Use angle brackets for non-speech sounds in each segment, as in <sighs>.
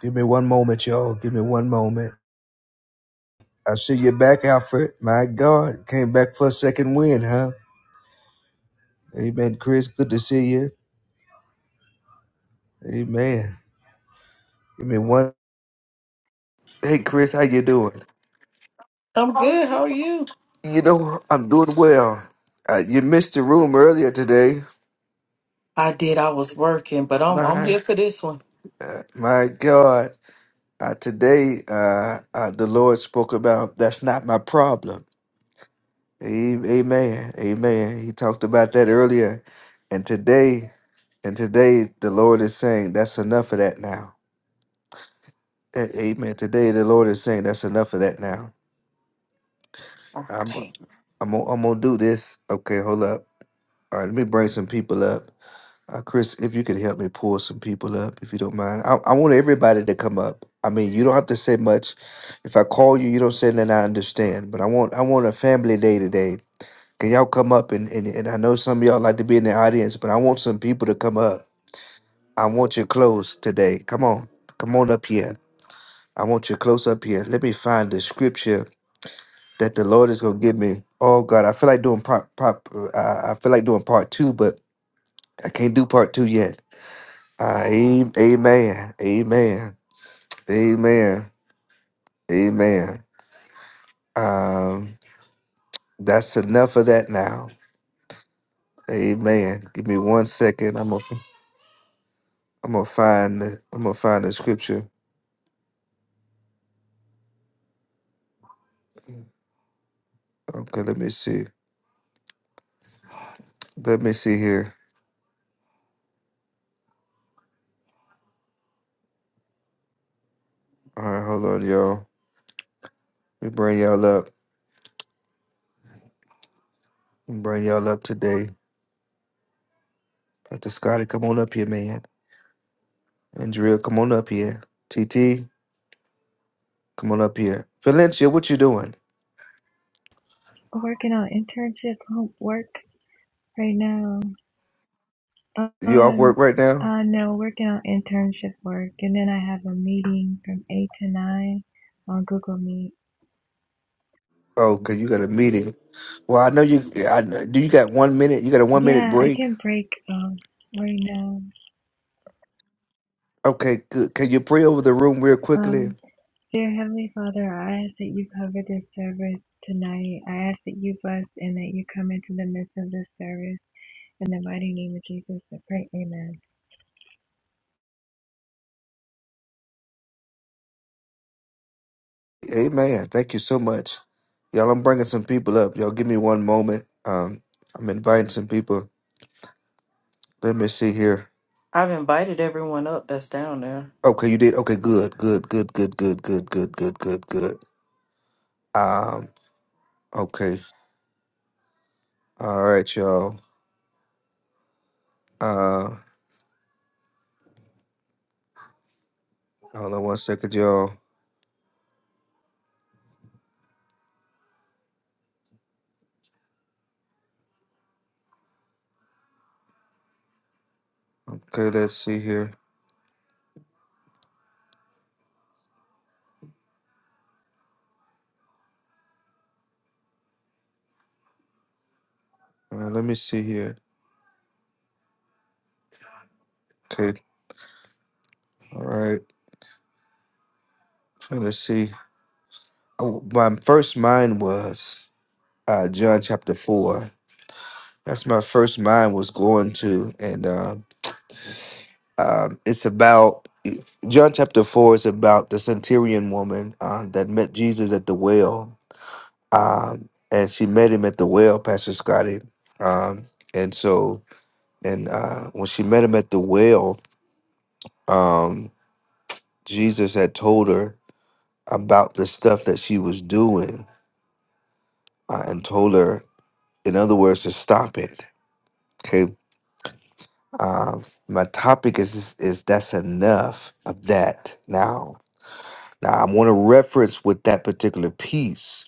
Give me one moment, y'all. Give me one moment. I see you back, Alfred. My God, came back for a second win, huh? Amen, Chris. Good to see you. Amen. Give me one. Hey, Chris, how you doing? I'm good. How are you? You know, I'm doing well. Uh, you missed the room earlier today. I did. I was working, but I'm I'm here for this one. Uh, my God, uh, today uh, uh, the Lord spoke about that's not my problem. A- Amen. Amen. He talked about that earlier. And today, and today the Lord is saying that's enough of that now. A- Amen. Today the Lord is saying that's enough of that now. Oh, I'm take. it. I'm gonna, I'm gonna do this. Okay, hold up. All right, let me bring some people up. Uh, Chris, if you could help me pull some people up, if you don't mind. I, I want everybody to come up. I mean, you don't have to say much. If I call you, you don't say nothing. I understand. But I want I want a family day today. Can y'all come up and, and and I know some of y'all like to be in the audience, but I want some people to come up. I want you close today. Come on. Come on up here. I want you close up here. Let me find the scripture that the Lord is gonna give me. Oh God, I feel like doing part, part uh, I I feel like doing part two, but I can't do part two yet. Uh, am- amen. Amen. Amen. Amen. Um that's enough of that now. Amen. Give me one second. I'm gonna I'm gonna find the I'm gonna find the scripture. Okay, let me see. Let me see here. All right, hold on, y'all. We bring y'all up. We bring y'all up today. Dr. Scotty, come on up here, man. Andrea, come on up here. TT, come on up here. Valencia, what you doing? working on internship work right now. You off Um, work right now? uh, no, working on internship work, and then I have a meeting from eight to nine on Google Meet. Oh, cause you got a meeting. Well, I know you. I know- do. You got one minute. You got a one minute Yeah, I break. can break um right now. Okay, good. Can you pray over the room real quickly? Um, dear Heavenly Father, I ask that you cover this service tonight. I ask that you bless and that you come into the midst of this service. In the mighty name of Jesus, I pray. Amen. Amen. Thank you so much, y'all. I'm bringing some people up. Y'all, give me one moment. Um, I'm inviting some people. Let me see here. I've invited everyone up that's down there. Okay, you did. Okay, good, good, good, good, good, good, good, good, good, good. Um, okay. All right, y'all. Uh, hold on one second, y'all. Okay, let's see here. Uh, let me see here. Okay, all right. Trying to see. Oh, my first mind was uh, John chapter four. That's my first mind was going to, and um, um, it's about John chapter four is about the centurion woman uh, that met Jesus at the well um, and she met him at the well, Pastor Scotty. Um, and so, and uh, when she met him at the well, um, Jesus had told her about the stuff that she was doing, uh, and told her, in other words, to stop it. Okay. Um, my topic is, is is that's enough of that now. Now I want to reference with that particular piece,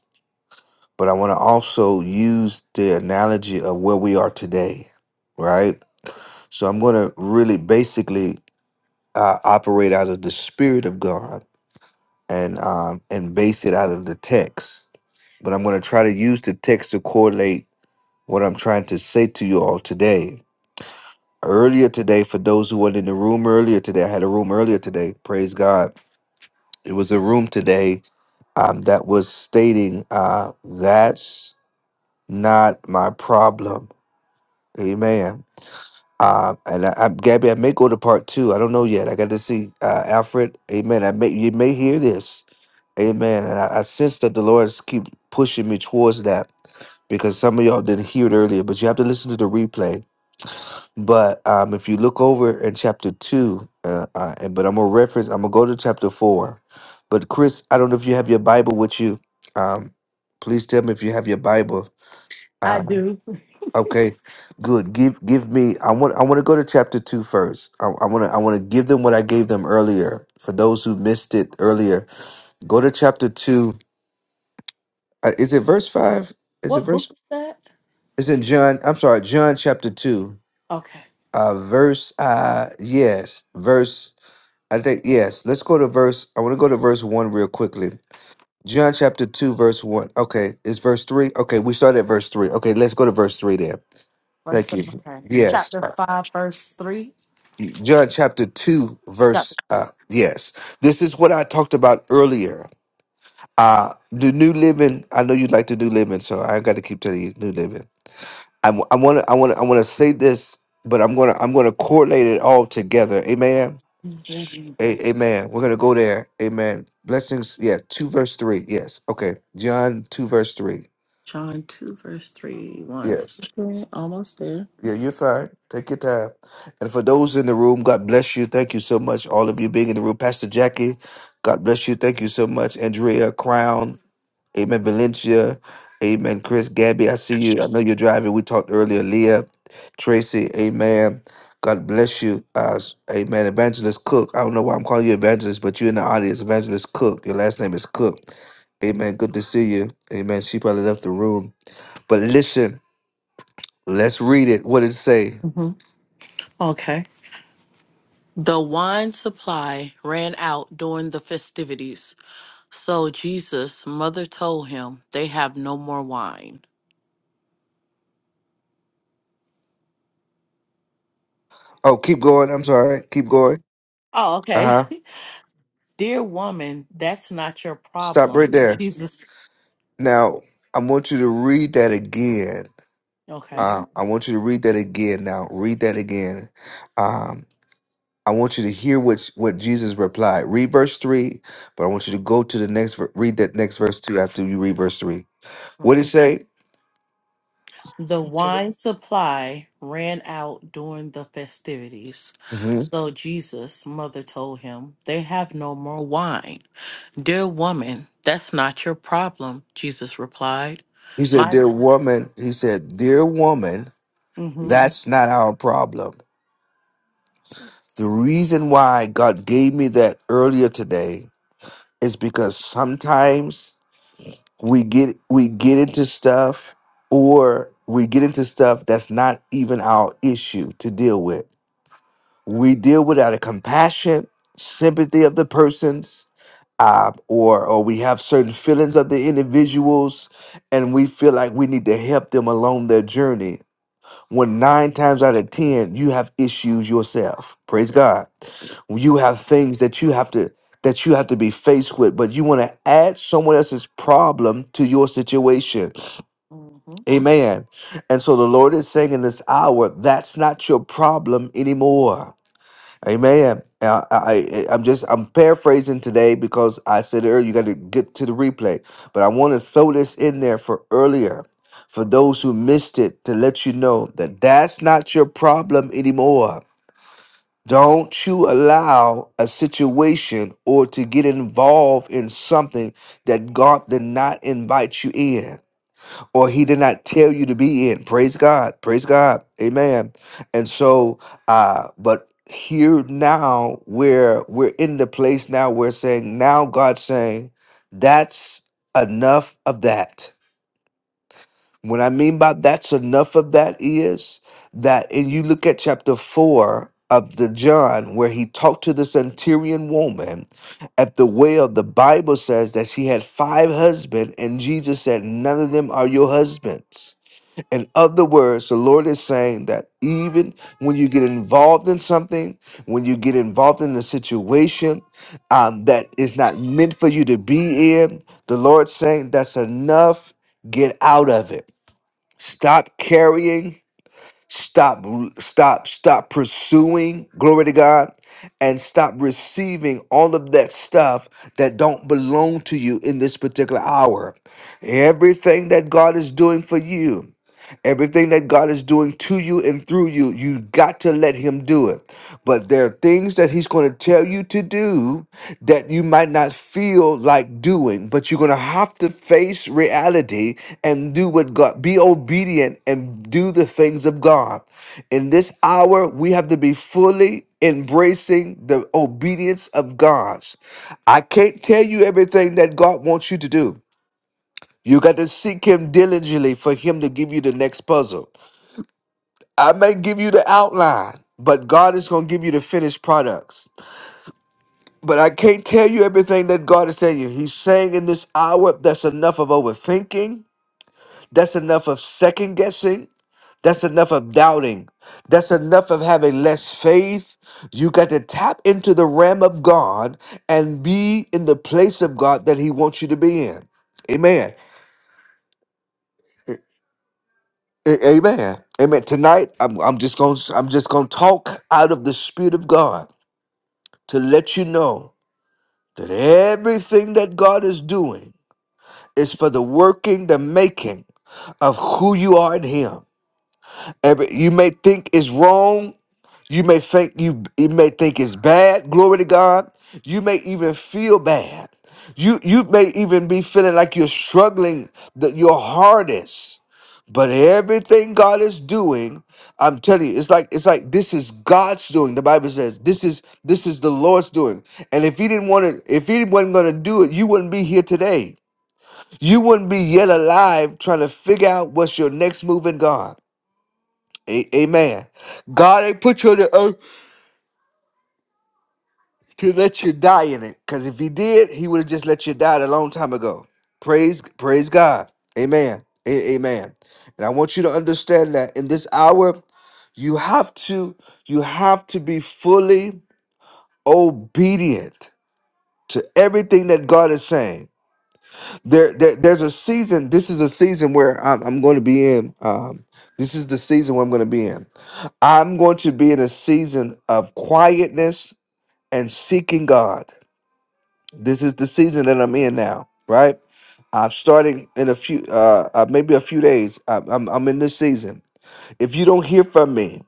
but I want to also use the analogy of where we are today, right? So I'm going to really basically uh, operate out of the spirit of God and um, and base it out of the text. But I'm going to try to use the text to correlate what I'm trying to say to you all today. Earlier today, for those who weren't in the room earlier today, I had a room earlier today. Praise God! It was a room today um, that was stating, uh, "That's not my problem." Amen. Uh, and I, I, Gabby, I may go to part two. I don't know yet. I got to see uh, Alfred. Amen. I may you may hear this. Amen. And I, I sense that the Lord is keep pushing me towards that because some of y'all didn't hear it earlier, but you have to listen to the replay. But um, if you look over in chapter two, uh, uh, and but I'm gonna reference. I'm gonna go to chapter four. But Chris, I don't know if you have your Bible with you. Um, please tell me if you have your Bible. I Um, do. Okay, good. Give give me. I want I want to go to chapter two first. I, I want to I want to give them what I gave them earlier. For those who missed it earlier, go to chapter two. Uh, is it verse five? Is it What book verse? is that? Is in John? I'm sorry, John chapter two. Okay. Uh, verse. Uh, yes, verse. I think yes. Let's go to verse. I want to go to verse one real quickly. John chapter two, verse one. Okay, it's verse three? Okay, we started at verse three. Okay, let's go to verse three then. Verse, Thank you. okay. Yes. Chapter 5, verse 3. John chapter 2, Chapter. verse, uh, yes. This is what I talked about earlier. Uh, the New Living, I know you would like to do Living, so I got to keep telling you New Living. I want to, I want to, I want to say this, but I'm going to, I'm going to correlate it all together. Amen. eleven. A- amen. We're going to go there. Amen. Blessings. Yeah. 2 verse 3. Yes. Okay. John 2 verse 3. John 2, verse 3, 1. Yes. second. Almost there. Yeah, you're fine. Take your time. And for those in the room, God bless you. Thank you so much. All of you being in the room. Pastor Jackie, God bless you. Thank you so much. Andrea Crown, Amen. Valencia, Amen. Chris, Gabby, I see you. I know you're driving. We talked earlier. Leah, Tracy, Amen. God bless you. Uh, amen. Evangelist Cook. I don't know why I'm calling you Evangelist, but you're in the audience. Evangelist Cook. Your last name is Cook. Amen. Good to see you. Amen. She probably left the room. But listen, let's read it. What did it say? hmm Okay. The wine supply ran out during the festivities, so Jesus' mother told him they have no more wine. Oh, keep going. I'm sorry. Keep going. Oh, Uh okay. huh. <laughs> Dear woman, that's not your Stop right problem. <laughs> there. Jesus. Now, I want you to read that again. Okay. Uh, I want you to read that again. Now, read that again. Um, I want you to hear what what Jesus replied. Read verse three, but I want you to go to the next. ver- Read that next verse two after you read verse three. What did Okay. he say? The wine supply ran out during the festivities. hmm So Jesus' mother told him, They have no more wine. Dear woman, that's not your problem. Jesus replied, He said, My. t- "Dear woman," he said, "Dear woman, Mm-hmm. that's not our problem. The reason why God gave me that earlier today is because sometimes we get we get into stuff or we get into stuff that's not even our issue to deal with. We deal with out of compassion, sympathy of the persons, uh, or or we have certain feelings of the individuals, and we feel like we need to help them along their journey when nine times out of ten you have issues yourself praise god you have things that you have to that you have to be faced with but you want to add someone else's problem to your situation Mm-hmm. amen and so the lord is saying in this hour that's not your problem anymore Amen. I, I, I- am just I'm paraphrasing today because I said earlier you got to get to the replay, but I want to throw this in there for earlier, for those who missed it, to let you know that that's not your problem anymore. Don't you allow a situation or to get involved in something that God did not invite you in or he did not tell you to be in. Praise God. Praise God. Amen. And so uh but here now where we're in the place now we're saying now God's saying that's enough of that. What I mean by that's enough of that is that and you look at chapter 4 of the John where he talked to the centurion woman at the well the Bible says that she had five husbands and Jesus said none of them are your husbands in other words, the Lord is saying that even when you get involved in something, when you get involved in a situation um, that is not meant for you to be in, the Lord's saying that's enough. Get out of it. Stop carrying Stop, stop, stop pursuing, glory to God, and stop receiving all of that stuff that don't belong to you in this particular hour. Everything that God is doing for you, everything that God is doing to you and through you, you got to let Him do it. But there are things that he's going to tell you to do that you might not feel like doing, but you're going to have to face reality and do what God, be obedient and do the things of God. In this hour, we have to be fully embracing the obedience of God's. I can't tell you everything that God wants you to do. You got to seek Him diligently for Him to give you the next puzzle. I may give you the outline, but God is going to give you the finished products. But I can't tell you everything that God is saying. He's saying in this hour, that's enough of overthinking. That's enough of second guessing. That's enough of doubting. That's enough of having less faith. You got to tap into the realm of God and be in the place of God that He wants you to be in. Amen. A- Amen. Amen. Tonight, I'm, I'm just going. to I'm just going to talk out of the Spirit of God to let you know that everything that God is doing It's for the working, the making of who you are in Him. Every, you may think it's wrong. You may think you you may think it's bad. Glory to God. You may even feel bad. You you may even be feeling like you're struggling the, your hardest. But everything God is doing, I'm telling you, it's like it's like this is God's doing. The Bible says this is this is the Lord's doing. And if He didn't want to, if He wasn't going to do it, you wouldn't be here today. You wouldn't be yet alive trying to figure out what's your next move in God. A- amen. God ain't put you on the earth to let you die in it. Cause if he did, he would have just let you die a long time ago. Praise, praise God. Amen. A- amen. And I want you to understand that in this hour, you have to, you have to be fully obedient to everything that God is saying. there, there there's a season this is a season where i'm, I'm going to be in um, this is the season where i'm going to be in i'm going to be in a season of quietness and seeking god this is the season that i'm in now right i'm starting in a few uh, uh maybe a few days I'm, I'm, I'm in this season if you don't hear from me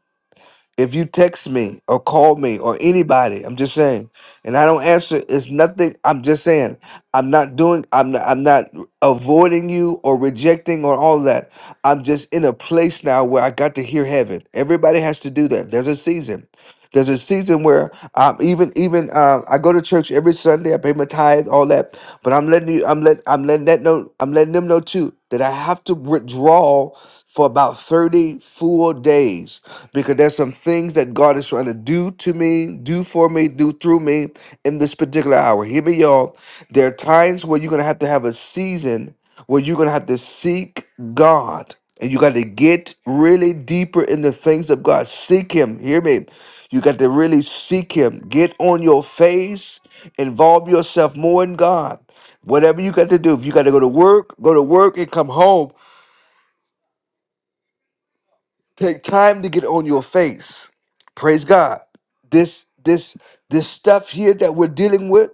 if you text me or call me or anybody, I'm just saying, and I don't answer, it's nothing. I'm just saying, I'm not doing, I'm not, I'm not avoiding you or rejecting or all that. I'm just in a place now where I got to hear heaven. Everybody has to do that. There's a season. There's a season where I'm even even um, I go to church every Sunday. I pay my tithe, all that. But I'm letting you, I'm let, I'm letting that know, I'm letting them know too that I have to withdraw for about 30 full days because there's some things that God is trying to do to me, do for me, do through me in this particular hour. Hear me, y'all. There are times where you're going to have to have a season where you're going to have to seek God. And you got to get really deeper in the things of God. Seek Him. Hear me. You got to really seek Him. Get on your face. Involve yourself more in God. Whatever you got to do. If you got to go to work, go to work and come home Take time to get on your face. Praise God. This this this stuff here that we're dealing with,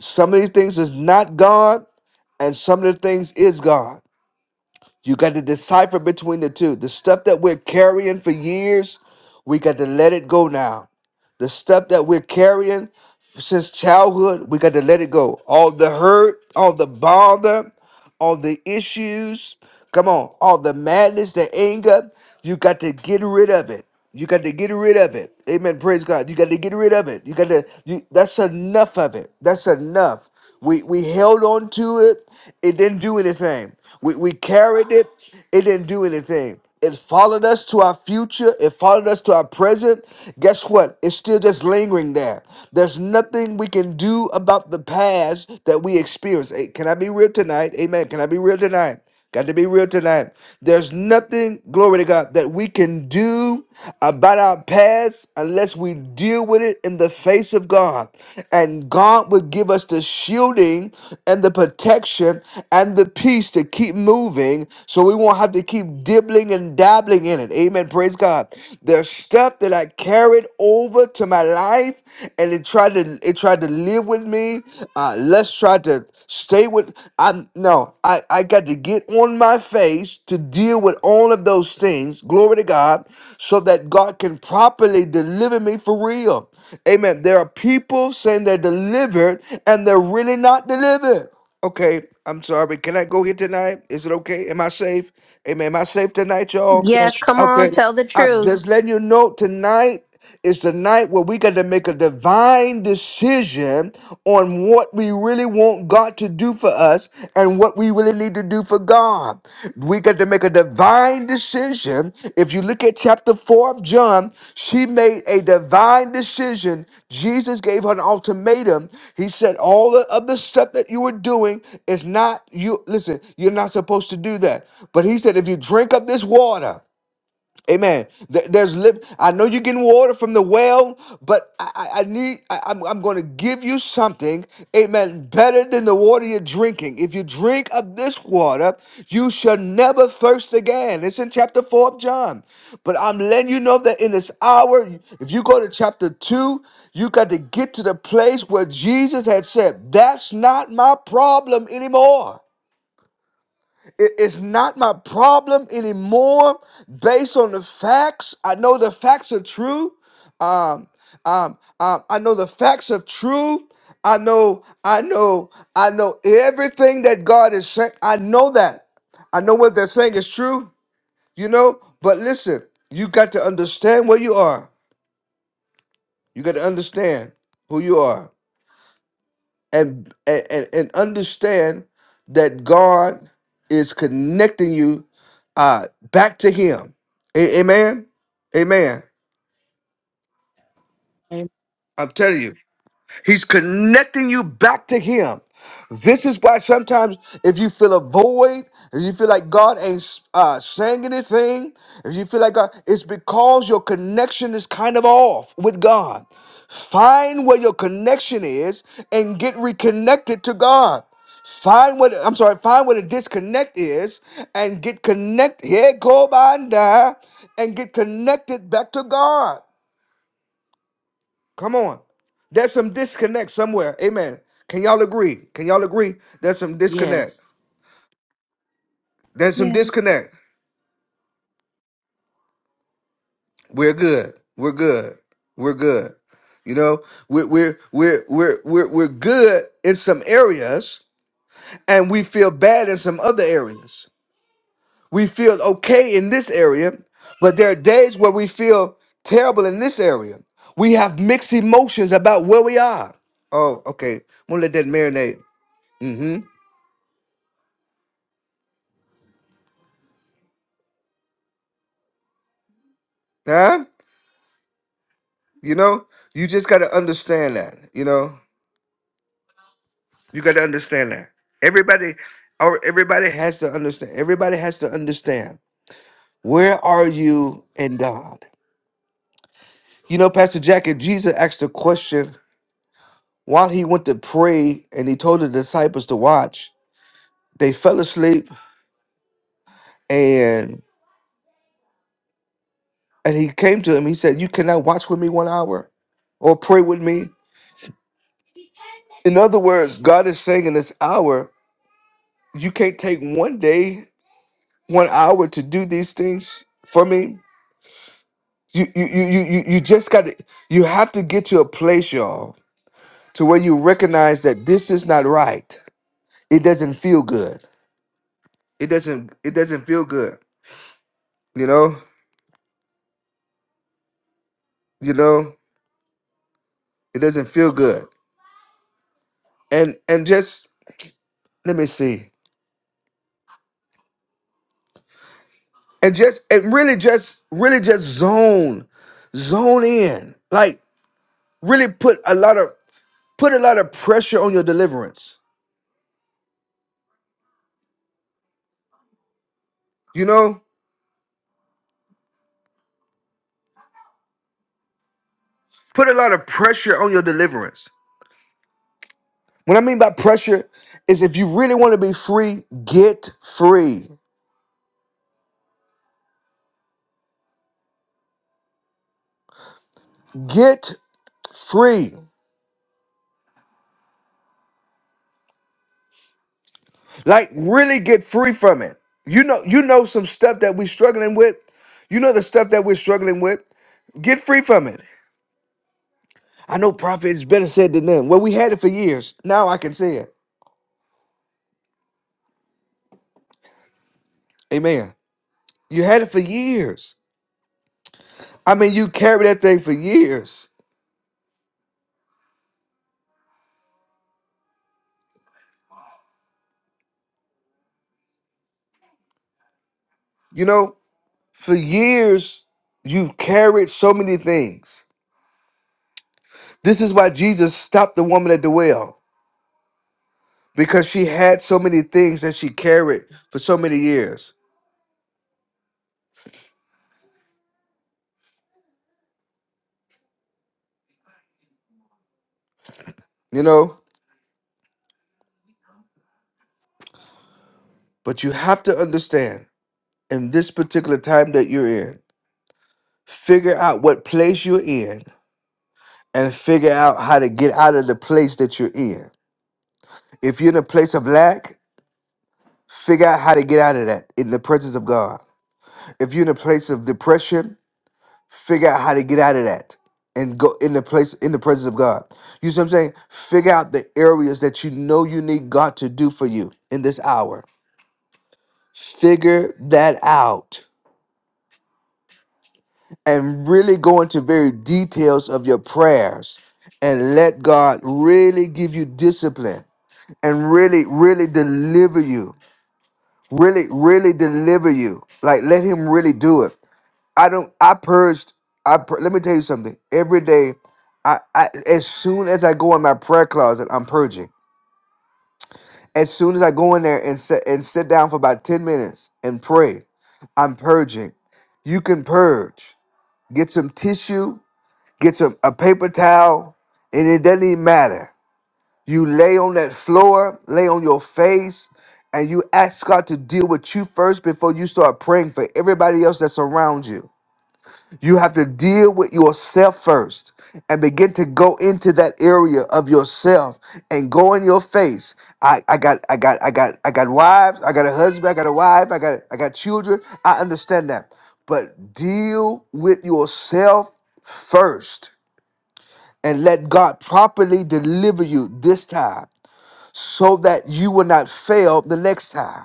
some of these things is not God, and some of the things is God. You got to decipher between the two. The stuff that we're carrying for years, we got to let it go now. The stuff that we're carrying since childhood, we got to let it go. All the hurt, all the bother, all the issues, come on, all the madness, the anger, you got to get rid of it. You got to get rid of it. Amen. Praise God. You got to get rid of it. You got to you that's enough of it. That's enough. We we held on to it. It didn't do anything. We we carried it. It didn't do anything. It followed us to our future. It followed us to our present. Guess what? It's still just lingering there. There's nothing we can do about the past that we experienced. Hey, can I be real tonight? Amen. Can I be real tonight? Got to be real tonight. There's nothing, glory to God, that we can do about our past unless we deal with it in the face of God. And God will give us the shielding and the protection and the peace to keep moving so we won't have to keep dibbling and dabbling in it. Amen. Praise God. There's stuff that I carried over to my life and it tried to it tried to live with me. Uh, let's try to stay with. I no. I I got to get on my face to deal with all of those things. Glory to God, so that God can properly deliver me for real. Amen. There are people saying they're delivered and they're really not delivered. Okay, I'm sorry. but Can I go here tonight? Is it okay? Am I safe? Amen. Am I safe tonight, y'all? Yes. Yes, come on, Okay. Yes. tell the I'm truth. just letting you know tonight. It's the night where we got to make a divine decision on what we really want God to do for us and what we really need to do for God. We got to make a divine decision. If you look at chapter 4 of John, she made a divine decision. Jesus gave her an ultimatum. He said, All of the stuff that you were doing is not you. Listen, you're not supposed to do that. But he said, If you drink up this water, Amen. Th- There's lip. I know you're getting water from the well, but I, I I need. I, am I'm going to give you something. Amen. Better than the water you're drinking. If you drink of this water, you shall never thirst again. It's in chapter four of John. But I'm letting you know that in this hour, if you go to chapter two, you got to get to the place where Jesus had said, "That's not my problem anymore." It- It's not my problem anymore based on the facts. I know the facts are true. Um, um, um, I know the facts are true. I know, I know, I know everything that God is saying. I know that. I know what they're saying is true, you know. But listen, you got to understand where you are. You got to understand who you are. and and and understand that God is connecting you uh back to him. A- amen. Amen. Amen. I'm telling you. He's connecting you back to Him. This is why sometimes if you feel a void, if you feel like God ain't uh, saying anything, if you feel like God, it's because your connection is kind of off with God. Find where your connection is and get reconnected to God. Find what I'm sorry, find what a disconnect is and get connect. Yeah, go by and die and get connected back to God. Come on. There's some disconnect somewhere. Amen. Can y'all agree? Can y'all agree? There's some disconnect. Yes. There's some Yeah. disconnect. We're good. We're good. We're good. You know, we're we're we're we're we're, we're good in some areas and we feel bad in some other areas. We feel okay in this area, but there are days where we feel terrible in this area. We have mixed emotions about where we are. Oh, okay. I'm gonna let that marinate. Mm-hmm. Huh? You know, you just got to understand that. You know, you got to understand that. Everybody, or everybody has to understand. Everybody has to understand. Where are you in God? You know, Pastor Jack, if Jesus asked the question while he went to pray and he told the disciples to watch, they fell asleep and and he came to him. He said, "You cannot watch with me one hour, or pray with me." In other words, God is saying in this hour, you can't take one day one hour to do these things for me. You you you you you you just got to you have to get to a place, y'all, to where you recognize that this is not right. It doesn't feel good. It doesn't it doesn't feel good. You know? You know? It doesn't feel good. And and just let me see. And just and really just really just zone zone in. Like really put a lot of put a lot of pressure on your deliverance. You know? Put a lot of pressure on your deliverance. What I mean by pressure is if you really want to be free, get free. Get free. Like really get free from it. You know, you know some stuff that we're struggling with. You know the stuff that we're struggling with. Get free from it. I know prophet is better said than done. Well, we had it for years. Now I can say it. Amen. You had it for years. I mean, you carried that thing for years. You know? For years, you've carried so many things. This is why Jesus stopped the woman at the well because she had so many things that she carried for so many years, you know? But you have to understand in this particular time that you're in, figure out what place you're in and figure out how to get out of the place that you're in. If you're in a place of lack, figure out how to get out of that in the presence of God. If you're in a place of depression, Figure out how to get out of that and go in the place in the presence of God. You see what I'm saying? Figure out the areas that you know you need God to do for you in this hour. Figure that out and really go into very details of your prayers and let God really give you discipline and really really deliver you. Really really deliver you. Like let him really do it I don't. I purged. I pur- let me tell you something. Every day, I, I as soon as I go in my prayer closet, I'm purging. As soon as I go in there and sit and sit down for about ten minutes and pray, I'm purging. You can purge. Get some tissue. Get some a paper towel, and it doesn't even matter. You lay on that floor, lay on your face, and you ask God to deal with you first before you start praying for everybody else that's around you. You have to deal with yourself first and begin to go into that area of yourself and go in your face. I, I got I got I got I got wives, I got a husband, I got a wife, I got I got children. I understand that. But deal with yourself first and let God properly deliver you this time so that you will not fail the next time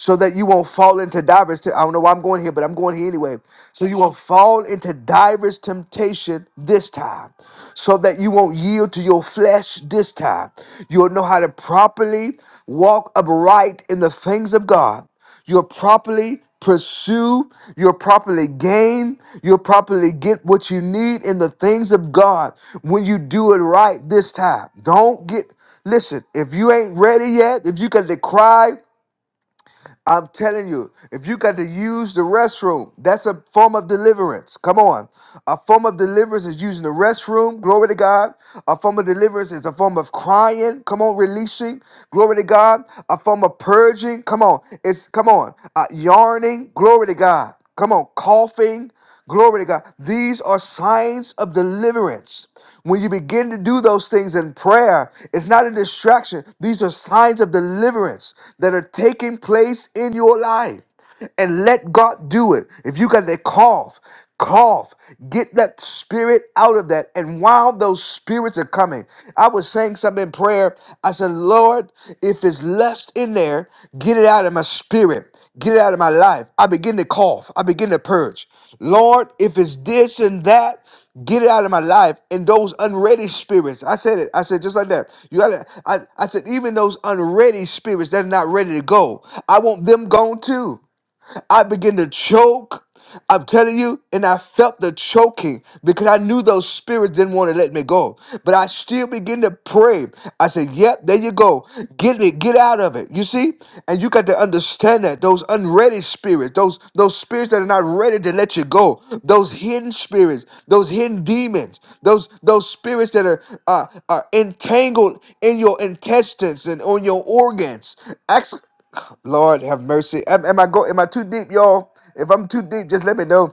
so that you won't fall into divers. Te- I don't know why I'm going here, but I'm going here anyway. So you won't fall into divers temptation this time, so that you won't yield to your flesh this time. You'll know how to properly walk upright in the things of God. You'll properly pursue, you'll properly gain, you'll properly get what you need in the things of God when you do it right this time. Don't get, listen, if you ain't ready yet, if you can decry I'm telling you, if you got to use the restroom, that's a form of deliverance. Come on. A form of deliverance is using the restroom. Glory to God. A form of deliverance is a form of crying. Come on, releasing. Glory to God. A form of purging. Come on. It's come on. Uh, yarning. Glory to God. Come on, coughing. Glory to God. These are signs of deliverance. When you begin to do those things in prayer, it's not a distraction. These are signs of deliverance that are taking place in your life. And let God do it. If you got to cough, cough, get that spirit out of that. And while those spirits are coming, I was saying something in prayer. I said, Lord, if it's lust in there, get it out of my spirit, get it out of my life. I begin to cough, I begin to purge. Lord, if it's this and that, Get it out of my life. And those unready spirits, I said it. I said just like that. You gotta. I, I said even those unready spirits that are not ready to go, I want them gone too. I began to choke. I'm telling you, and I felt the choking because I knew those spirits didn't want to let me go. But I still began to pray. I said, Yep, there you go. Get me. get out of it. You see? And you got to understand that those unready spirits, those those spirits that are not ready to let you go, those hidden spirits, those hidden demons, those those spirits that are uh, are entangled in your intestines and on your organs. Lord have mercy. Am, am I go? Am I too deep, y'all? If I'm too deep, just let me know.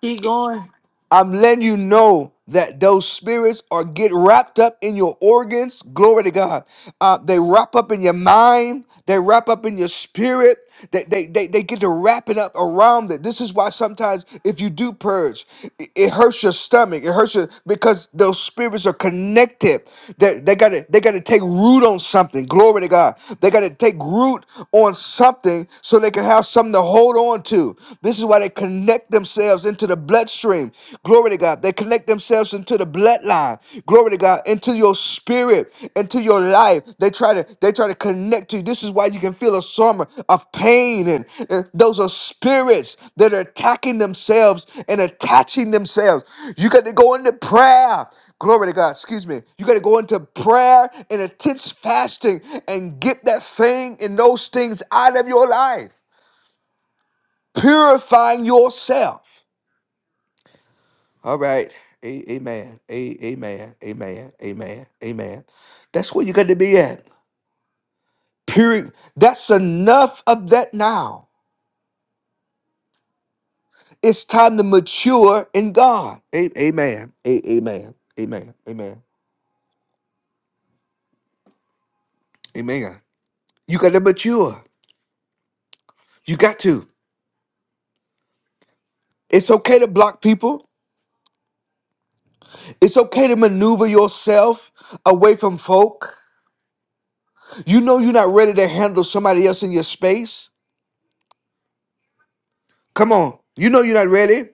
Keep going. I'm letting you know that those spirits are get wrapped up in your organs. Glory to God. Uh, they wrap up in your mind. They wrap up in your spirit. They, they, they, they get to wrapping up around it. This is why sometimes if you do purge, it, it hurts your stomach. It hurts your because those spirits are connected. They, they gotta they gotta take root on something. Glory to God. They gotta take root on something so they can have something to hold on to. This is why they connect themselves into the bloodstream. Glory to God. They connect themselves into the bloodline. Glory to God. Into your spirit, into your life. They try to they try to connect to you. This is why you can feel a summer of pain and, and those are spirits that are attacking themselves and attaching themselves. You got to go into prayer. Glory to God. Excuse me. You got to go into prayer and intense fasting and get that thing and those things out of your life. Purifying yourself. All right. A- amen. A- amen. Amen. Amen. Amen. That's where you got to be at. Period. That's enough of that now. It's time to mature in God. A- amen. A- amen. Amen. Amen. Amen. You got to mature. You got to. It's okay to block people. It's okay to maneuver yourself away from folk. You know you're not ready to handle somebody else in your space. Come on. You know you're not ready.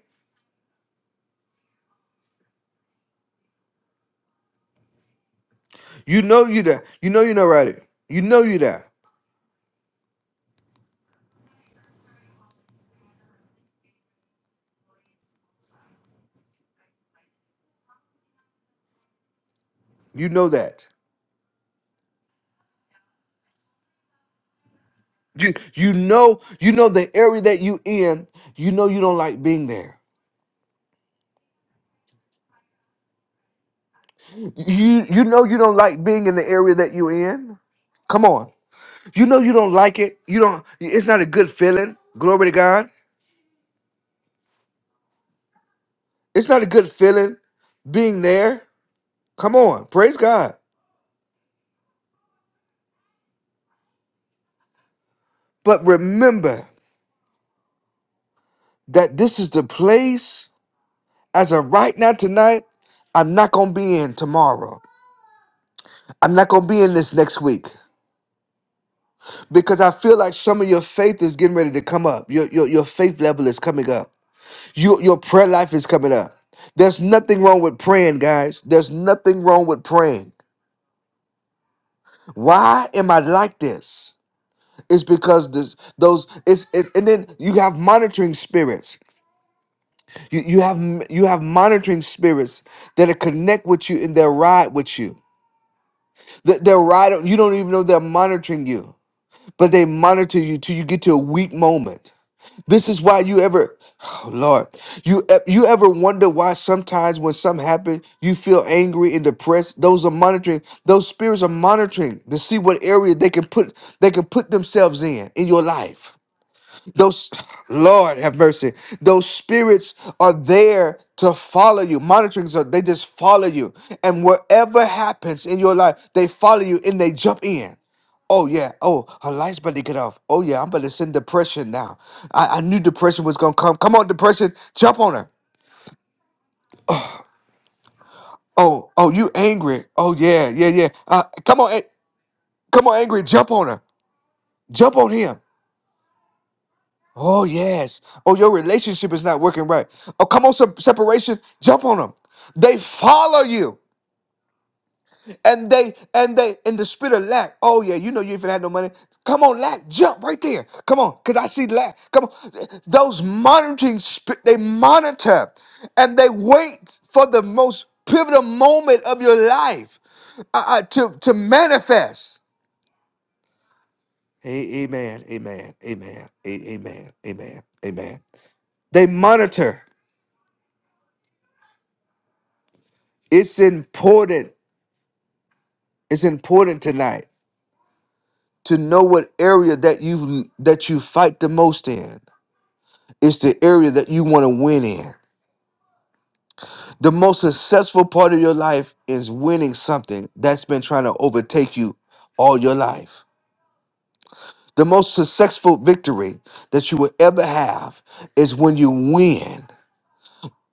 You know you that. You know you're not right. You know you that. You know that. You you know you know the area that you in. You know you don't like being there. You you know you don't like being in the area that you in. Come on. You know you don't like it. You don't. It's not a good feeling. Glory to God. It's not a good feeling being there. Come on. Praise God. But remember that this is the place. As of right now, tonight, I'm not gonna be in tomorrow. I'm not gonna be in this next week because I feel like some of your faith is getting ready to come up. Your your, your faith level is coming up. Your your prayer life is coming up. There's nothing wrong with praying, guys. There's nothing wrong with praying. Why am I like this? It's because this, those it's it, and then you have monitoring spirits. You you have you have monitoring spirits that'll connect with you and they'll ride with you. They- They'll ride. on- You don't even know they're monitoring you, but they monitor you till you get to a weak moment. This is why you ever, oh Lord, you e- you ever wonder why sometimes when something happens you feel angry and depressed. Those are monitoring. Those spirits are monitoring to see what area they can put they can put themselves in in your life. Those, Lord have mercy. Those spirits are there to follow you. Monitoring, so they just follow you. And whatever happens in your life, they follow you and they jump in. Oh yeah. Oh, her lights about to get off. Oh yeah, I'm about to send depression now. I, I knew depression was gonna come. Come on, depression, jump on her. Oh, oh, you angry? Oh yeah, yeah, yeah. Uh, come on, a- come on, angry, jump on her. Jump on him. Oh yes. Oh, your relationship is not working right. Oh, come on, se- separation. Jump on them. They follow you, and they and they in the spirit of lack. Oh yeah, you know you ain't finna have no money. Come on, lack. Jump right there. Come on, cause I see lack. Come on. Those monitoring spirit, they monitor, and they wait for the most pivotal moment of your life uh, uh, to to manifest. A- Amen. Amen. Amen. a- Amen. Amen. Amen. They monitor. It's important. It's important tonight to know what area that you that you fight the most in. It's the area that you want to win in. The most successful part of your life is winning something that's been trying to overtake you all your life. The most successful victory that you will ever have is when you win.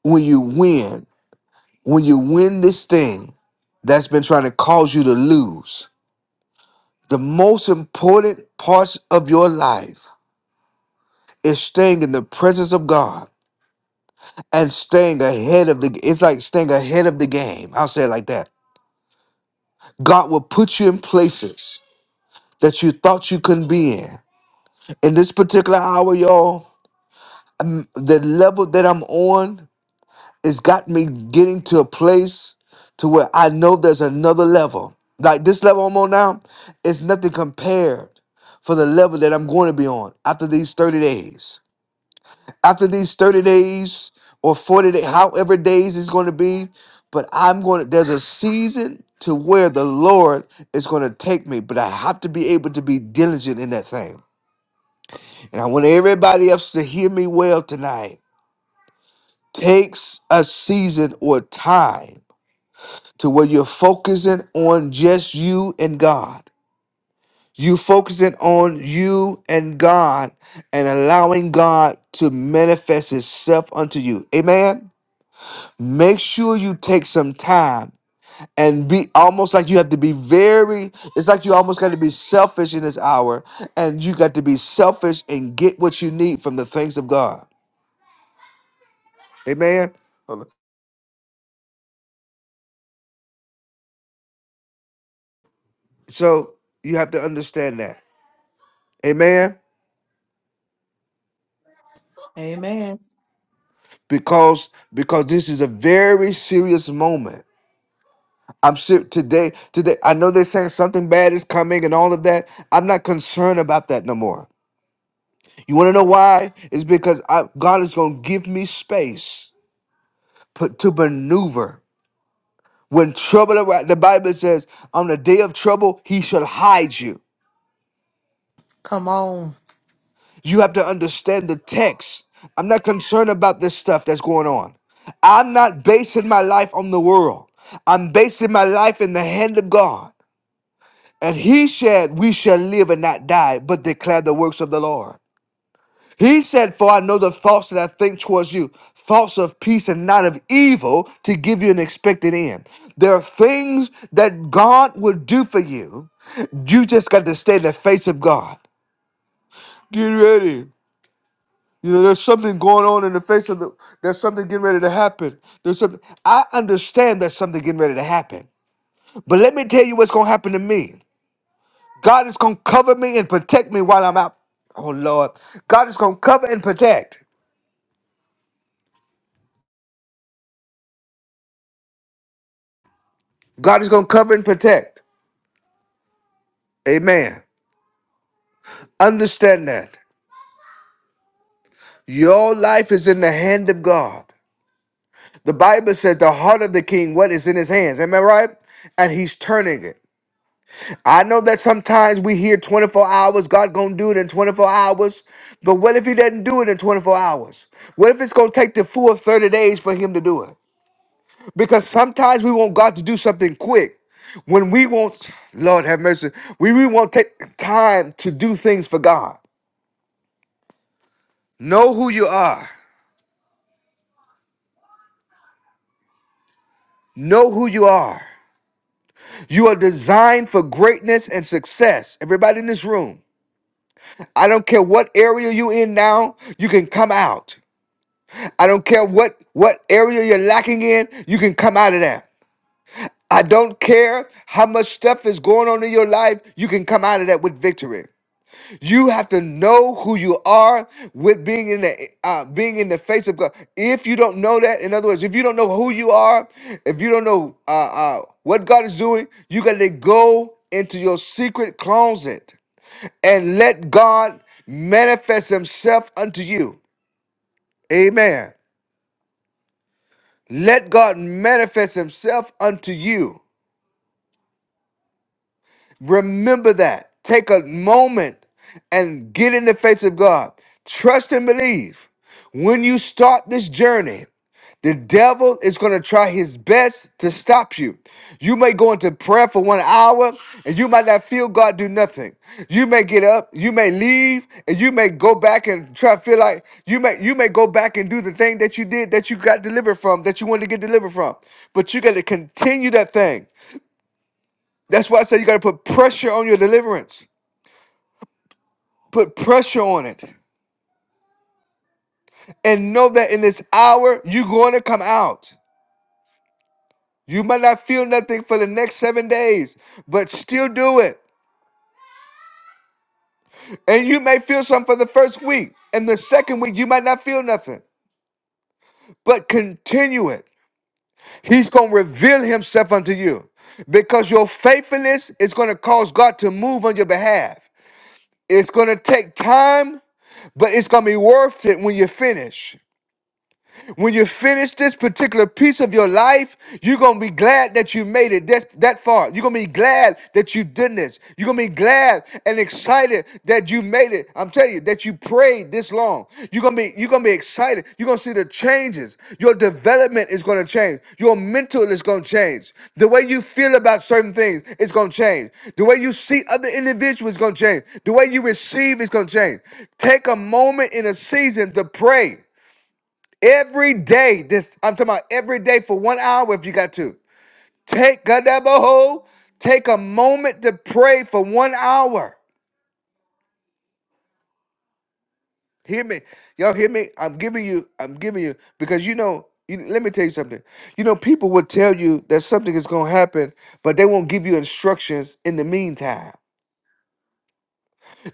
When you win. When you win this thing that's been trying to cause you to lose. The most important parts of your life is staying in the presence of God and staying ahead of the it's like staying ahead of the game. I'll say it like that. God will put you in places that you thought you couldn't be in. In this particular hour, y'all, um, the level that I'm on has got me getting to a place to where I know there's another level. Like this level I'm on now is nothing compared for the level that I'm going to be on after these 30 days. after these 30 days or 40 days, however days it's going to be. But I'm going to, there's a season to where the Lord is going to take me, but I have to be able to be diligent in that thing. And I want everybody else to hear me well tonight. Takes a season or time to where you're focusing on just you and God. You focusing on you and God and allowing God to manifest Himself unto you. Amen. make sure you take some time and be almost like you have to be very it's like you almost got to be selfish in this hour and you got to be selfish and get what you need from the things of god amen Hold on. so you have to understand that amen Amen. because because this is a very serious moment i'm sure today today i know they're saying something bad is coming and all of that i'm not concerned about that no more you want to know why it's because I, god is going to give me space put to maneuver. When trouble arrives, the Bible says, on the day of trouble, he shall hide you. Come on. You have to understand the text. I'm not concerned about this stuff that's going on. I'm not basing my life on the world. I'm basing my life in the hand of God. And he said, We shall live and not die, but declare the works of the Lord. He said, For I know the thoughts that I think towards you, thoughts of peace and not of evil, to give you an expected end. There are things that God will do for you. You just got to stay in the face of God. Get ready. You know, there's something going on in the face of the. There's something getting ready to happen. There's something. I understand there's something getting ready to happen. But let me tell you what's going to happen to me. God is going to cover me and protect me while I'm out. Oh, Lord. God is going to cover and protect. God is going to cover and protect. Amen. Understand that. Your life is in the hand of God. The Bible says the heart of the king, what is in his hands. Am I right? And he's turning it. I know that sometimes we hear 24 hours, God gonna do it in 24 hours. But what if he doesn't do it in 24 hours? What if it's gonna take the full 30 days for him to do it? Because sometimes we want God to do something quick. When we want, Lord have mercy, we, we want to take time to do things for God. Know who you are. Know who you are. You are designed for greatness and success. Everybody in this room, I don't care what area you're in now, you can come out. I don't care what, what area you're lacking in, you can come out of that. I don't care how much stuff is going on in your life, you can come out of that with victory. You have to know who you are with being in the uh, being in the face of God. If you don't know that, in other words, if you don't know who you are, if you don't know uh, uh, what God is doing, you got to go into your secret closet and let God manifest Himself unto you. Amen. Let God manifest Himself unto you. Remember that. Take a moment and get in the face of God. Trust and believe. When you start this journey, the devil is going to try his best to stop you. You may go into prayer for one hour and you might not feel God do nothing. You may get up, you may leave, and you may go back and try to feel like you may you may go back and do the thing that you did that you got delivered from, that you wanted to get delivered from. But you got to continue that thing. That's why I say you got to put pressure on your deliverance. Put pressure on it. And know that in this hour, you're going to come out. You might not feel nothing for the next seven days, but still do it. And you may feel something for the first week. And the second week, you might not feel nothing, but continue it. He's going to reveal himself unto you because your faithfulness is going to cause God to move on your behalf. It's going to take time, but it's going to be worth it when you finish. When you finish this particular piece of your life, you're gonna be glad that you made it this, that far. You're gonna be glad that you did this. You're gonna be glad and excited that you made it. I'm telling you that you prayed this long. You're gonna be you're gonna be excited. You're gonna see the changes. Your development is gonna change. Your mental is gonna change. The way you feel about certain things is gonna change. The way you see other individuals is gonna change. The way you receive is gonna change. Take a moment in a season to pray. Every day, this I'm talking about every day for one hour if you got to. Take a double hole, take a moment to pray for one hour. Hear me. Y'all hear me? I'm giving you, I'm giving you, because you know, you, let me tell you something. You know, people will tell you that something is gonna happen, but they won't give you instructions in the meantime.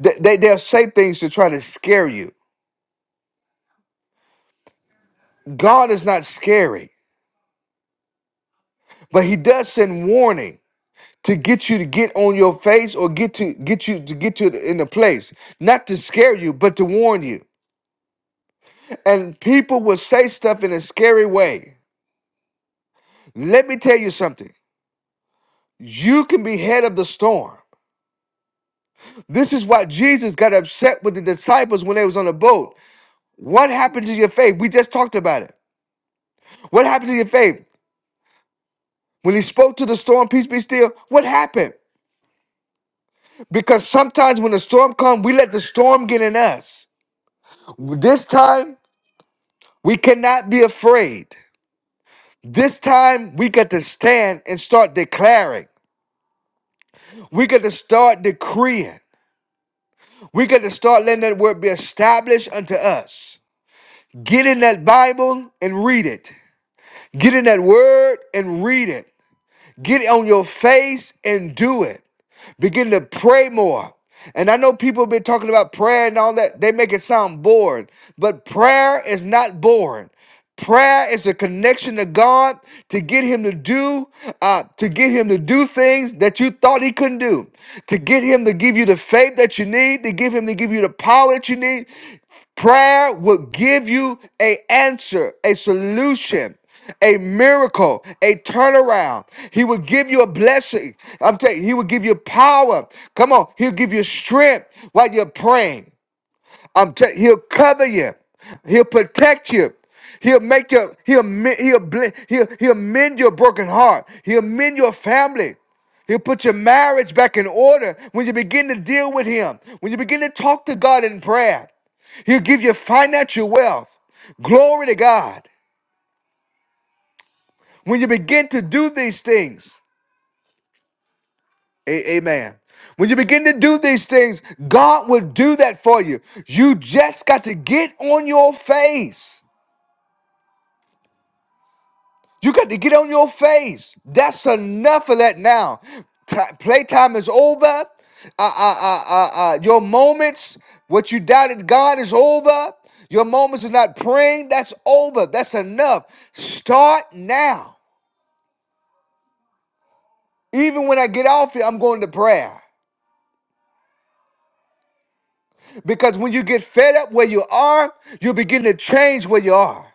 They, they, they'll say things to try to scare you. God is not scary, but He does send warning. to get you to get on your face or get to get you to get you in a place not to scare you but to warn you and people will say stuff in a scary way let me tell you something you can be head of the storm this is why jesus got upset with the disciples when they was on the boat what happened to your faith we just talked about it what happened to your faith when he spoke to the storm peace be still what happened because sometimes when the storm comes we let the storm get in us this time We cannot be afraid. This time we got to stand and start declaring. We got to start decreeing. We got to start letting that word be established unto us. Get in that Bible and read it. Get in that word and read it. Get on your face and do it. Begin to pray more. And I know people have been talking about prayer and all that. They make it sound boring, but prayer is not boring. Prayer is a connection to God to get Him to do, uh, to get Him to do things that you thought He couldn't do, to get Him to give you the faith that you need, to give Him to give you the power that you need. Prayer will give you a answer, a solution a miracle, a turnaround. He will give you a blessing. I'm telling you, he will give you power. Come on, he'll give you strength while you're praying. I'm telling he'll cover you. He'll protect you. He'll make your he'll me- he'll ble- he'll he'll mend your broken heart. He'll mend your family. He'll put your marriage back in order when you begin to deal with him. When you begin to talk to God in prayer. He'll give you financial wealth. Glory to God. When you begin to do these things, a- amen. When you begin to do these things, God will do that for you. You just got to get on your face. You got to get on your face. That's enough of that now. T- playtime is over. Uh, uh, uh, uh, uh, your moments, what you doubted God is over. Your moments of not praying, that's over. That's enough. Start now. Even when I get off here, I'm going to prayer. Because when you get fed up where you are, you'll begin to change where you are.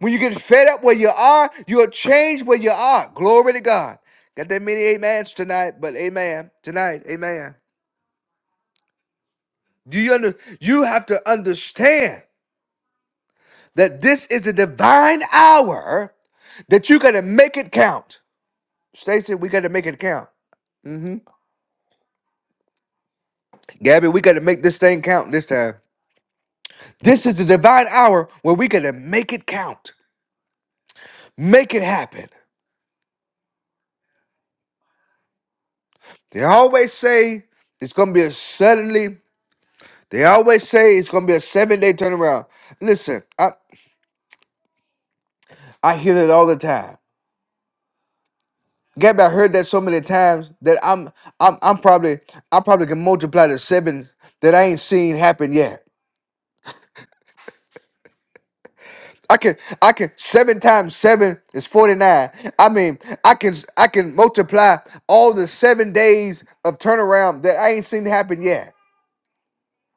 When you get fed up where you are, you'll change where you are. Glory to God. Got that many amens tonight, but amen. Tonight, amen. Do you under you have to understand that this is a divine hour that you gotta make it count. Stacy, we gotta make it count. hmm Gabby, we gotta make this thing count this time. This is the divine hour where we gotta make it count. Make it happen. They always say it's gonna be a suddenly. They always say it's gonna be a seven day turnaround. Listen, I I hear that all the time. Gabby, I heard that so many times that I'm I'm I'm probably I probably can multiply the seven that I ain't seen happen yet. I can I can seven times seven is forty nine. I mean I can I can multiply all the seven days of turnaround that I ain't seen happen yet.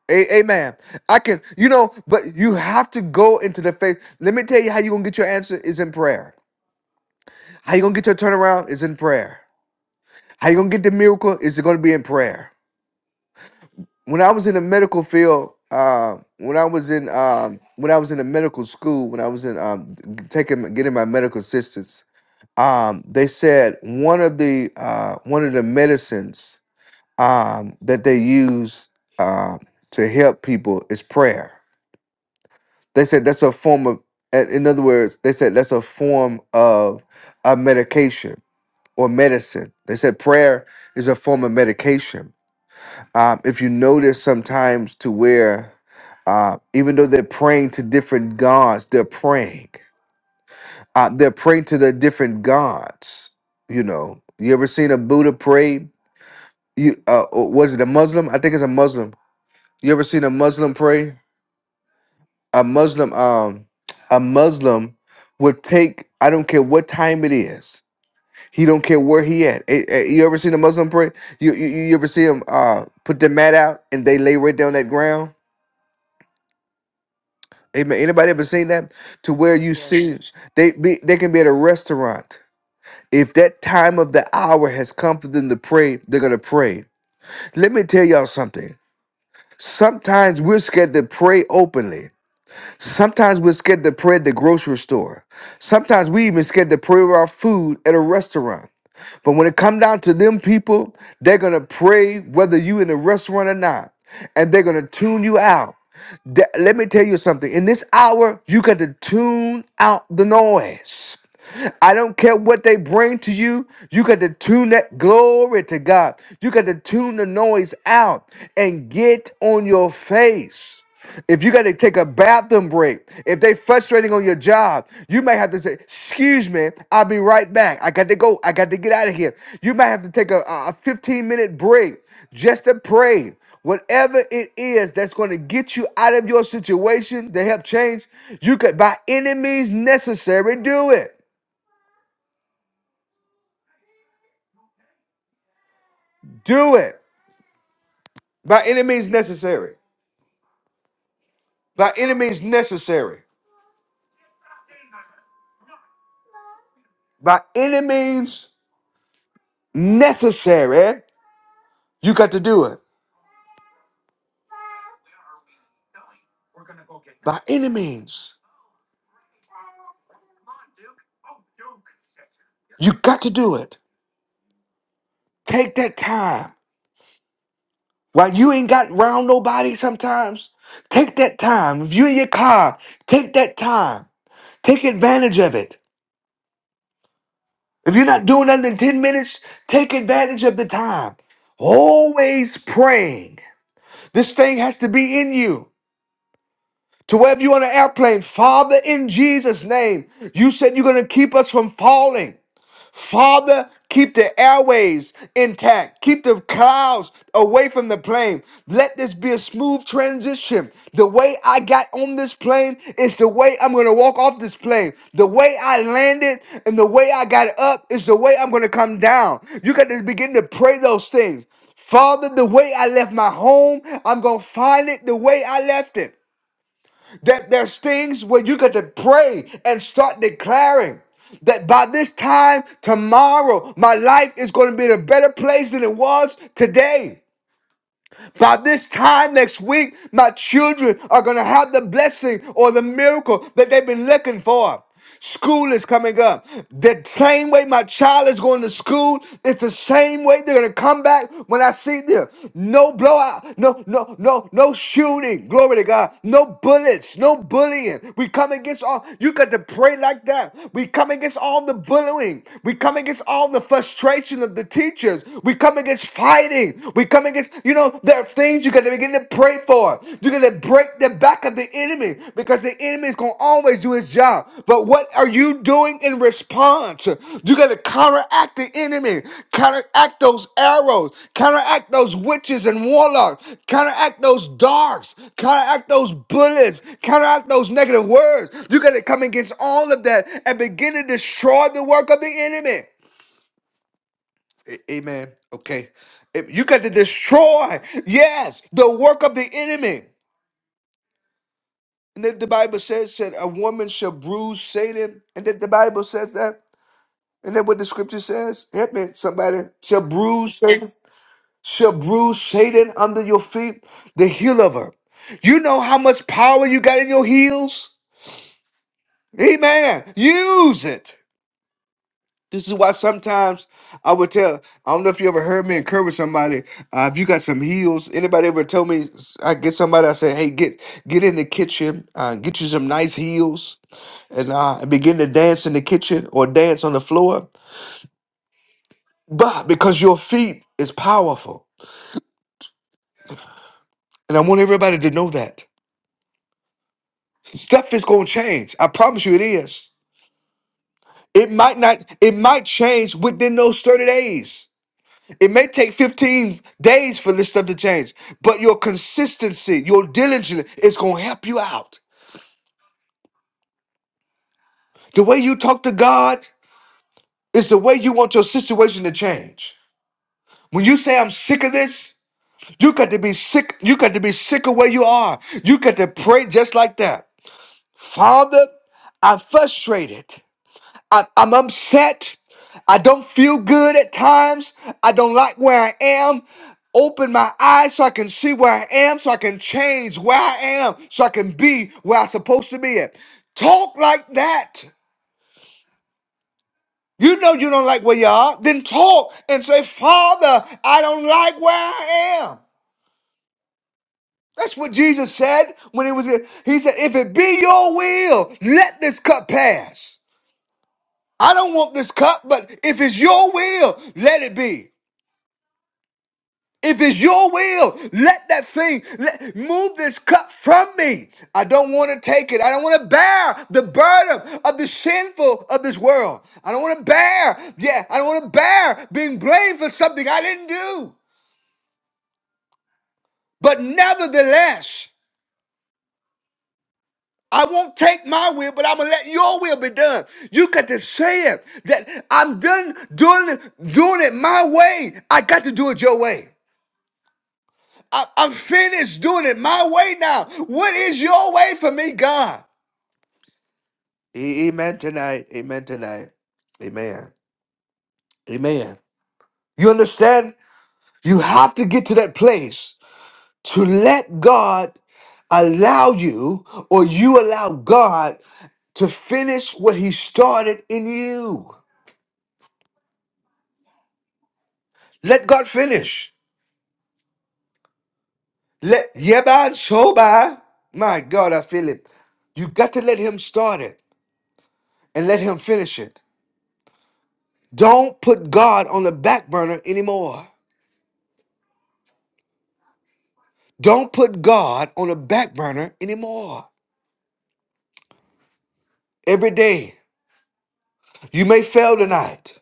A- amen. I can, you know, but you have to go into the faith. Let me tell you how you're gonna get your answer is in prayer. How you gonna get your turnaround is in prayer. How you gonna get the miracle is gonna be in prayer. When I was in the medical field, um, when I was in um, when I was in the medical school, when I was in um, taking getting my medical assistance, um, they said one of the uh, one of the medicines um, that they use um, to help people is prayer They said that's a form of, uh, in other words, they said that's a form of a medication or medicine. They said prayer is a form of medication. Um, if you notice sometimes to where, uh, even though they're praying to different gods, they're praying. Uh, they're praying to the different gods. You know, you ever seen a Buddha pray? You uh, or was it a Muslim? I think it's a Muslim. You ever seen a Muslim pray? a Muslim um a Muslim would take I don't care what time it is. He don't care where he at. Eh, eh, You ever seen a Muslim pray? You you, you ever see him uh put the mat out and they lay right down that ground? Amen. Anybody ever seen that? To where you Yes. see they be they can be at a restaurant. If that time of the hour has come for them to pray, they're gonna pray. Let me tell y'all something. Sometimes we're scared to pray openly. Sometimes we're scared to pray at the grocery store. Sometimes we even scared to pray over our food at a restaurant. But when it come down to them people, they're gonna pray whether you in the restaurant or not, and they're gonna tune you out. Th- Let me tell you something. In this hour, you got to tune out the noise. I don't care what they bring to you. You got to tune that glory to God. You got to tune the noise out and get on your face. If you got to take a bathroom break, if they frustrating on your job, you may have to say, "Excuse me, I'll be right back. I got to go. I got to get out of here." You might have to take a, a 15 minute break just to pray. Whatever it is that's going to get you out of your situation to help change, you could by any means necessary do it. Do it by any means necessary. By any means necessary. By any means necessary. You got to do it. by any means. You got to do it. Take that time. While you ain't got round nobody sometimes, take that time. If you in your car, take that time. Take advantage of it. If you're not doing nothing in 10 minutes, take advantage of the time. Always praying. This thing has to be in you. To wherever you're on an airplane, Father, in Jesus' name, you said you're going to keep us from falling. Father, keep the airways intact. Keep the clouds away from the plane. Let this be a smooth transition. The way I got on this plane is the way I'm going to walk off this plane. The way I landed and the way I got up is the way I'm going to come down. You got to begin to pray those things. Father, the way I left my home, I'm going to find it the way I left it. That there's things where you got to pray and start declaring that by this time tomorrow, my life is going to be in a better place than it was today. By this time next week, my children are going to have the blessing or the miracle that they've been looking for. School is coming up. The same way my child is going to school, it's the same way they're gonna come back when I see them. No blowout, no, no, no, no shooting. Glory to God. No bullets, no bullying. We come against all you got to pray like that. We come against all the bullying. We come against all the frustration of the teachers. We come come against fighting. We come against, you know, there are things you got to begin to pray for. You're going to break the back of the enemy because the enemy is going to always do his job. But what are you doing in response? You got to counteract the enemy, counteract those arrows, counteract those witches and warlocks, counteract those darks, counteract those bullets, counteract those negative words. You got to come against all of that and begin to destroy the work of the enemy. A- Amen. Okay. If You got to destroy, yes, the work of the enemy. And then the Bible says that a woman shall bruise Satan. And then the Bible says that. And then what the scripture says, help me, somebody, shall bruise Satan, shall bruise Satan under your feet, the heel of her. You know how much power you got in your heels? Amen. Use it. This is why sometimes I would tell. I don't know if you ever heard me encourage somebody. Uh, if you got some heels, anybody ever tell me? I get somebody. I say, hey, get get in the kitchen, uh, get you some nice heels, and uh, and begin to dance in the kitchen or dance on the floor. But because your feet is powerful, and I want everybody to know that stuff is gonna change. I promise you, it is. It might not. It might change within those thirty days. It may take 15 days for this stuff to change, but your consistency, your diligence is going to help you out. The way you talk to God is the way you want your situation to change. When you say, I'm sick of this, you got to be sick. You got to be sick of where you are. You got to pray just like that. Father, I'm frustrated. I, I'm upset. I don't feel good at times. I don't like where I am. Open my eyes so I can see where I am, so I can change where I am, so I can be where I'm supposed to be at. Talk like that. You know you don't like where you are. Then talk and say, Father, I don't like where I am. That's what Jesus said when he was here. He said, If it be your will, let this cup pass. I don't want this cup, but if it's your will, let it be. If it's your will, let that thing let move this cup from me. I don't want to take it. I don't want to bear the burden of the sinful of this world. I don't want to bear, yeah, I don't want to bear being blamed for something I didn't do. But nevertheless, I won't take my will, but I'm gonna let your will be done. You got to say it that I'm done doing doing it my way. I got to do it your way. I, I'm finished doing it my way now. What is your way for me, God? A- Amen tonight. Amen tonight. Amen. Amen. You understand? You have to get to that place to let God allow you or you allow God to finish what he started in you. Let God finish. Let Yeban Shoba. My God, I feel it. You got to let him start it and let him finish it. Don't put God on the back burner anymore. Don't put God on the back burner anymore. Every day. You may fail tonight.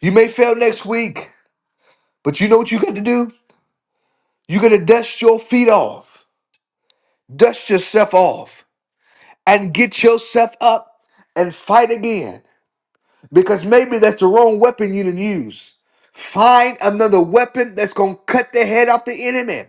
You may fail next week. But you know what you got to do? You got to dust your feet off. Dust yourself off and get yourself up and fight again. Because maybe that's the wrong weapon you didn't use. Find another weapon that's going to cut the head off the enemy.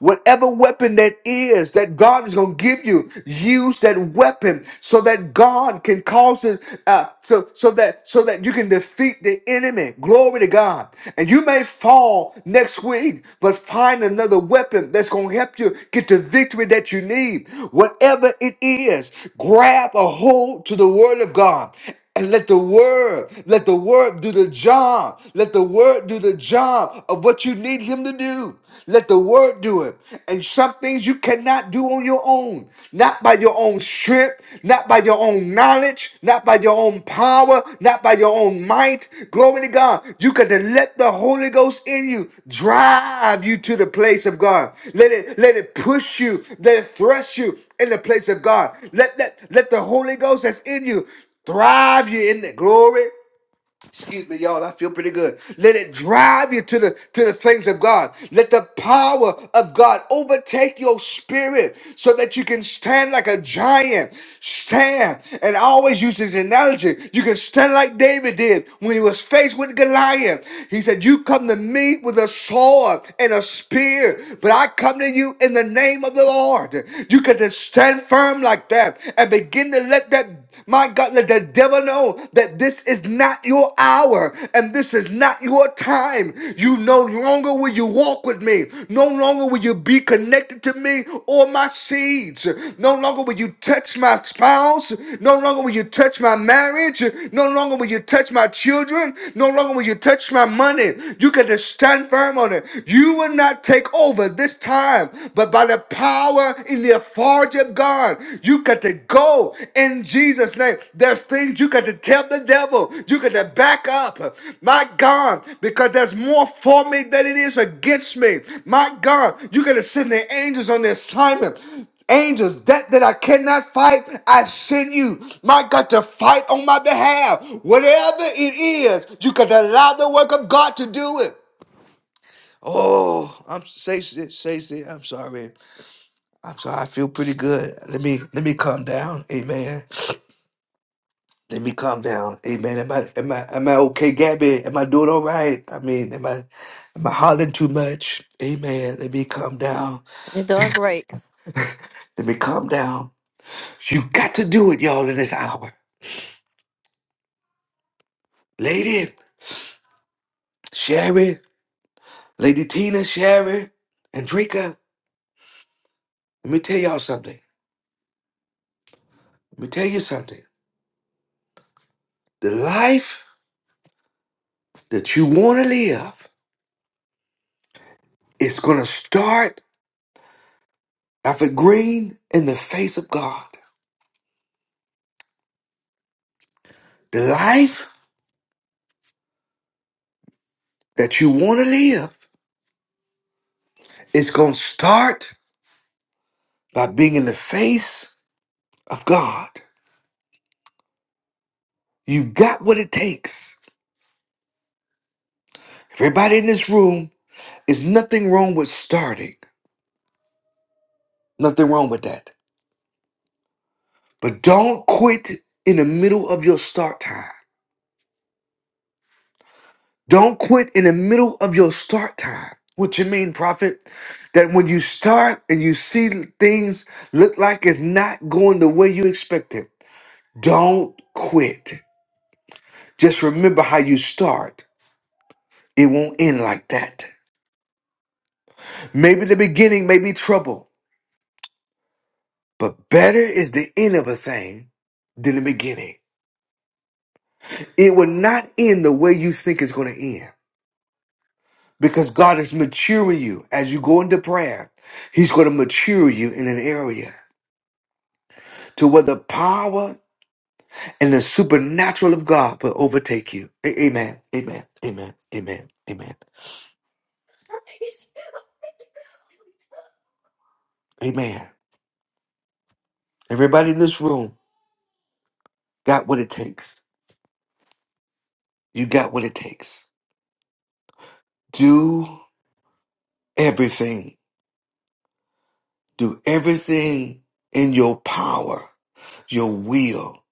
Whatever weapon that is that God is going to give you, use that weapon so that God can cause it, uh, so, so that, so that you can defeat the enemy. Glory to God. And you may fall next week, but find another weapon that's going to help you get the victory that you need. Whatever it is, grab a hold to the word of God and let the word, let the word do the job. Let the word do the job of what you need him to do. Let the word do it. And some things you cannot do on your own. Not by your own strength, not by your own knowledge, not by your own power, not by your own might. Glory to God. You got to let the Holy Ghost in you drive you to the place of God. Let it let it push you, let it thrust you in the place of God. Let that let the Holy Ghost that's in you Thrive you in the glory. Excuse me, y'all. I feel pretty good. Let it drive you to the to the things of God. Let the power of God overtake your spirit so that you can stand like a giant. Stand. And I always use this analogy. You can stand like David did when he was faced with Goliath. He said, You come to me with a sword and a spear, but I come to you in the name of the Lord. You can just stand firm like that and begin to let that my God, let the devil know that this is not your hour and this is not your time. You no longer will you walk with me. No longer will you be connected to me or my seeds. No longer will you touch my spouse. No longer will you touch my marriage. No longer will you touch my children. No longer will you touch my money. You can just stand firm on it. You will not take over this time, but by the power in the authority of God. You got to go in Jesus' name. There's things you got to tell the devil. You got to back up. My God, because there's more for me than it is against me. My God, you got to send the angels on the assignment. Angels, that that I cannot fight, I send you. My God, to fight on my behalf. Whatever it is, you got to allow the work of God to do it. Oh, I'm say say say. I'm sorry. I'm sorry, I feel pretty good. Let me let me calm down. Amen. Let me calm down. Amen. Am I am I am I okay, Gabby? Am I doing all right? I mean, am I am I hollering too much? Amen. Let me calm down. You're doing great. Let me calm down. You got to do it, y'all, in this hour. Lady, Sherry, Lady Tina, Sherry, Andrika. Let me tell y'all something. Let me tell you something. The life that you want to live is gonna start off a green in the face of God. The life that you want to live is going to start by being in the face of God. You got what it takes. Everybody in this room is nothing wrong with starting, nothing wrong with that. But don't quit in the middle of your start time. Don't quit in the middle of your start time. What you mean, prophet? That when you start and you see things look like it's not going the way you expect it, don't quit. Just remember how you start. It won't end like that. Maybe the beginning may be trouble, but better is the end of a thing than the beginning. It will not end the way you think it's going to end because God is maturing you as you go into prayer. He's going to mature you in an area to where the power and the supernatural of God will overtake you. A- amen. Amen. Amen. Amen. Amen. Amen. Everybody in this room got what it takes. You got what it takes. Do everything. Do everything in your power, your will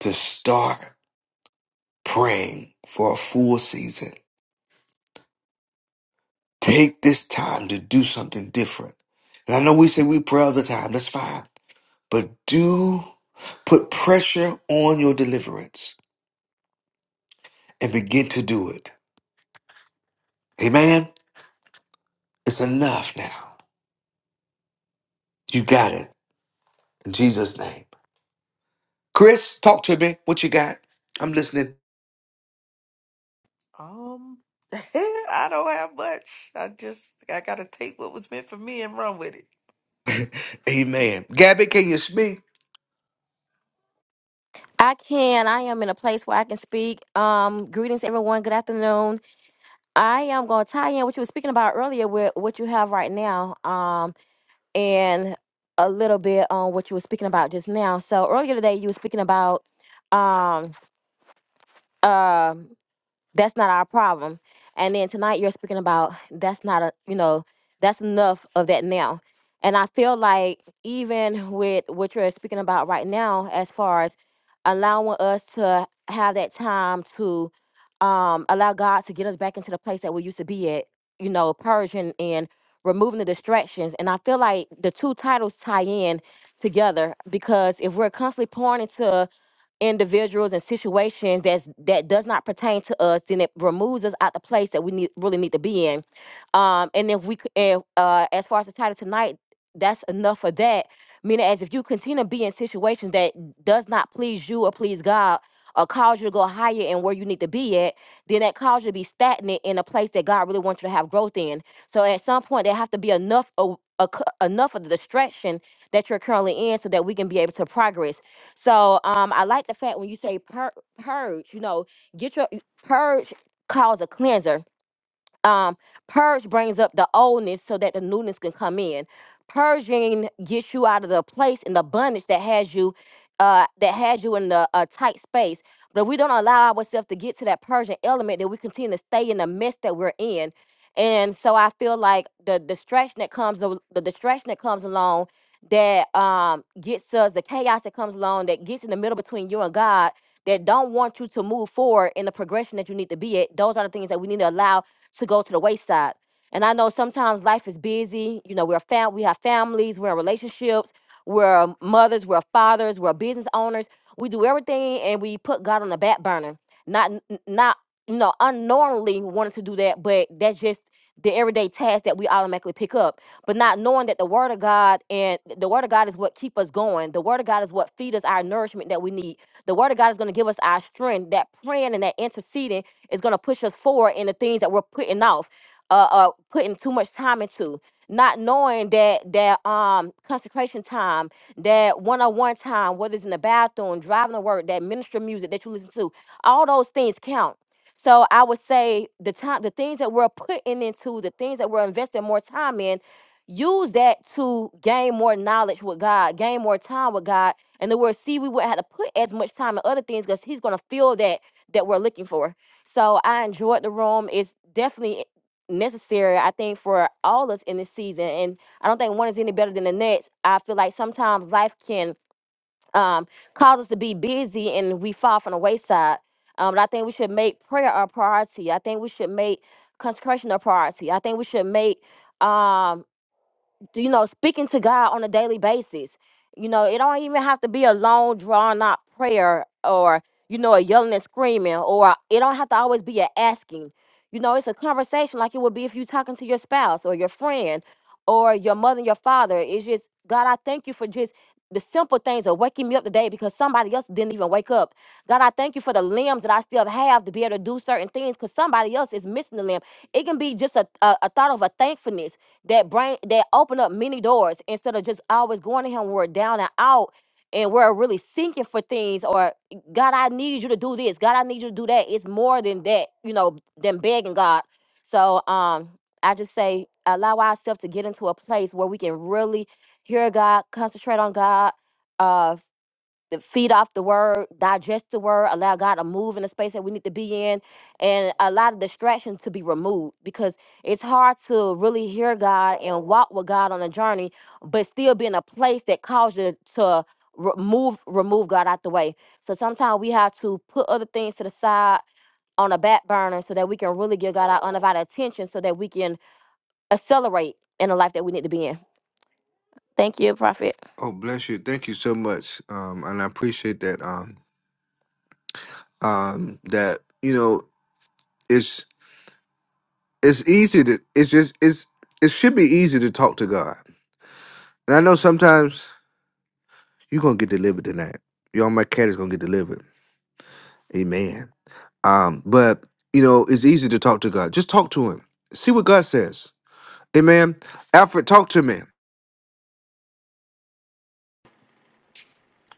to start praying for a full season. Take this time to do something different. And I know we say we pray all the time, that's fine. But do put pressure on your deliverance and begin to do it. Amen. It's enough now. You got it. In Jesus' name. Chris, talk to me. What you got? I'm listening. Um, <laughs> I don't have much. I just I gotta take what was meant for me and run with it. Amen. Gabby, can you speak? I can. I am in a place where I can speak. Um, greetings, everyone. Good afternoon. I am going to tie in what you were speaking about earlier with what you have right now. Um, and a little bit on what you were speaking about just now. So earlier today, you were speaking about um, um that's not our problem. And then tonight you're speaking about that's not a you know that's enough of that now. And I feel like even with what you're speaking about right now, as far as allowing us to have that time to um, allow God to get us back into the place that we used to be at, you know, purging and removing the distractions. And I feel like the two titles tie in together because if we're constantly pouring into individuals and situations that's that does not pertain to us, then it removes us out the place that we need really need to be in. Um, and if we c- and, uh, as far as the title tonight, that's enough for that. Meaning, as if you continue to be in situations that does not please you or please God or cause you to go higher and where you need to be at, then that calls you to be stagnant in a place that God really wants you to have growth in. So at some point, there has to be enough of a c- enough of the distraction that you're currently in so that we can be able to progress so um, I like the fact when you say pur- purge, you know, get your purge calls a cleanser. Um, purge brings up the oldness so that the newness can come in. Purging gets you out of the place and the bondage that has you, uh, that has you in the uh, tight space. But if we don't allow ourselves to get to that purging element, then we continue to stay in the mess that we're in. And so I feel like the distraction that comes, the distraction that comes along that um gets us the chaos that comes along that gets in the middle between you and God that don't want you to move forward in the progression that you need to be at. Those are the things that we need to allow to go to the wayside. And I know sometimes life is busy. You know, we're fam- we have families, we're in relationships, we're mothers, we're fathers, we're business owners. We do everything and we put God on the back burner. Not n- not you know, unknowingly wanting to do that, but that's just the everyday task that we automatically pick up. But not knowing that the word of God and the word of God is what keep us going. The word of God is what feed us our nourishment that we need. The word of God is going to give us our strength. That praying and that interceding is going to push us forward in the things that we're putting off uh, uh putting too much time into not knowing that that um consecration time that one-on-one time whether it's in the bathroom driving to work that ministry music that you listen to all those things count so i would say the time the things that we're putting into the things that we're investing more time in use that to gain more knowledge with god gain more time with god And the word see we wouldn't have to put as much time in other things because he's going to feel that that we're looking for so i enjoyed the room it's definitely necessary, I think, for all us in this season. And I don't think one is any better than the next. I feel like sometimes life can um, cause us to be busy and we fall from the wayside. Um, but I think we should make prayer a priority. I think we should make consecration a priority. I think we should make um, you know, speaking to God on a daily basis. You know, it don't even have to be a long, drawn out prayer or, you know, a yelling and screaming, or it don't have to always be a asking. You know, it's a conversation like it would be if you talking to your spouse or your friend or your mother and your father. It's just, God, I thank you for just the simple things of waking me up today because somebody else didn't even wake up. God, I thank you for the limbs that I still have to be able to do certain things because somebody else is missing the limb. It can be just a, a, a thought of a thankfulness that bring that open up many doors instead of just always going to him when we're down and out and we're really seeking for things or God, I need you to do this. God, I need you to do that. It's more than that, you know, than begging God. So um I just say allow ourselves to get into a place where we can really hear God, concentrate on God, uh feed off the word, digest the word, allow God to move in the space that we need to be in, and a lot of distractions to be removed because it's hard to really hear God and walk with God on a journey, but still be in a place that calls you to remove remove God out the way. So sometimes we have to put other things to the side on a back burner so that we can really give God our undivided attention so that we can accelerate in the life that we need to be in. Thank you, Prophet. Oh, bless you. Thank you so much. Um, and I appreciate that. Um, um, that you know, it's it's easy to it's just it's it should be easy to talk to God. And I know sometimes you're gonna get delivered tonight. Y'all, my cat is gonna get delivered. Amen. Um, but you know, it's easy to talk to God. Just talk to Him. See what God says. Amen. Alfred, talk to me.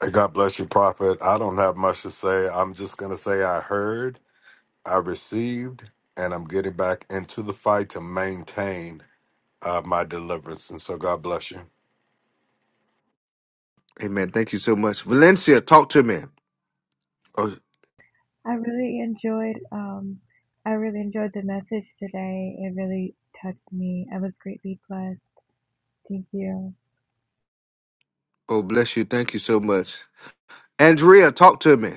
Hey, God bless you, Prophet. I don't have much to say. I'm just going to say I heard, I received, and I'm getting back into the fight to maintain uh, my deliverance. And so God bless you. Amen. Thank you so much. Valencia, talk to me. Oh, I really enjoyed um I really enjoyed the message today. It really touched me. I was greatly blessed. Thank you. oh, bless you. Thank you so much. Andrea, talk to me.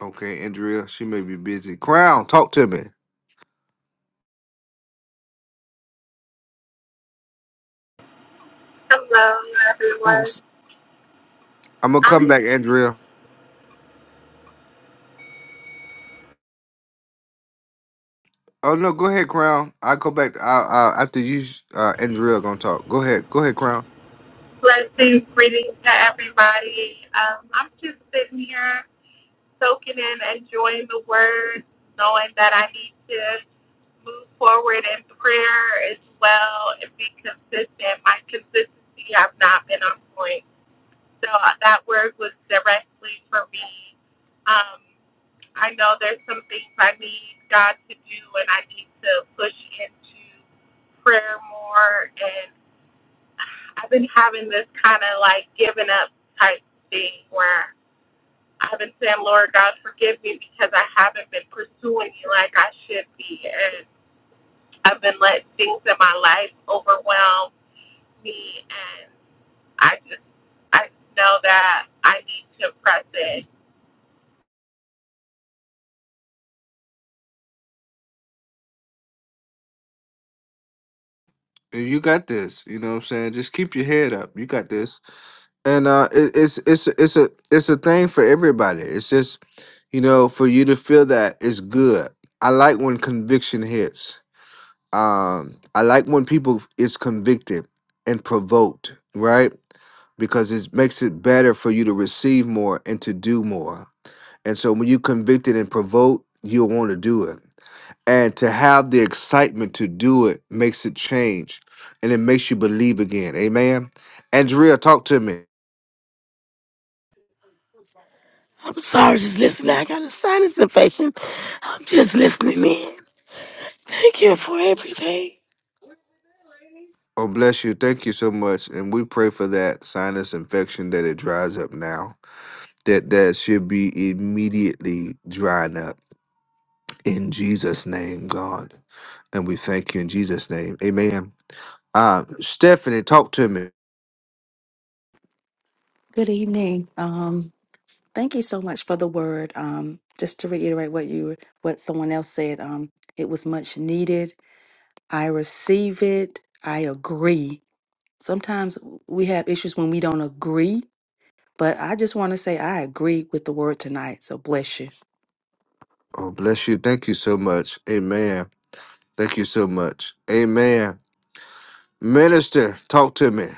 Okay, Andrea, she may be busy. Crown, talk to me. Hello, I'm, everyone. s- I'm gonna come I'm back, Andrea. Oh no, go ahead, Crown. I will go back. I, I, after you, uh, Andrea, gonna talk. Go ahead, go ahead, Crown. blessing greetings to everybody. Um, I'm just sitting here soaking in, enjoying the word, knowing that I need to move forward in prayer as well and be consistent. My consistency have not been on point. So uh, that word was directly for me. Um, I know there's some things I need God to do and I need to push into prayer more and. I've been having this kind of like giving up type thing where I've been saying, Lord God, forgive me because I haven't been pursuing you like I should be. And I've been letting things in my life overwhelm me. And I just, I know that I need to press in You got this. You know what I'm saying? Just keep your head up. You got this. And uh, it, it's it's it's a it's a thing for everybody. It's just you know for you to feel that it's good. I like when conviction hits. Um, I like when people is convicted and provoked. Right? because it makes it better for you to receive more and to do more. And so when you convicted and provoked, you'll want to do it. And to have the excitement to do it makes it change and it makes you believe again. Amen. Andrea, talk to me. I'm sorry, just listening. I got a sinus infection. I'm just listening in. Thank you for everything. Oh, bless you. Thank you so much. And we pray for that sinus infection that it dries up now. That that should be immediately drying up in Jesus' name, God. And we thank you in Jesus' name. Amen. Uh, Stephanie, talk to me. Good evening. Um, thank you so much for the word. Um, just to reiterate what you what someone else said, um, it was much needed. I receive it. I agree. Sometimes we have issues when we don't agree, but I just want to say I agree with the word tonight. So bless you. Oh, bless you. Thank you so much. Amen. Thank you so much. Amen. Minister, talk to me.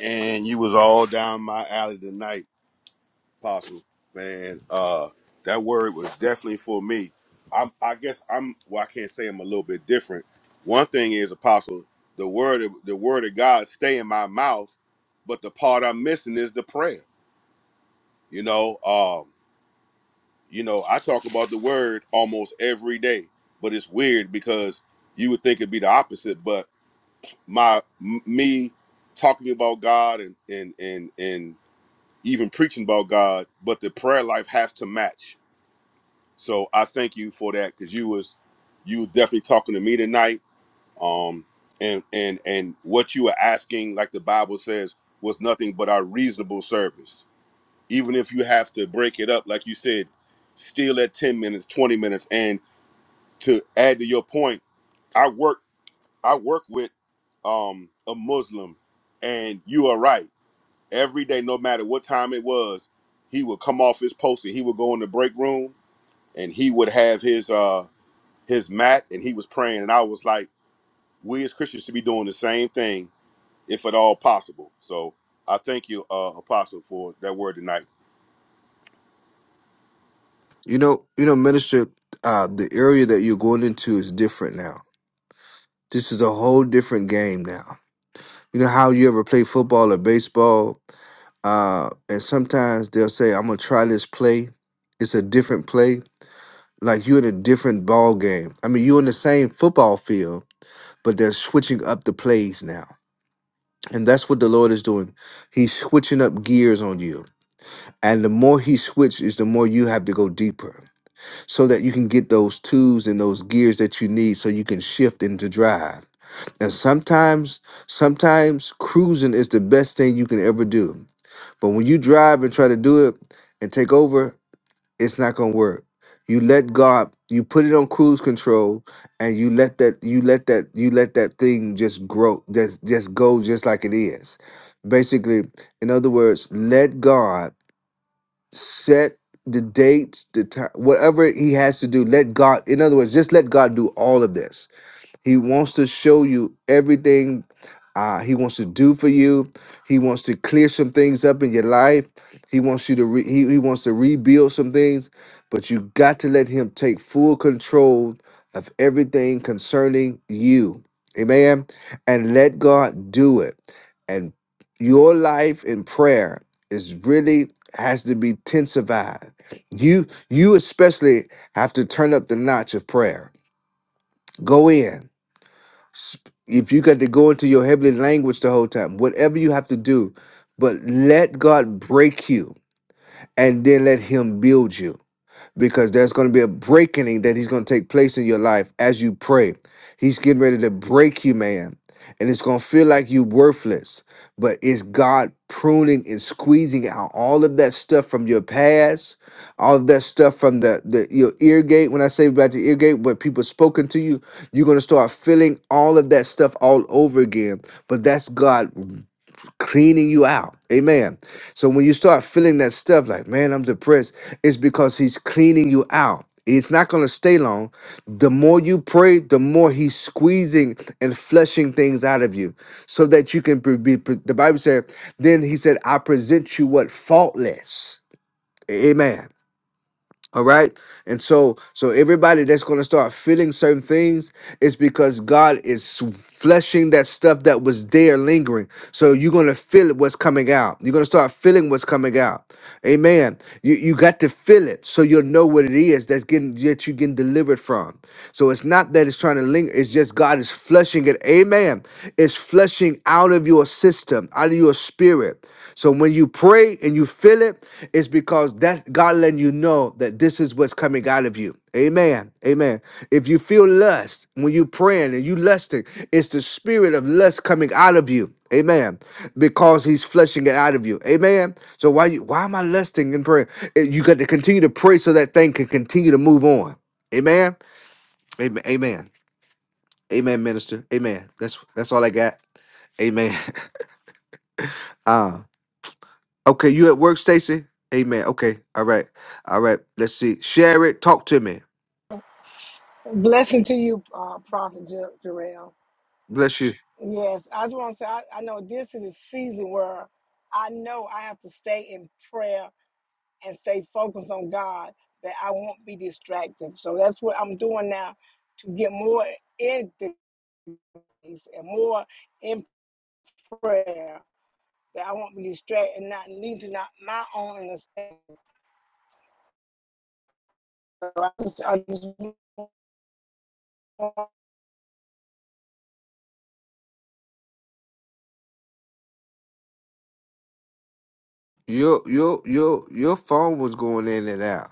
and you was all down my alley tonight, Apostle. Man, uh, that word was definitely for me. I'm, I guess I'm. Well, I can't say I'm a little bit different. One thing is, Apostle, the word, of, the word of God stay in my mouth, but the part I'm missing is the prayer. You know, um, you know, I talk about the word almost every day, but it's weird because you would think it'd be the opposite, but my m- me talking about God and and and and even preaching about God, but the prayer life has to match. So I thank you for that because you was you was definitely talking to me tonight. Um, and and and what you were asking, like the Bible says, was nothing but our reasonable service. Even if you have to break it up, like you said, still at ten minutes, twenty minutes. And to add to your point, I work I work with um a Muslim, and you are right every day, no matter what time it was, he would come off his post and he would go in the break room and he would have his uh his mat and he was praying. And I was like, we as Christians should be doing the same thing if at all possible. So I thank you, uh, Apostle, for that word tonight. You know, you know, minister, uh, the area that you're going into is different now. This is a whole different game now. You know how you ever play football or baseball, uh, and sometimes they'll say, "I'm gonna try this play." It's a different play Like you're in a different ball game. I mean, you're in the same football field, but they're switching up the plays now. And that's what the Lord is doing. He's switching up gears on you. And the more he switches, the more you have to go deeper so that you can get those tools and those gears that you need so you can shift into drive. And sometimes, sometimes cruising is the best thing you can ever do. But when you drive and try to do it and take over, it's not gonna work. You let God, you put it on cruise control, and you let that, you let that, you let that thing just grow, just just go, just like it is. Basically, in other words, let God set the dates, the time, whatever He has to do. Let God, in other words, just let God do all of this he wants to show you everything uh, he wants to do for you. He wants to clear some things up in your life. He wants you to re- he, he wants to rebuild some things, but you got to let him take full control of everything concerning you. Amen. And let God do it. And your life in prayer is really has to be intensified. You you especially have to turn up the notch of prayer. Go in. Sp- If you got to go into your heavenly language the whole time, whatever you have to do, but let God break you and then let Him build you because there's going to be a breaking that he's going to take place in your life as you pray. He's getting ready to break you, man. And it's going to feel like you're worthless, but it's God pruning and squeezing out all of that stuff from your past, all of that stuff from the, the your ear gate. When I say about your ear gate, what people spoken to you, you're going to start feeling all of that stuff all over again. But that's God cleaning you out. Amen. So when you start feeling that stuff like, man, I'm depressed, it's because he's cleaning you out. It's not going to stay long. The more you pray, the more he's squeezing and flushing things out of you so that you can be. be- The Bible said, then he said, I present you what? Faultless. Amen all right. And so so everybody that's going to start feeling certain things is because God is fleshing that stuff that was there lingering. So you're going to feel it what's coming out. You're going to start feeling what's coming out. Amen. You you got to feel it so you'll know what it is that's getting that you're getting delivered from. So it's not that it's trying to linger, it's just God is flushing it. Amen. It's flushing out of your system, out of your spirit. So when you pray and you feel it, it's because that God letting you know that this is what's coming out of you. Amen. Amen. If you feel lust when you praying and you lusting, it's the spirit of lust coming out of you. Amen. Because he's flushing it out of you. Amen. So why you why am I lusting and praying? Eh, You got to continue to pray so that thing can continue to move on. Amen. Amen. Amen. Amen, minister. Amen. That's that's all I got. Amen. <laughs> Uh okay, you at work, Stacy? Amen. Okay. All right. All right. Let's see. Share it. Talk to me. Blessing to you, uh, Prophet Jer- Jarrell. Bless you. Yes, I just want to say I, I know this is a season where I know I have to stay in prayer and stay focused on God that I won't be distracted. So that's what I'm doing now to get more in the peace and more in prayer that I won't be distracted and not lean to not my own understanding. So I just, I just no, Your your your your phone was going in and out.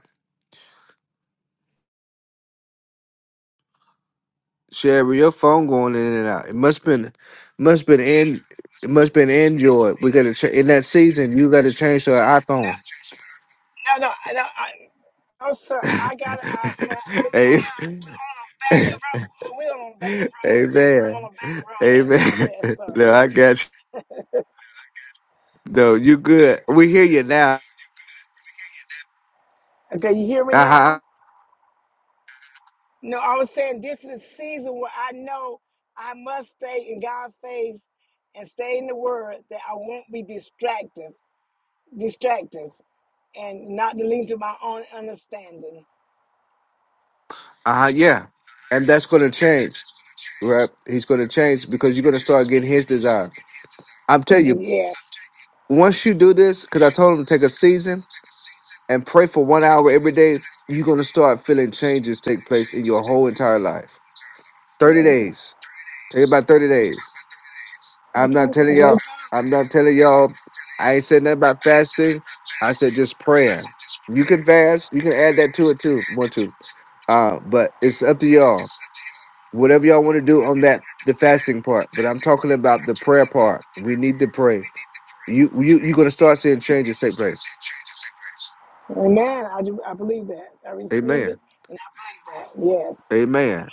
Sherry, your phone going in and out. It must been must been in it must been Android. We gotta ch- in that season you gotta change to an no, no. Oh, sir, iPhone. I got an iPhone. I'm, <laughs> I'm Amen. out. We're on a back road. Oh, We're on a back <laughs> road. On a Amen. back road. Amen. <laughs> Yes, sir. No, I got you. No, you good. We hear you now. Okay, you hear me Uh now? huh. No, I was saying this is a season where I know I must stay in God's face and stay in the Word that I won't be distracted, distracted, and not to lean to my own understanding. Uh huh. Yeah. And that's going to change, right? He's going to change because you're going to start getting his desire. I'm telling you, Yes. once you do this, because I told him to take a season and pray for one hour every day, you're going to start feeling changes take place in your whole entire life. 30 praise Him. days. Take about 30 days. I'm not Okay. telling Well, y'all. I'm not telling y'all. I ain't said nothing about fasting. I said just praying. You can fast. You can add that to it too. One, two. Uh, but it's up to y'all. Whatever y'all want to do on that the fasting part, but I'm talking about the prayer part. We need to pray. You you you're gonna start seeing changes take place. amen. I do. I believe that. I receive it. Amen. And I, that. yes. Amen.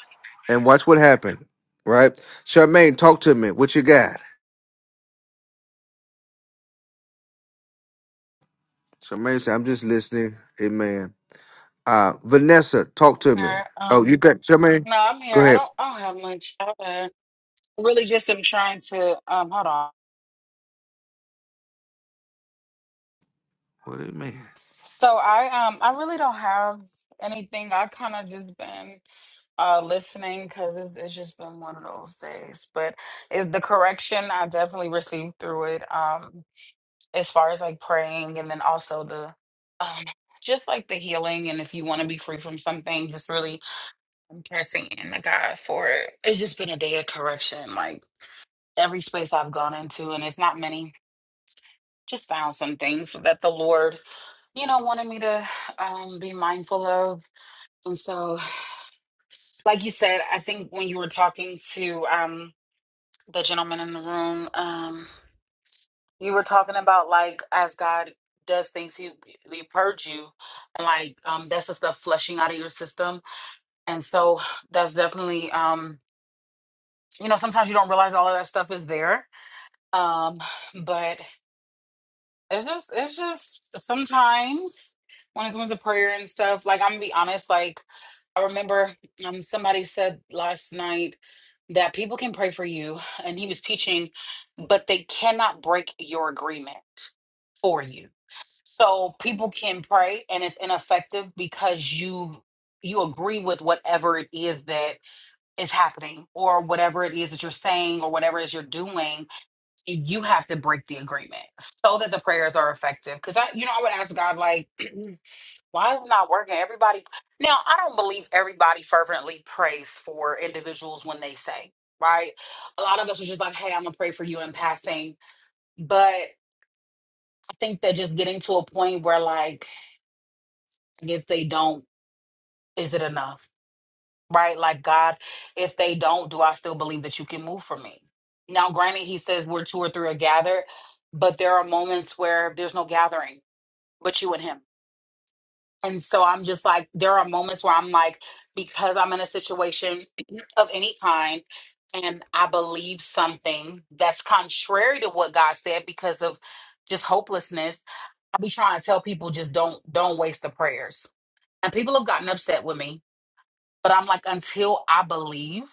And watch what happened. Right? Charmaine, talk to me. What you got? Charmaine said, I'm just listening. Amen. Uh Vanessa, talk to me. No, Oh, you um, got Charmaine? no, I'm Go here. I ahead. don't. I don't have much. I uh, really just am trying to. Um, hold on. Well, amen. So I um I really don't have anything. I kind of just been uh listening because it's, it's just been one of those days. But is the correction I definitely received through it. Um, as far as like praying and then also the um just like the healing and if you want to be free from something, just really I'm pressing in to God for it. It's just been a day of correction. Like. every space I've gone into, and it's not many, just found some things that the Lord, you know, wanted me to um, be mindful of. And so, like you said, I think when you were talking to um, the gentleman in the room, um, you were talking about like as God does things, He, he purge you, and like um, that's just the stuff flushing out of your system. And so, that's definitely, um, you know, sometimes you don't realize all of that stuff is there. Um, but It's just, it's just sometimes when it comes to prayer and stuff, like I'm gonna be honest, like I remember um somebody said last night that people can pray for you, and he was teaching, but they cannot break your agreement for you. So people can pray and it's ineffective because you you agree with whatever it is that is happening or whatever it is that you're saying or whatever it is you're doing you have to break the agreement so that the prayers are effective. Because I, you know, I would ask God, like, <clears throat> why is it not working? Everybody, now I don't believe everybody fervently prays for individuals when they say, right? A lot of us are just like, hey, I'm gonna pray for you in passing. But I think that just getting to a point where, like, if they don't, is it enough, right? Like, God, if they don't, do I still believe that you can move for me? Now, granted, he says where two or three are gathered, but there are moments where there's no gathering but you and him. And so I'm just like, there are moments where I'm like, because I'm in a situation <clears throat> of any kind and I believe something that's contrary to what God said because of just hopelessness, I be trying to tell people just don't don't waste the prayers. And people have gotten upset with me, but I'm like, until I believe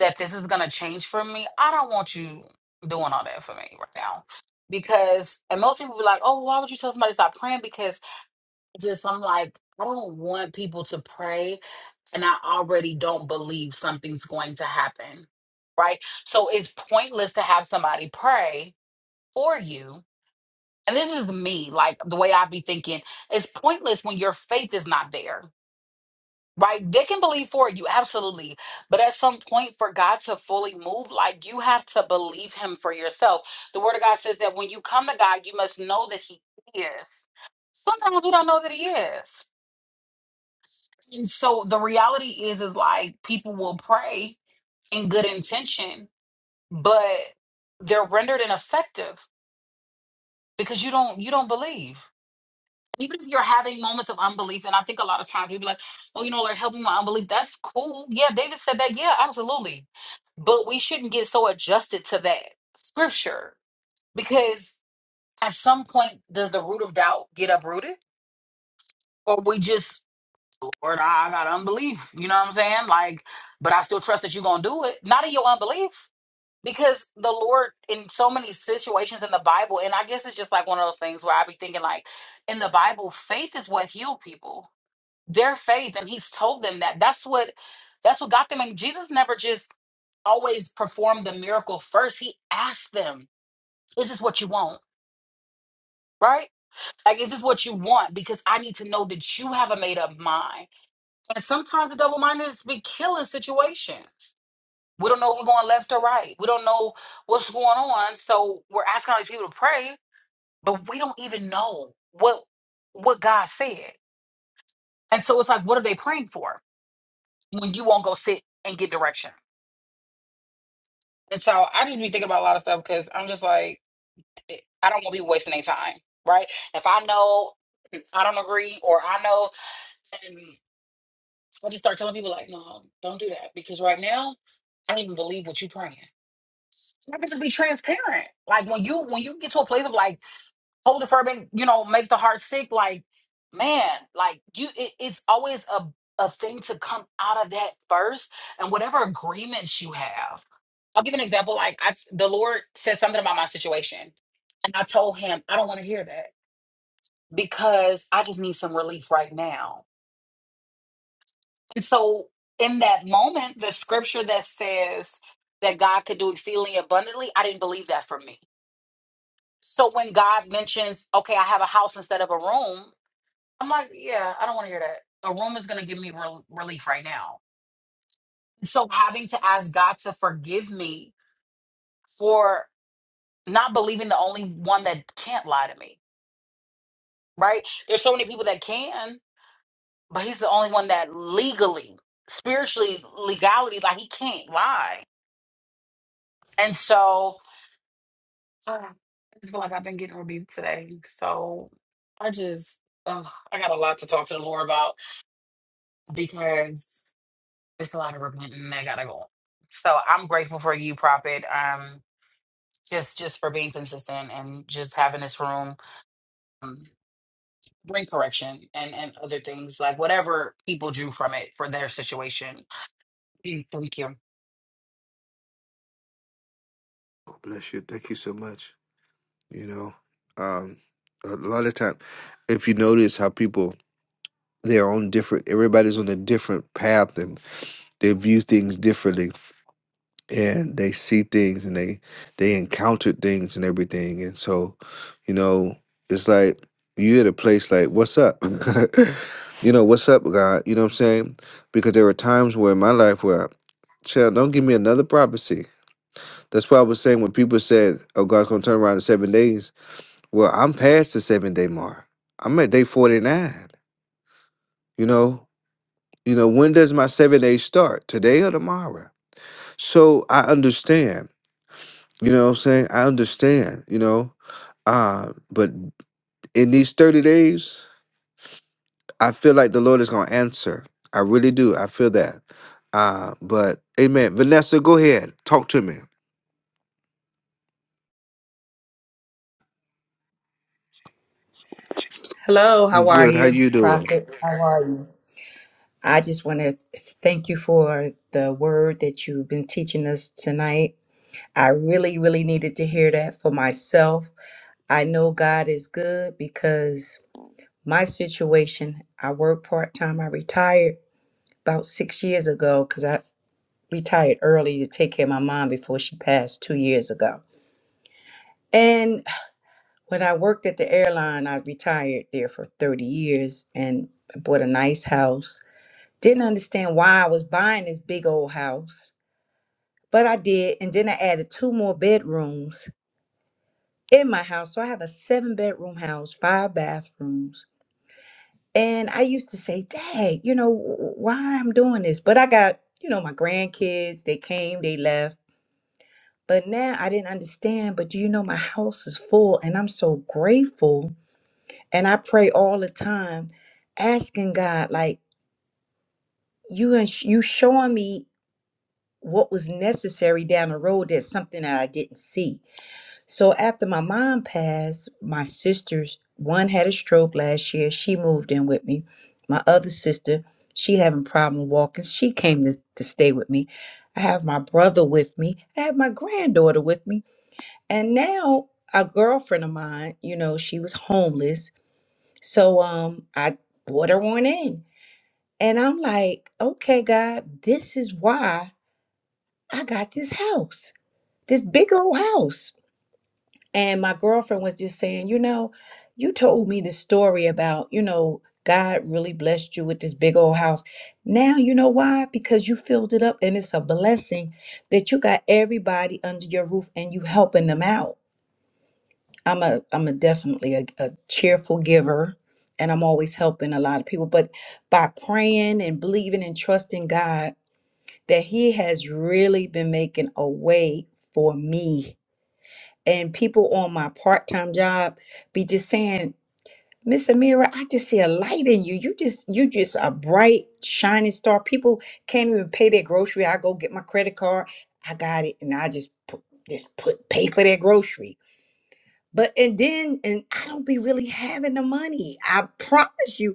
that this is gonna change for me, I don't want you doing all that for me right now. Because and most people be like, oh, why would you tell somebody to stop praying? because? just I'm like, I don't want people to pray and I already don't believe something's going to happen. Right? So it's pointless to have somebody pray for you. And this is me, like the way I be thinking, it's pointless when your faith is not there. Right? They can believe for you, absolutely. But at some point, for God to fully move, like you have to believe Him for yourself. The Word of God says that when you come to God, you must know that He is. Sometimes we don't know that He is And so the reality is, is like people will pray in good intention, but they're rendered ineffective because you don't you don't believe. Even if you're having moments of unbelief, and I think a lot of times we will be like, "Oh, you know, Lord, help me with my unbelief." That's cool. Yeah, David said that. Yeah, absolutely. But we shouldn't get so adjusted to that scripture because at some point, does the root of doubt get uprooted, or we just Or I got unbelief. You know what I'm saying? Like, but I still trust that you're gonna do it. Not in your unbelief. Because the Lord in so many situations in the Bible, and I guess it's just like one of those things where I be thinking like in the Bible, faith is what healed people. Their faith, and he's told them that that's what that's what got them and Jesus never just always performed the miracle first. He asked them, Is this what you want? Right? Like, is this what you want? Because I need to know that you have a made up mind And sometimes the double mindedness be killing situations. We don't know if we're going left or right. We don't know what's going on. So we're asking all these people to pray, but we don't even know what what God said. And so it's like, what are they praying for when you won't go sit and get direction? And so I just be thinking about a lot of stuff because I'm just like, eh, I don't want people wasting their time, right? If I know I don't agree or I know, and I just start telling people like, no, don't do that because right now I don't even believe what you're praying. I just be transparent. Like when you when you get to a place of like holy fervent, you know, makes the heart sick. Like man, like you, it, it's always a a thing to come out of that first, and whatever agreements you have. I'll give an example. Like I, the Lord said something about my situation, and I told Him I don't want to hear that because I just need some relief right now. And so in that moment, the scripture that says that God could do exceedingly abundantly, I didn't believe that for me. So when God mentions, okay, I have a house instead of a room, I'm like, yeah, I don't want to hear that. A room is going to give me rel relief right now. So having to ask God to forgive me for not believing the only one that can't lie to me, right? There's so many people that can, but he's the only one that legally, spiritually, legality, like he can't lie. And so <sighs> uh, I just feel like I've been getting rebuked today. So I just, ugh, I got a lot to talk to the Lord about because it's a lot of repenting that gotta go on. So I'm grateful for you, Prophet. Um, just just for being consistent and just having this room um, bring correction and and other things like whatever people drew from it for their situation. Mm, Thank you. Oh, bless you. Thank you so much. You know, um, a lot of time, if you notice how people they're on different everybody's on a different path and they view things differently and they see things and they they encounter things and everything and so you know it's like you at a place like what's up <laughs> you know what's up god you know what i'm saying because there were times where in my life where child don't give me another prophecy that's why i was saying when people said oh god's gonna turn around in seven days well i'm past the seven day mark i'm at day 49 you know You know, when does my seven days start? Today or tomorrow? So I understand. You know what I'm saying? I understand, you know. Uh, but in these 30 days, I feel like the Lord is gonna answer. I really do. I feel that. Uh, but amen. Vanessa, go ahead. Talk to me. Hello, how I'm are good. How you, you doing? Prophet? How are you? I just want to thank you for the word that you've been teaching us tonight. I really, really needed to hear that for myself. I know God is good because my situation, I work part time. I retired about six years ago because I retired early to take care of my mom before she passed two years ago. And when I worked at the airline, I retired there for 30 years and I bought a nice house Didn't understand why I was buying this big old house, but I did. And then I added two more bedrooms in my house. So I have a seven bedroom house, five bathrooms. And I used to say, Dad, you know, w- w- why I'm doing this? But I got, you know, my grandkids, they came, they left. But now I didn't understand. But do you know, my house is full and I'm so grateful. And I pray all the time, asking God, like, you and you showing me what was necessary down the road that's something that I didn't see. So after my mom passed, my sisters, one had a stroke last year, she moved in with me. My other sister, she having problem walking, she came to, to stay with me. I have my brother with me. I have my granddaughter with me. And now a girlfriend of mine, you know, she was homeless. So um I brought her on in. And I'm like, okay, God, this is why I got this house this big old house. And my girlfriend was just saying, you know, you told me this story about, you know, God really blessed you with this big old house. Now you know why? Because you filled it up and it's a blessing that you got everybody under your roof and you helping them out. I'm a I'm a definitely a, a cheerful giver and I'm always helping a lot of people. But by praying and believing and trusting God that He has really been making a way for me and people on my part-time job be just saying miss amira i just see a light in you you just you just a bright shining star people can't even pay their grocery i go get my credit card i got it and i just put just put pay for their grocery but and then and i don't be really having the money i promise you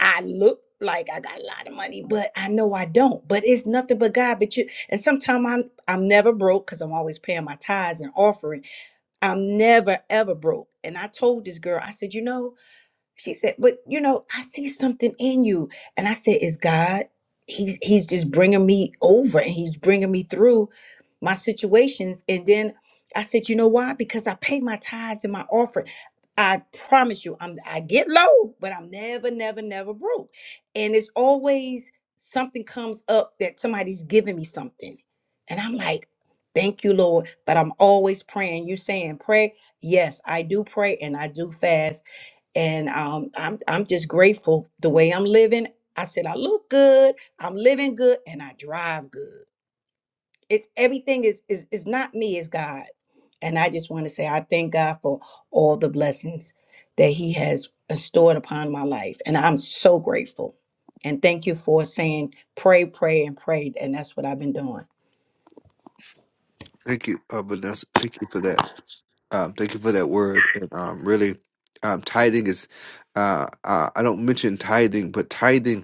i look like i got a lot of money but i know i don't but it's nothing but god but you and sometimes i'm i'm never broke because i'm always paying my tithes and offering I'm never ever broke. And I told this girl, I said, you know, she said, "But you know, I see something in you." And I said, "Is God? He's he's just bringing me over, and he's bringing me through my situations." And then I said, "You know why? Because I pay my tithes and my offering. I promise you, I'm I get low, but I'm never, never, never broke. And it's always something comes up that somebody's giving me something, and I'm like." Thank you, Lord. But I'm always praying. You saying pray? Yes, I do pray and I do fast and um, I'm I'm just grateful the way I'm living. I said I look good, I'm living good, and I drive good. It's everything is is is not me, it's God. And I just want to say I thank God for all the blessings that He has stored upon my life, and I'm so grateful. And thank you for saying pray, pray, and pray, and that's what I've been doing. Thank you, uh, Vanessa. Thank you for that. Um, thank you for that word. And um, really, um, tithing is. Uh, uh, I don't mention tithing, but tithing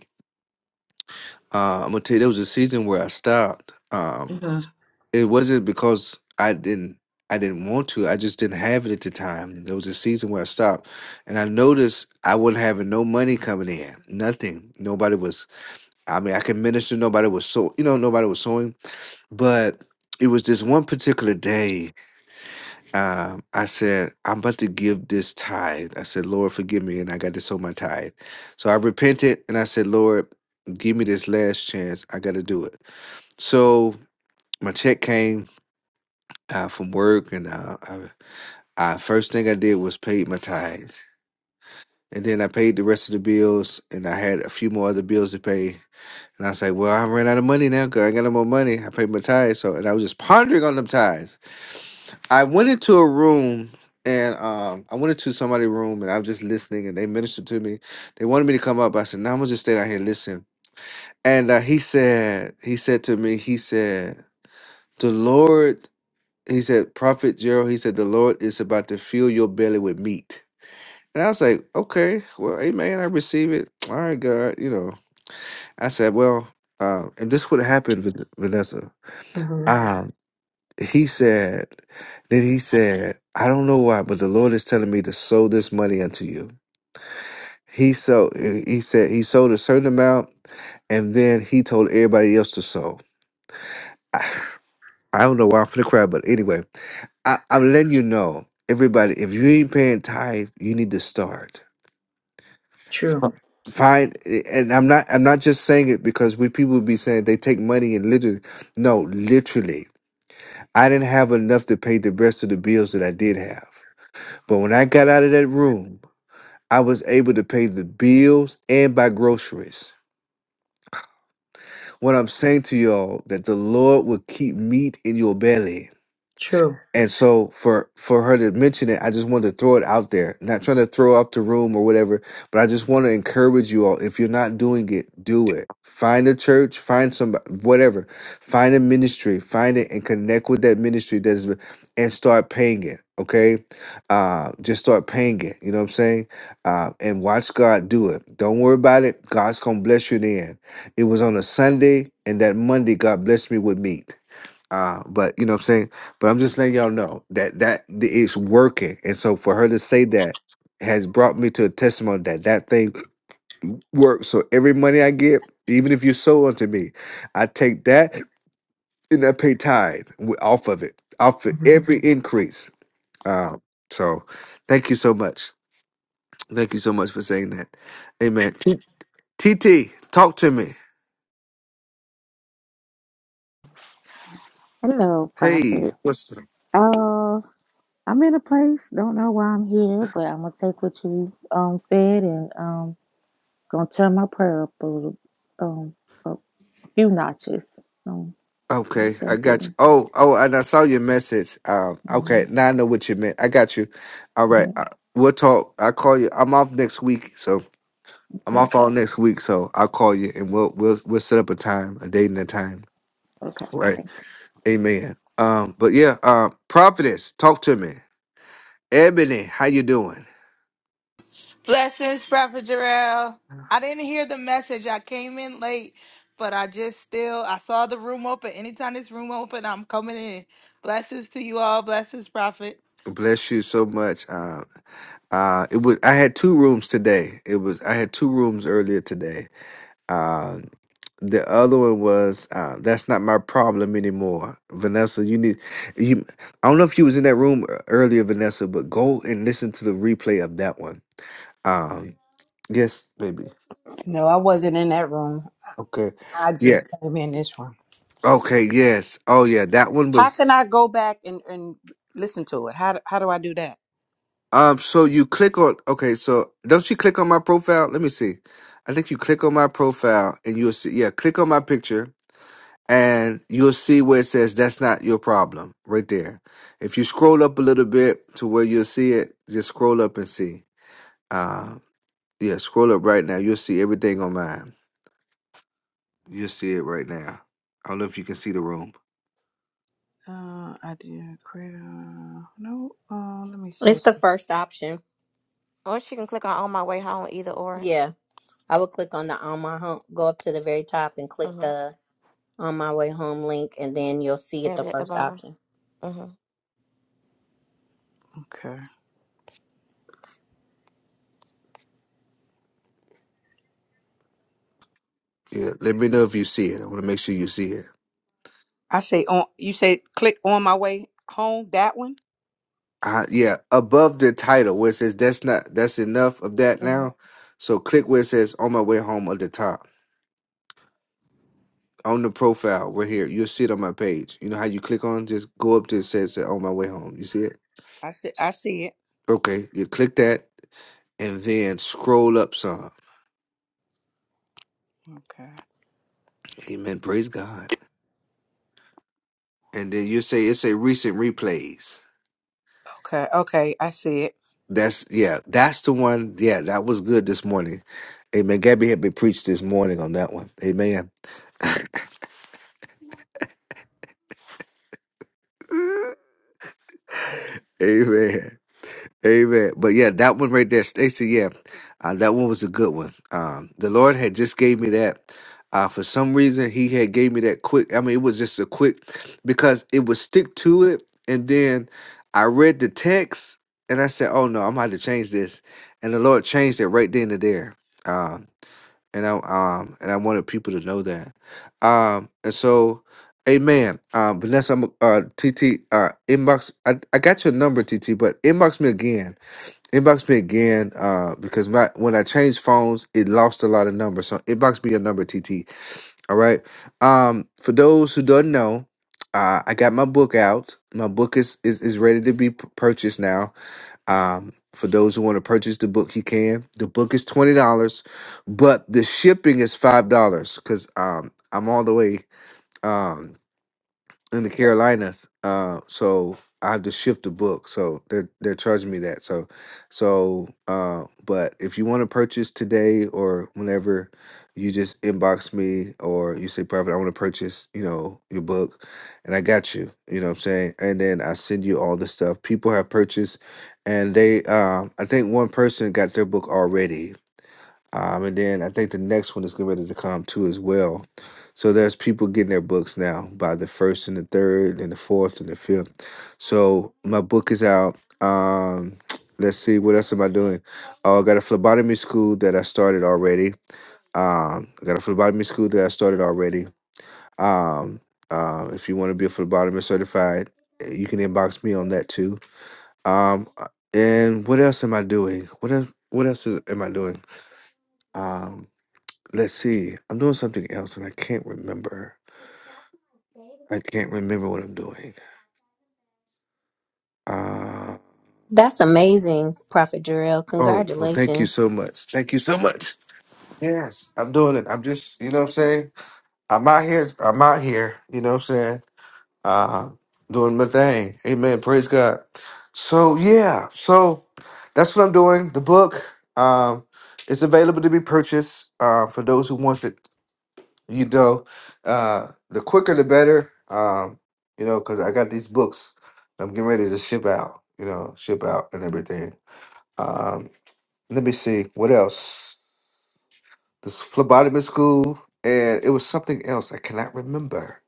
Uh, I'm gonna tell you, there was a season where I stopped. Um, hmm it wasn't because I didn't I didn't want to. I just didn't have it at the time. There was a season where I stopped, and I noticed I wasn't having no money coming in. Nothing. Nobody was. I mean, I could minister. Nobody was so. You know, nobody was sewing. But it was this one particular day. Um, I said, I'm about to give this tithe. I said, Lord, forgive me, and I got to sow my tithe. So I repented, and I said, Lord, give me this last chance. I got to do it. So my check came uh, from work, and uh, I, I first thing I did was paid my tithes, and then I paid the rest of the bills, and I had a few more other bills to pay. And I was like, "Well, I ran out of money now, cause I ain't got no more money. I paid my tithes, so and I was just pondering on them tithes. I went into a room." And um, I went into somebody's room and I was just listening, and they ministered to me. They wanted me to come up. I said, "No, I'm gonna just stay down here and listen." And uh, he said, he said to me, he said, "The Lord." he said, Prophet Gerald, he said, the Lord is about to fill your belly with meat. And I was like, okay, well, amen. I receive it. <tsk> All right, God. You know, I said, well, um, and this would have happened, Van- Vanessa. hmm Um, he said, then he said, I don't know why, but the Lord is telling me to sow this money unto you. He so he said he sold a certain amount, and then he told everybody else to sow. <sighs> I, I don't know why I'm for the crowd, but anyway, I, I'm letting you know, everybody, if you ain't paying tithe, you need to start. True. Find and I'm not I'm not just saying it because we people be saying they take money and literally no, literally. I didn't have enough to pay the rest of the bills that I did have. But when I got out of that room, I was able to pay the bills and buy groceries. What I'm saying to y'all that the Lord will keep meat in your belly True. And so for for her to mention it, I just wanted to throw it out there. Not trying to throw out the room or whatever, but I just want to encourage you all. If you're not doing it, do it. Find a church, find somebody, whatever. Find a ministry, find it, and connect with that ministry that's been- and start paying it. Okay, uh, just start paying it. You know what I'm saying? Uh, and watch God do it. Don't worry about it. God's gonna bless you in the end. It was on a Sunday, and that Monday, God blessed me with meat. Uh, but you know what I'm saying? But I'm just letting y'all know that that th- it's working. And so for her to say that has brought me to a testimony that that thing <clears throat> works. So every money I get, even if you sow unto me, I take that and I pay tithe wi- off of it, off of Mhm. every Mhm. increase. Um, so thank you so much. Thank you so much for saying that. Amen. T- TT, talk to me. Hello, Hey, Prophet. what's Uh, I'm in a place. Don't know why I'm here, but I'm gonna take what you um said and um gonna turn my prayer up a little, um a few notches. Um, well, Okay, I thank got you. you. Oh, oh, and I saw your message. Um, hmm okay, now I know what you meant. I got you. All right, hmm uh, we'll talk. I will call you. I'm off next week, so I'm Okay, off all next week. So I'll call you, and we'll we'll we'll set up a time, a date and a time. okay, Right. thank you. Amen. Um, but yeah, um, prophetess, talk to me. Ebony, how you doing? Blessings, Prophet Jarrell. I didn't hear the message. I came in late, but I just still I saw the room open. Anytime this room open, I'm coming in. Blessings to you all. Blessings, Prophet. Bless you so much. Um, uh, it was I had two rooms today. It was I had two rooms earlier today Uh, the other one was uh, "That's Not My Problem Anymore." Vanessa, you need you. I don't know if you was in that room ear- earlier, Vanessa, but go and listen to the replay of that one. Um, yes, baby. No, I wasn't in that room. Okay. I Yeah. just came in this room. Okay. Yes. Oh, yeah. That one How was. can I go back and, and listen to it? How do, how do I do that? Um. So you click on. Okay. So don't you click on my profile? Let me see. I think you click on my profile and you'll see. Yeah. Click on my picture and you'll see where it says that's not your problem right there. If you scroll up a little bit to where you'll see it, just scroll up and see. Uh, yeah, scroll up right now. You'll see everything on mine. You'll see it right now. I don't know if you can see the room. Uh, I did create. Uh, no. Uh, let me see. It's the first option. Or she can click on on my way home either or. Yeah, I would click on the on my home, go up to the very top and click Mhm. the on my way home link, and then you'll see it It'll the be at the first bottom. option. hmm Okay. Yeah, let me know if you see it. I want to make sure you see it. I say on. You say click on my way home. That one. Uh, yeah, above the title where it says that's not that's enough of that hmm now. So click where it says on my way home at the top. on the profile right here. You'll see it on my page. You know how you click on? Just go up to it says uh, on my way home. You see it? I see. I see it. Okay. You click that and then scroll up some. Okay. Amen. Praise God. And then you say it's a recent replays. Okay. Okay. I see it. That's yeah, that's the one. Yeah, that was good this morning. Amen. Gabby had me preached this morning on that one. Amen. <laughs> Amen. Amen. But yeah, that one right there, Stacy. Yeah, uh, that one was a good one. Um, the Lord had just gave me that. Uh, for some reason, He had gave me that quick. I mean, it was just a quick because it would stick to it, and then I read the text and I said, "Oh no, I'm gonna have to change this," and the Lord changed it right then and there. Um, and I um and I wanted people to know that. Um, and so. Amen. Um, Vanessa, I'm, uh, TT, uh, inbox. I, I got your number, TT, but inbox me again Inbox me again, uh, because my when I changed phones, it lost a lot of numbers. So inbox me your number, TT. All right. Um, for those who don't know, uh, I got my book out. My book is is, is ready to be p- purchased now. Um, for those who want to purchase the book, you can. The book is twenty dollars, but the shipping is five dollars because um I'm all the way. Um, in the Carolinas. Uh, so I have to shift the book. So they're they're charging me that. So so uh, but if you want to purchase today or whenever, you just inbox me or you say, private. I want to purchase, you know, your book, and I got you. You know what I'm saying? And then I send you all the stuff. People have purchased and they um I think one person got their book already. Um, and then I think the next one is getting ready to come too as well. So there's people getting their books now by the first and the third and the fourth and the fifth. So my book is out. Um, <tsk> let's see, what else am I doing? Oh, I got a phlebotomy school that I started already. Um, I got a phlebotomy school that I started already. Um, uh, if you want to be a phlebotomist certified, eh, you can inbox me on that too. Um, uh, and what else am I doing? What else? What else is, am I doing? Um, Let's see. I'm doing something else and I can't remember. I can't remember what I'm doing. Uh That's amazing, Prophet Jarrell. oh, well, thank you Congratulations. so much. Thank you so much. Yes, I'm doing it. I'm just, you know what I'm saying? I'm out here. I'm out here, you know what I'm saying? Uh doing my thing. Amen. Praise God. So, yeah. So, that's what I'm doing. The book um it's available to be purchased uh, for those who wants it you know, uh, the quicker the better. Um, you know, because I got these books I'm getting ready to ship out, you know, ship out and everything. Um, let me see what else. This phlebotomy school, and it was something else I cannot remember.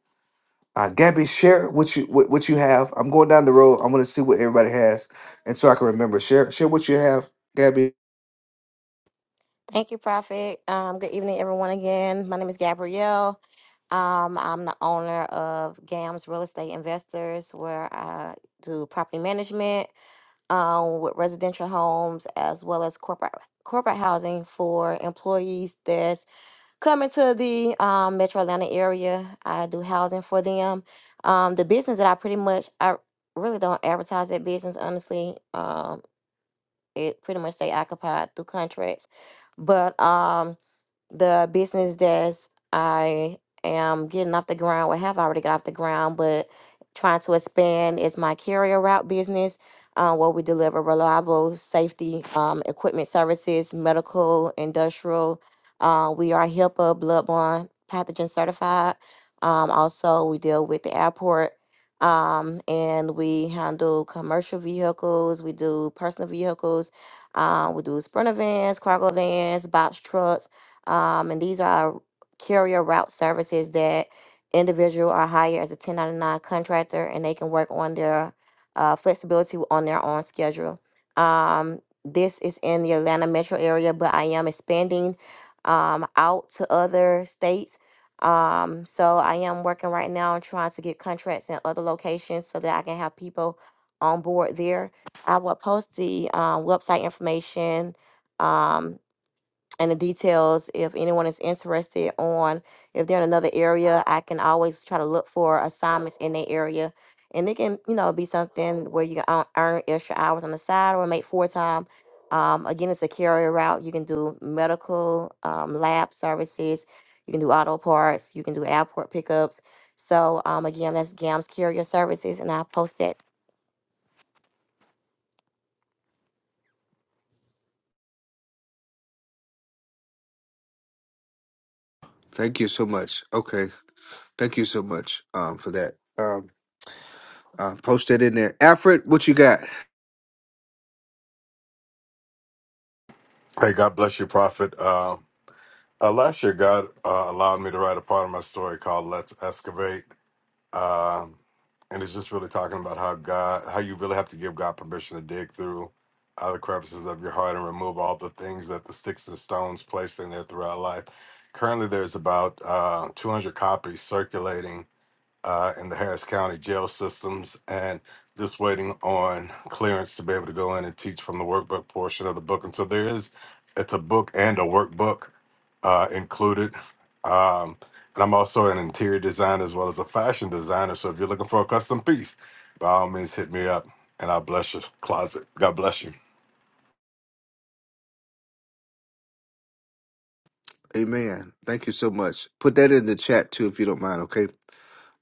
Uh, Gabby, share what you what, what you have. I'm going down the road. I'm going to see what everybody has, and so I can remember. Share share what you have, Gabby. Thank you, Prophet. Um, good evening, everyone. Again, my name is Gabrielle. Um, I'm the owner of GAMS Real Estate Investors, where I do property management um, with residential homes as well as corporate corporate housing for employees that's coming to the um, Metro Atlanta area. I do housing for them. Um, the business that I pretty much I really don't advertise that business honestly. Um, it pretty much they occupied through contracts. But um the business that I am getting off the ground, or have already got off the ground, but trying to expand is my carrier route business, uh, where we deliver reliable safety um, equipment services, medical, industrial. Uh, we are HIPAA bloodborne pathogen certified. Um, also, we deal with the airport. Um, and we handle commercial vehicles. We do personal vehicles. Uh, we do sprinter vans, cargo vans, box trucks, um, and these are carrier route services that individual are hired as a 1099 contractor and they can work on their uh, flexibility on their own schedule. Um, this is in the Atlanta metro area, but I am expanding um, out to other states. Um, so I am working right now on trying to get contracts in other locations so that I can have people on board there. I will post the um, website information. Um, and the details if anyone is interested on if they're in another area i can always try to look for assignments in their area and it can you know be something where you can earn earn extra hours on the side or make full time um, again it's a carrier route you can do medical um, lab services you can do auto parts you can do airport pickups so um, again that's gams carrier services and i'll post that Thank you so much. Okay, thank you so much um, for that. Um, uh, post that in there. Alfred, what you got? Hey, God bless you, Prophet. Uh, uh, last year, God uh, allowed me to write a part of my story called Let's Excavate. Um, and it's just really talking about how God, how you really have to give God permission to dig through all the crevices of your heart and remove all the things that the sticks and stones placed in there throughout life. Currently, there's about uh, 200 copies circulating uh, in the Harris County jail systems, and just waiting on clearance to be able to go in and teach from the workbook portion of the book. And so there is, it's a book and a workbook uh, included. Um, and I'm also an interior designer as well as a fashion designer. So if you're looking for a custom piece, by all means, hit me up, and I'll bless your closet. God bless you. Amen. Thank you so much. Put that in the chat too, if you don't mind. Okay.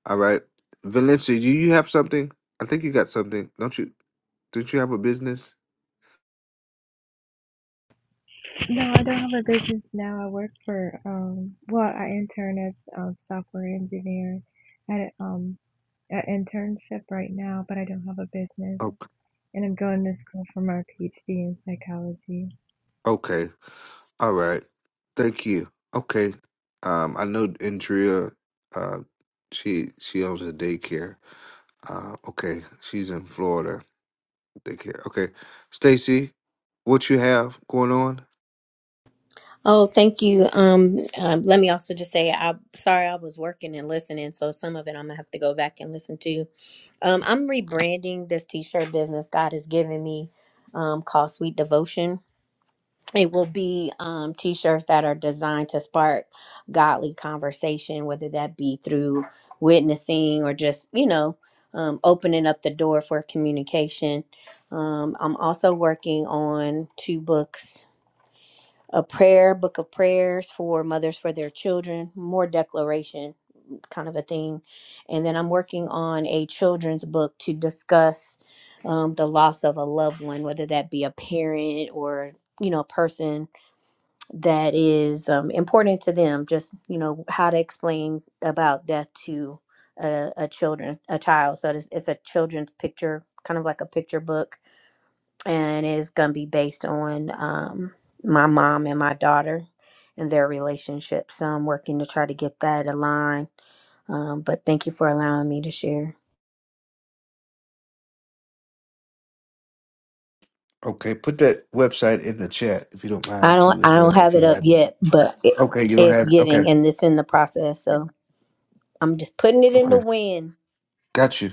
All right. Valencia, do you have something? I think you got something. Don't you? Don't you have a business? No, I don't have a business now. I work for um well, I intern as a software engineer at um an internship right now, but I don't have a business Okay. and I'm going to school for my PhD in psychology. Okay. All right. Thank you. Okay. Um, I know Andrea. Uh, she she owns a daycare. Uh, okay. She's in Florida. Daycare. Okay. Stacy, what you have going on? Oh, thank you. Um, um, let me also just say, I'm sorry I was working and listening, so some of it I'm gonna have to go back and listen to. Um, I'm rebranding this t-shirt business God has given me, um, called Sweet Devotion it will be um, t-shirts that are designed to spark godly conversation whether that be through witnessing or just you know um, opening up the door for communication um, i'm also working on two books a prayer book of prayers for mothers for their children more declaration kind of a thing and then i'm working on a children's book to discuss um, the loss of a loved one whether that be a parent or you know a person that is um, important to them just you know how to explain about death to a, a children a child so it's, it's a children's picture kind of like a picture book and it's going to be based on um, my mom and my daughter and their relationship so i'm working to try to get that aligned um, but thank you for allowing me to share Okay, put that website in the chat if you don't i mind don't too as i well. don't If have it you up have it. yet but it, Okay, you don't it's have okay. getting and it's in the process so i'm just putting it in the Okay. wind Got you.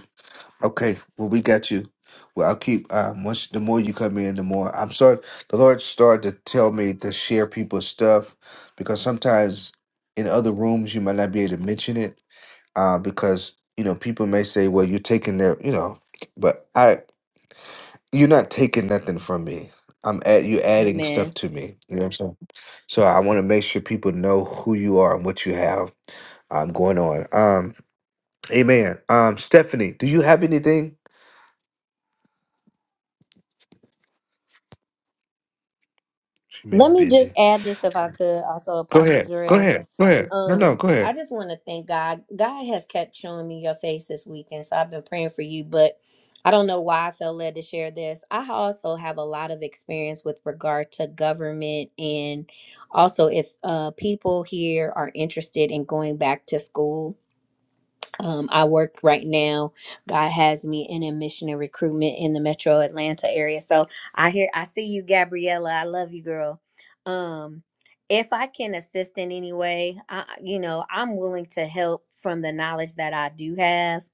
Okay. Well we got you. Well I'll keep um once the more you come in the more I'm starting the Lord started to tell me to share people's stuff because sometimes in other rooms you might not be able to mention it. Uh because, you know, people may say, Well you're taking their you know but I you're not taking nothing from me. I'm at you adding amen stuff to me. You know what I'm saying? So I want to make sure people know who you are and what you have um, going on. Um, amen. Um, Stephanie, do you have anything? She may be Let me just busy. add this if I could, also Go Apostle ahead. Go Jarrell. ahead. Go ahead. No, no, Um, go I ahead. just want to thank God. God has kept showing me your face this weekend, so I've been praying for you, but I don't know why I felt led to share this. I also have a lot of experience with regard to government and also if uh people here are interested in going back to school um, I work right now. God has me in admission and recruitment in the Metro Atlanta area. So I hear, I see you, Gabriella. I love you, girl. Um, if I can assist in any way, I, you know, I'm willing to help from the knowledge that I do have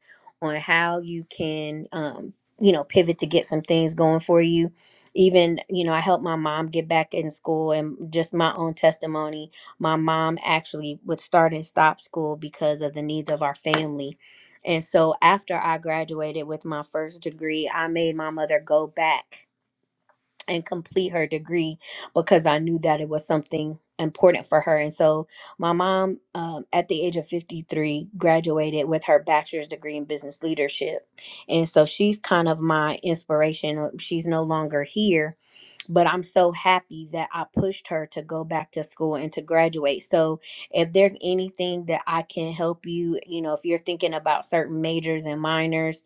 on how you can, um, you know, pivot to get some things going for you. Even, you know, I helped my mom get back in school and just my own testimony my mom actually would start and stop school because of the needs of our family. And so after I graduated with my first degree, I made my mother go back and complete her degree because I knew that it was something important for her. And so my mom, um, at the age of 53, graduated with her bachelor's degree in business leadership. And so she's kind of my inspiration. Uh, She's no longer here, but I'm so happy that I pushed her to go back to school and to graduate. So, if there's anything that I can help you, you know, if you're thinking about certain majors and minors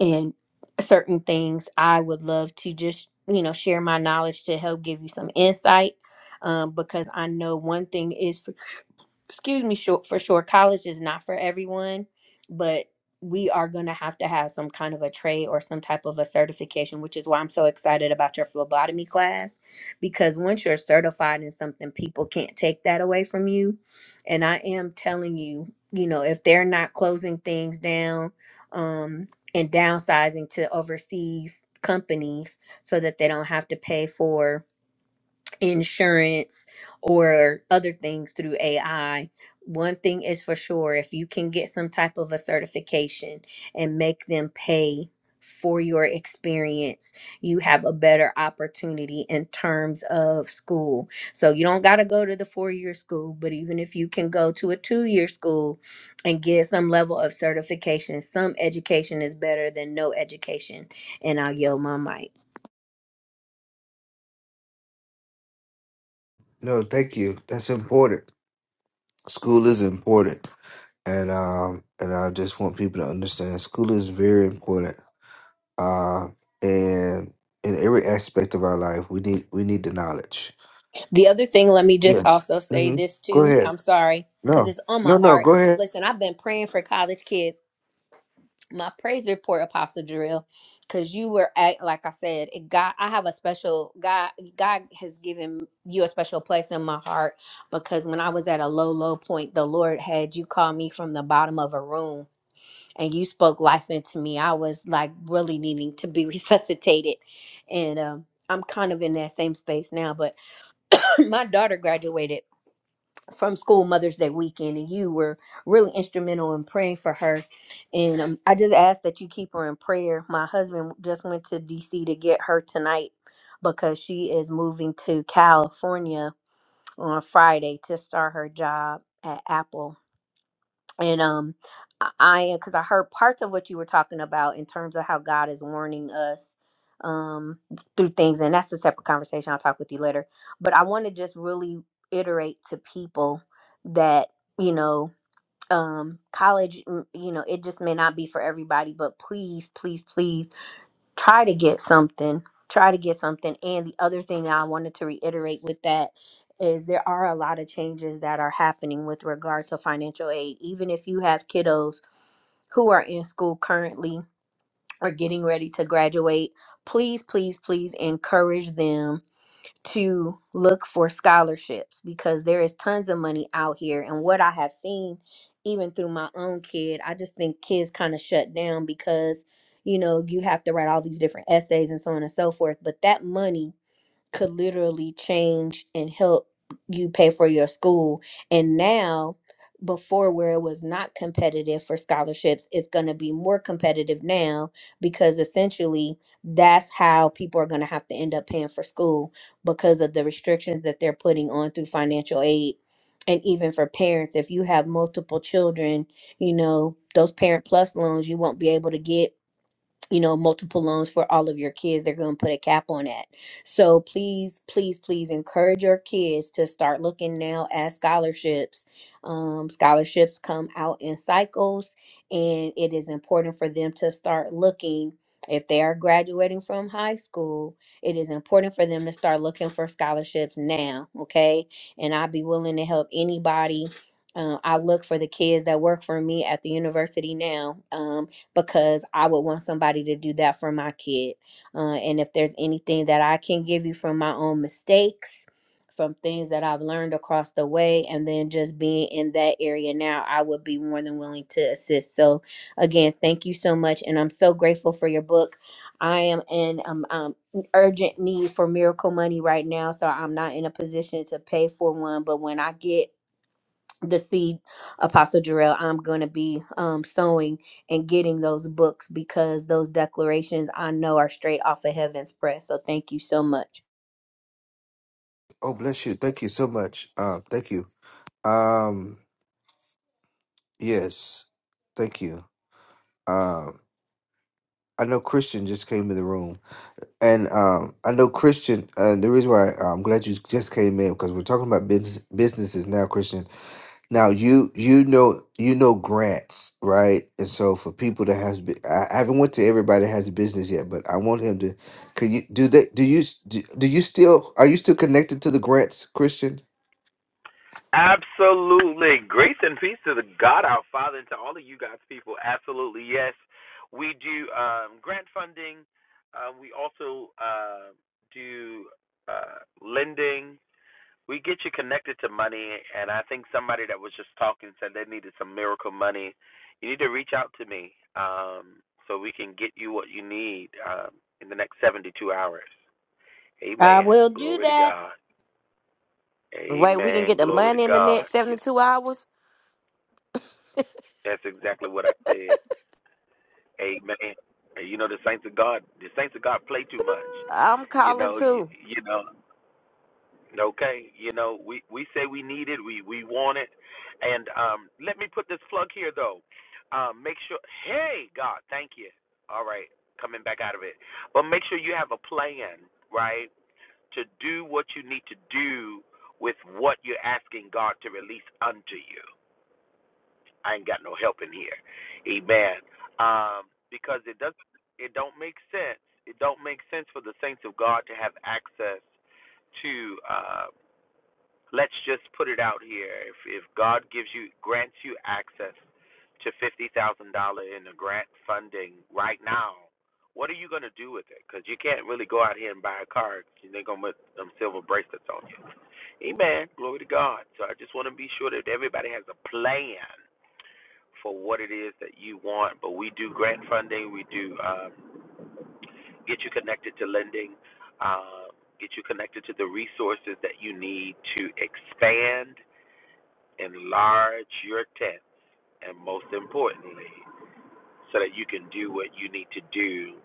and certain things, I would love to just, you know, share my knowledge to help give you some insight. Um, because I know one thing is excuse me sure, for sure college is not for everyone but we are going to have to have some kind of a trade or some type of a certification which is why i'm so excited about your phlebotomy class because once you're certified in something people can't take that away from you and i am telling you you know if they're not closing things down um, and downsizing to overseas companies so that they don't have to pay for insurance or other things through AI. One thing is for sure if you can get some type of a certification and make them pay for your experience, you have a better opportunity in terms of school. So you don't got to go to the four year school, but even if you can go to a two year school and get some level of certification, some education is better than no education. And I'll yell my mic. No, thank you. That's important. School is important, and um, and I just want people to understand school is very important. Uh, and in every aspect of our life, we need we need the knowledge. The other thing, let me just Yeah. also say Mhm. this Go too. ahead. I'm sorry, because No, it's on my no, no. heart. Go ahead. Listen, I've been praying for college kids. My praise report, Apostle Drill, because you were at, like I said, it God, I have a special God. God has given you a special place in my heart because when I was at a low, low point, the Lord had you call me from the bottom of a room, and you spoke life into me. I was like really needing to be <laughs> resuscitated, and um, I'm kind of in that same space now. But <clears throat> my daughter graduated from school Mother's Day weekend, and you were really instrumental in praying for her. And um, I just ask that you keep her in prayer. My husband just went to DC to get her tonight because she is moving to California on Friday to start her job at Apple and um i I because i heard parts of what you were talking about in terms of how god is warning us um through things and that's a separate conversation i'll talk with you later but i want to just really iterate to people that you know um college mm, you know it just may not be for everybody but please please please try to get something try to get something and the other thing i wanted to reiterate with that is there are a lot of changes that are happening with regard to financial aid even if you have kiddos who are in school currently or getting ready to graduate please please please encourage them to look for scholarships because there is tons of money out here. And what I have seen, even through my own kid, I just think kids kind of shut down because, you know, you have to write all these different essays and so on and so forth. But that money could literally change and help you pay for your school. And now, before where it was not competitive for scholarships, it's going to be more competitive now because essentially that's how people are going to have to end up paying for school because of the restrictions that they're putting on through financial aid. And even for parents, if you have multiple children, you know, those parent plus loans you won't be able to get you know multiple loans for all of your kids they're going to put a cap on that so please please please encourage your kids to start looking now at scholarships um, scholarships come out in cycles and it is important for them to start looking if they are graduating from high school it is important for them to start looking for scholarships now okay and i'd be willing to help anybody uh, I look for the kids that work for me at the university now. Um, because I would want somebody to do that for my kid. Uh, and if there's anything that I can give you from my own mistakes, from things that I've learned across the way, and then just being in that area now, I would be more than willing to assist. So, again, thank you so much. And I'm so grateful for your book. I am in um, um, urgent need for miracle money right now, so I'm not in a position to pay for one. But when I get the seed apostle Jarrell I'm going to be um sowing and getting those books because those declarations I know are straight off of heaven's press so thank you so much Oh, bless you. Thank you so much. Um, thank you. Um, yes, thank you. Um, I know Christian just came in the room, and um, I know Christian. Uh, the reason why uh, I'm glad you just came in because we're talking about business businesses now, Christian. Now you you know you know grants, right? And so for people that has, bu- I I haven't went to everybody that has a business yet, but I want him to. Can you do that? Do you s- do, do you still are you still connected to the grants, Christian? Absolutely. Grace and peace to the God our Father and to all of you God's people. Absolutely. Yes. We do um, grant funding. Uh, we also uh, do uh, lending. We get you connected to money. And I think somebody that was just talking said they needed some miracle money. You need to reach out to me um, so we can get you what you need um, in the next 72 hours. I Amen. will do Glory to that. God. wait we can get Amen. the Glory to money in the God. next You 72 hours That's exactly what I said. Amen. And you know the saints of God, the saints of God play too much. i'm You calling know, you, too you know. Okay, you know we we say we need it, we we want it, and um, let me put this plug here though. Um, make sure, hey God, thank you. All right, coming back out of it, but make sure you have a plan, right, to do what you need to do with what you're asking God to release unto you I ain't got no help in here. Amen. Um, because it doesn't it don't make sense. It don't make sense for the saints of God to have access to uh let's just put it out here. If if God gives you grants you access to fifty thousand dollar in the grant funding right now, what are you gonna do with it? Because you can't really go out here and buy a car. they 'cause They're gonna put them silver bracelets on you. Amen. Glory to God. So I just want to be sure that everybody has a plan for what it is that you want. But we do grant funding, we do um, get you connected to lending, uh, get you connected to the resources that you need to expand, enlarge your tent, and most importantly, so that you can do what you need to do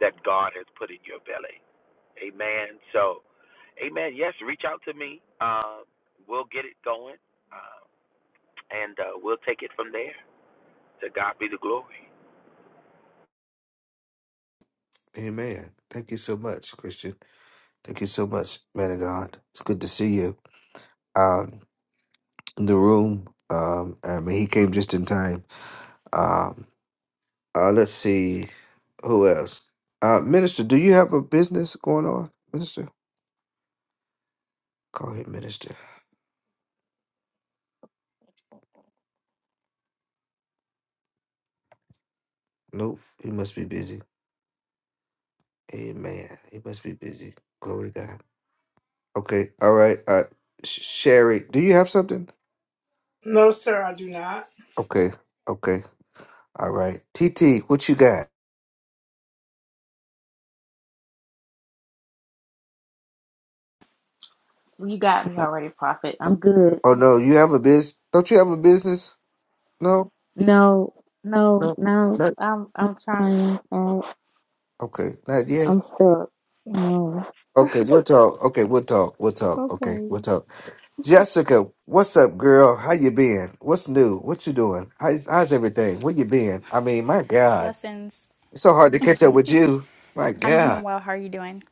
that God has put in your belly. Amen. So, amen. Yes, reach out to me. Uh, we'll get it going, uh, and uh, we'll take it from there. To God be the glory. Amen. Thank you so much, Christian. Thank you so much, man of God. It's good to see you um, in the room. Um, I mean, he came just in time. Um, uh, let's see who else. Uh, minister, do you have a business going on, minister? Call him minister. Nope, he must be busy. Amen. He must be busy. Glory to God. Okay. All right. Uh, Sh- Sherry, do you have something? No, sir, I do not. Okay. Okay. All right. T T, what you got? Well, You got me already, Prophet. I'm good. Oh no, you have a biz? Don't you have a business? No. No, no, no. No. I'm I'm trying. Uh, Okay. Now, yeah. I'm stuck. No. Okay, we'll talk. Okay, we'll talk. We'll talk. Okay, Okay. we'll talk. Jessica, what's up, girl? How you been? What's new? What you doing? How's how's everything? Where you been? I mean, my God, Blessings. it's so hard to catch up with you. My I'm doing God, well. How are you doing?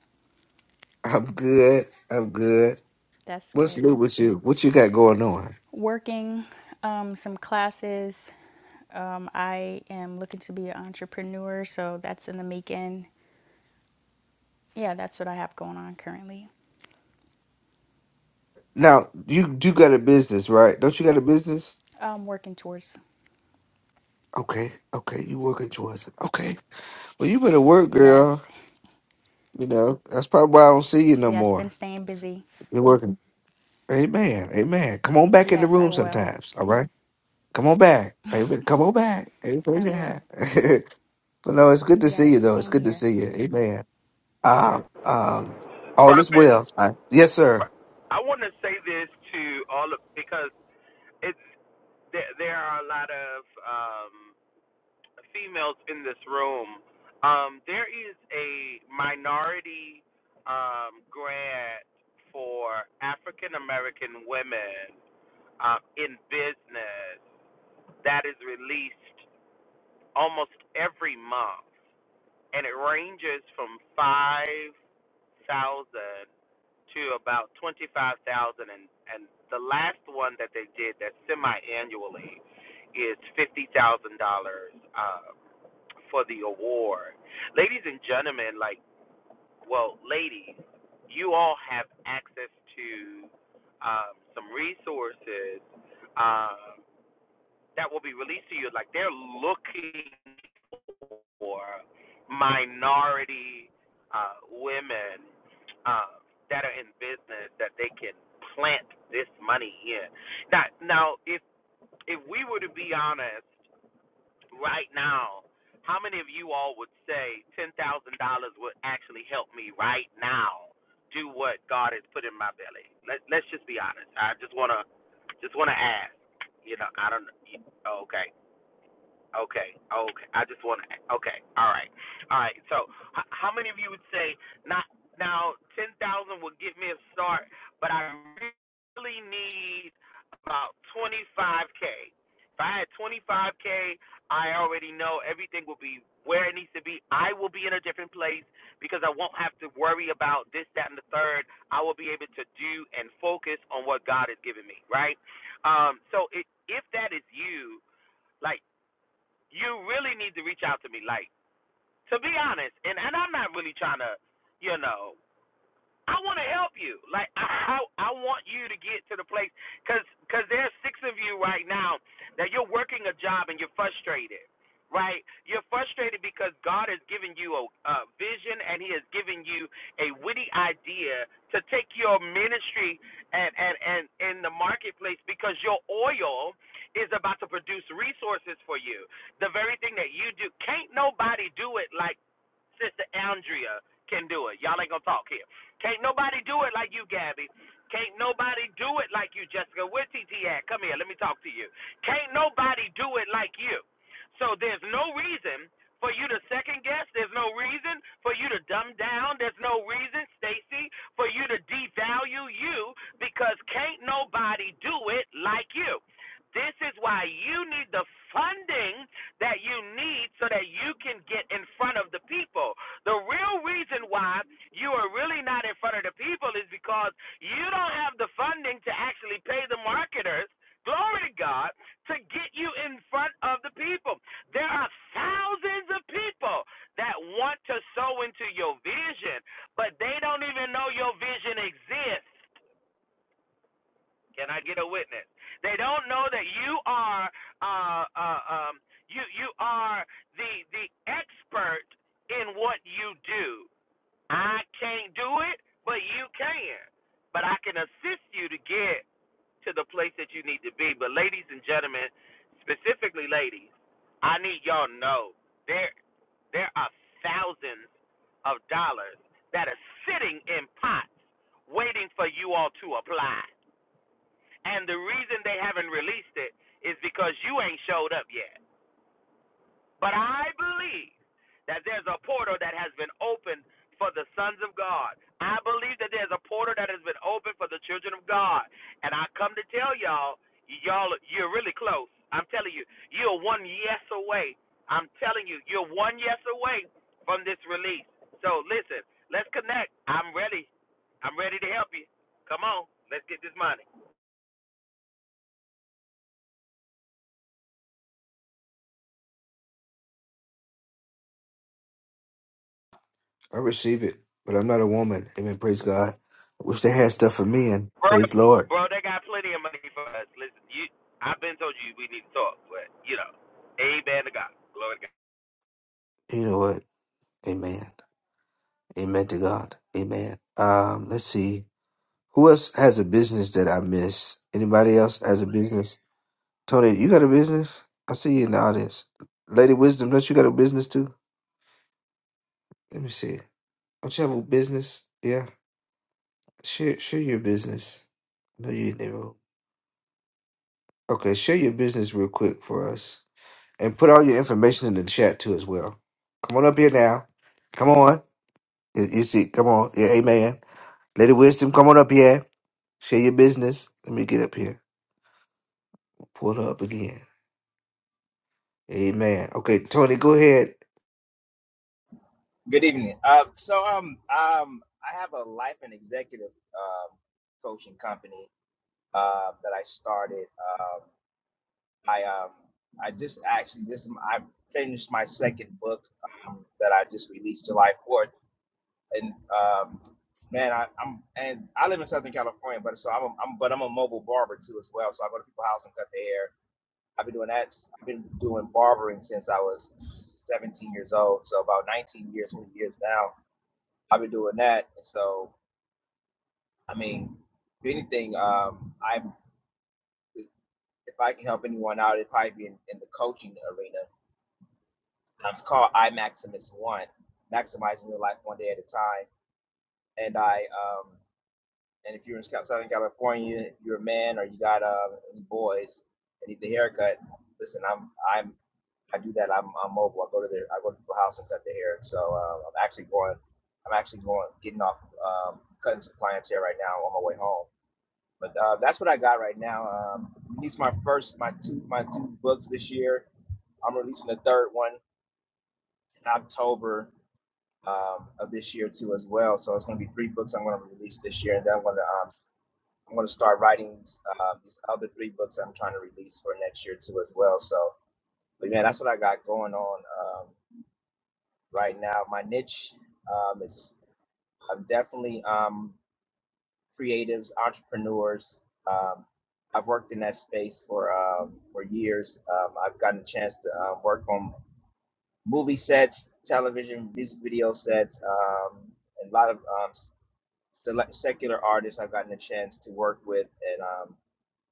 <laughs> I'm good. I'm good. That's What's good. new with you? What you got going on? Working um, some classes. Um, I am looking to be an entrepreneur, so that's in the making. Yeah, that's what I have going on currently. Now, you do got a business, right? Don't you got a business? Um, working towards. Okay, okay, you working towards it. Okay, well, you better work, girl. Yes. You know that's probably why I don't see you no Yes, been more. staying busy. You working. Amen. Amen. Come on back in the Yes, I room will. sometimes. All right. Come on back. Amen. Come on back. Amen. I Yeah. will. <laughs> but no, it's good to see Yes, you though. It's same good to here. see you. Amen. Um, um, all is Prophet. well. I, yes, sir. I want to say this to all of because it's there, there are a lot of um, females in this room. Um, there is a minority um, grant for African American women uh, in business that is released almost every month, and it ranges from 5 thousand to about twenty five thousand and and the last one that they did that's semi annually is fifty thousand dollars uh for the award. Ladies and gentlemen, like well, ladies, you all have access to um some resources um that will be released to you. Like they're looking or minority uh, women uh, that are in business that they can plant this money in. Now, now, if if we were to be honest right now, how many of you all would say ten thousand dollars would actually help me right now do what God has put in my belly? Let Let's just be honest. I just wanna just wanna ask. You know, I don't. Okay. Okay, okay. I just want to. Okay, all right, all right. So, h- how many of you would say not now? Ten thousand would get me a start, but I really need about twenty five k. If I had twenty five k, I already know everything will be where it needs to be. I will be in a different place because I won't have to worry about this, that, and the third. I will be able to do and focus on what God has given me. Right. Um. So, it, if that is you. like you really need to reach out to me. Like, to be honest, and, and I'm not really trying to, you know, I want to help you. Like I, I, I want you to get to the place, cause, cause there's six of you right now that you're working a job and you're frustrated, right? You're frustrated because God has given you a, a vision and He has given you a witty idea to take your ministry and and and in the marketplace because your oil is about to produce resources for you. The very thing that you do, can't nobody do it like Sister Andrea can do it. Y'all ain't gonna talk here can't nobody do it like you, Gabby. Can't nobody do it like you, Jessica. Where TT at? Come here, let me talk to you. Can't nobody do it like you. So there's no reason for you to second guess. There's no reason for you to dumb down. There's no reason, Stacy, for you to devalue you because can't nobody do it like you. This is why you need the funding that you need so that you can get in front of the people. The real reason why you are really not in front of the people is because you don't have the funding to actually pay the marketers, glory to God, to get you in front of the people. There are thousands of people that want to sow into your vision, but they don't even know your vision exists. Can I get a witness? They don't know that you are uh, uh, um, you you are the the expert in what you do. I can't do it, but you can. But I can assist you to get to the place that you need to be. But ladies and gentlemen, specifically ladies, I need y'all to know there there are thousands of dollars that are sitting in pots waiting for you all to apply. And the reason they haven't released it is because you ain't showed up yet. But I believe that there's a portal that has been opened for the sons of God. I believe that there's a portal that has been opened for the children of God. And I come to tell y'all, y'all, you're really close. I'm telling you, you're one yes away. I'm telling you, you're one yes away from this release. So listen, let's connect. I'm ready. I'm ready to help you. Come on, let's get this money. I receive it. But I'm not a woman. Amen. Praise God. I wish they had stuff for me and Bro, praise Lord. bro, they got plenty of money for us. Listen, you, I've been told you we need to talk, but you know, amen to God, glory to God. You know what? Amen. Amen to God. Amen. Um, let's see. Who else has a business that I miss? Anybody else has a business? Tony, you got a business? I see you in the audience. Lady Wisdom, don't you got a business too? Let me see. Don't you have a business? Yeah. Share share your business. I know you in the room. Okay, share your business real quick for us. And put all your information in the chat too as well. Come on up here now. Come on. You you see, come on. Yeah, amen. Lady Wisdom, come on up here. Share your business. Let me get up here. Pull her up again. Amen. Okay, Tony, go ahead. Good evening. Uh, so um um I have a life and executive um, coaching company uh, that I started. Um, I um I just actually this I finished my second book um, that I just released July fourth, and um, man I, I'm and I live in Southern California, but so I'm, a, I'm but I'm a mobile barber too as well. So I go to people's house and cut their hair. I've been doing that. s- I've been doing barbering since I was 17 years old, so about 19 years, 20 years now I've been doing that. And so, I mean, if anything, um, I'm if I can help anyone out, it'd probably be in, in the coaching arena. Um, it's called I Maximus One, maximizing your life one day at a time. And I, um, and if you're in Scout- Southern California, if you're a man or you got uh, any boys and need the haircut, listen, I'm, I'm, I do that. I'm, I'm mobile. I go to their, I go to the house and cut their hair. So uh, I'm actually going, I'm actually going, getting off, um, cutting some clients hair right now on my way home but uh, that's what I got right now. Um, released my first, my two, my two books this year. I'm releasing the third one in October um, of this year too, as well. So it's going to be three books I'm going to release this year, and then I'm going to um, s- I'm going to start writing these uh, these other three books I'm trying to release for next year too, as well. So, but man, that's what I got going on um, right now. My niche um, is I'm definitely um, creatives, entrepreneurs. Um, I've worked in that space for um, for years. Um, I've gotten a chance to uh, work on movie sets, television, music video sets, um, and a lot of um, select secular artists. I've gotten a chance to work with, and um,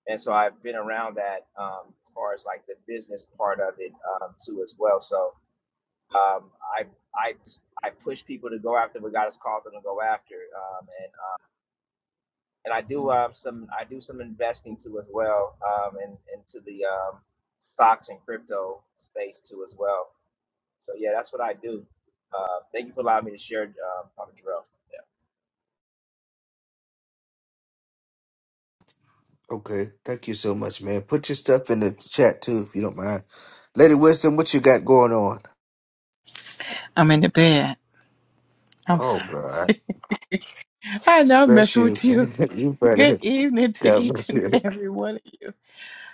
and so I've been around that um, as far as like the business part of it um, too as well. So um, I I I push people to go after what God has called them to go after, um, and and I do um, some I do some investing too as well, um, and into the um, stocks and crypto space too as well. So yeah, that's what I do. Uh, thank you for allowing me to share, um, Papa Jarrell. Okay. Thank you so much, man. Put your stuff in the chat too, if you don't mind. Lady Wisdom, what you got going on? I'm in the bed. I'm Oh sorry. God. I know I'm Bless messing you. with <laughs> you. you Good better. evening to God each bless and you. every one of you.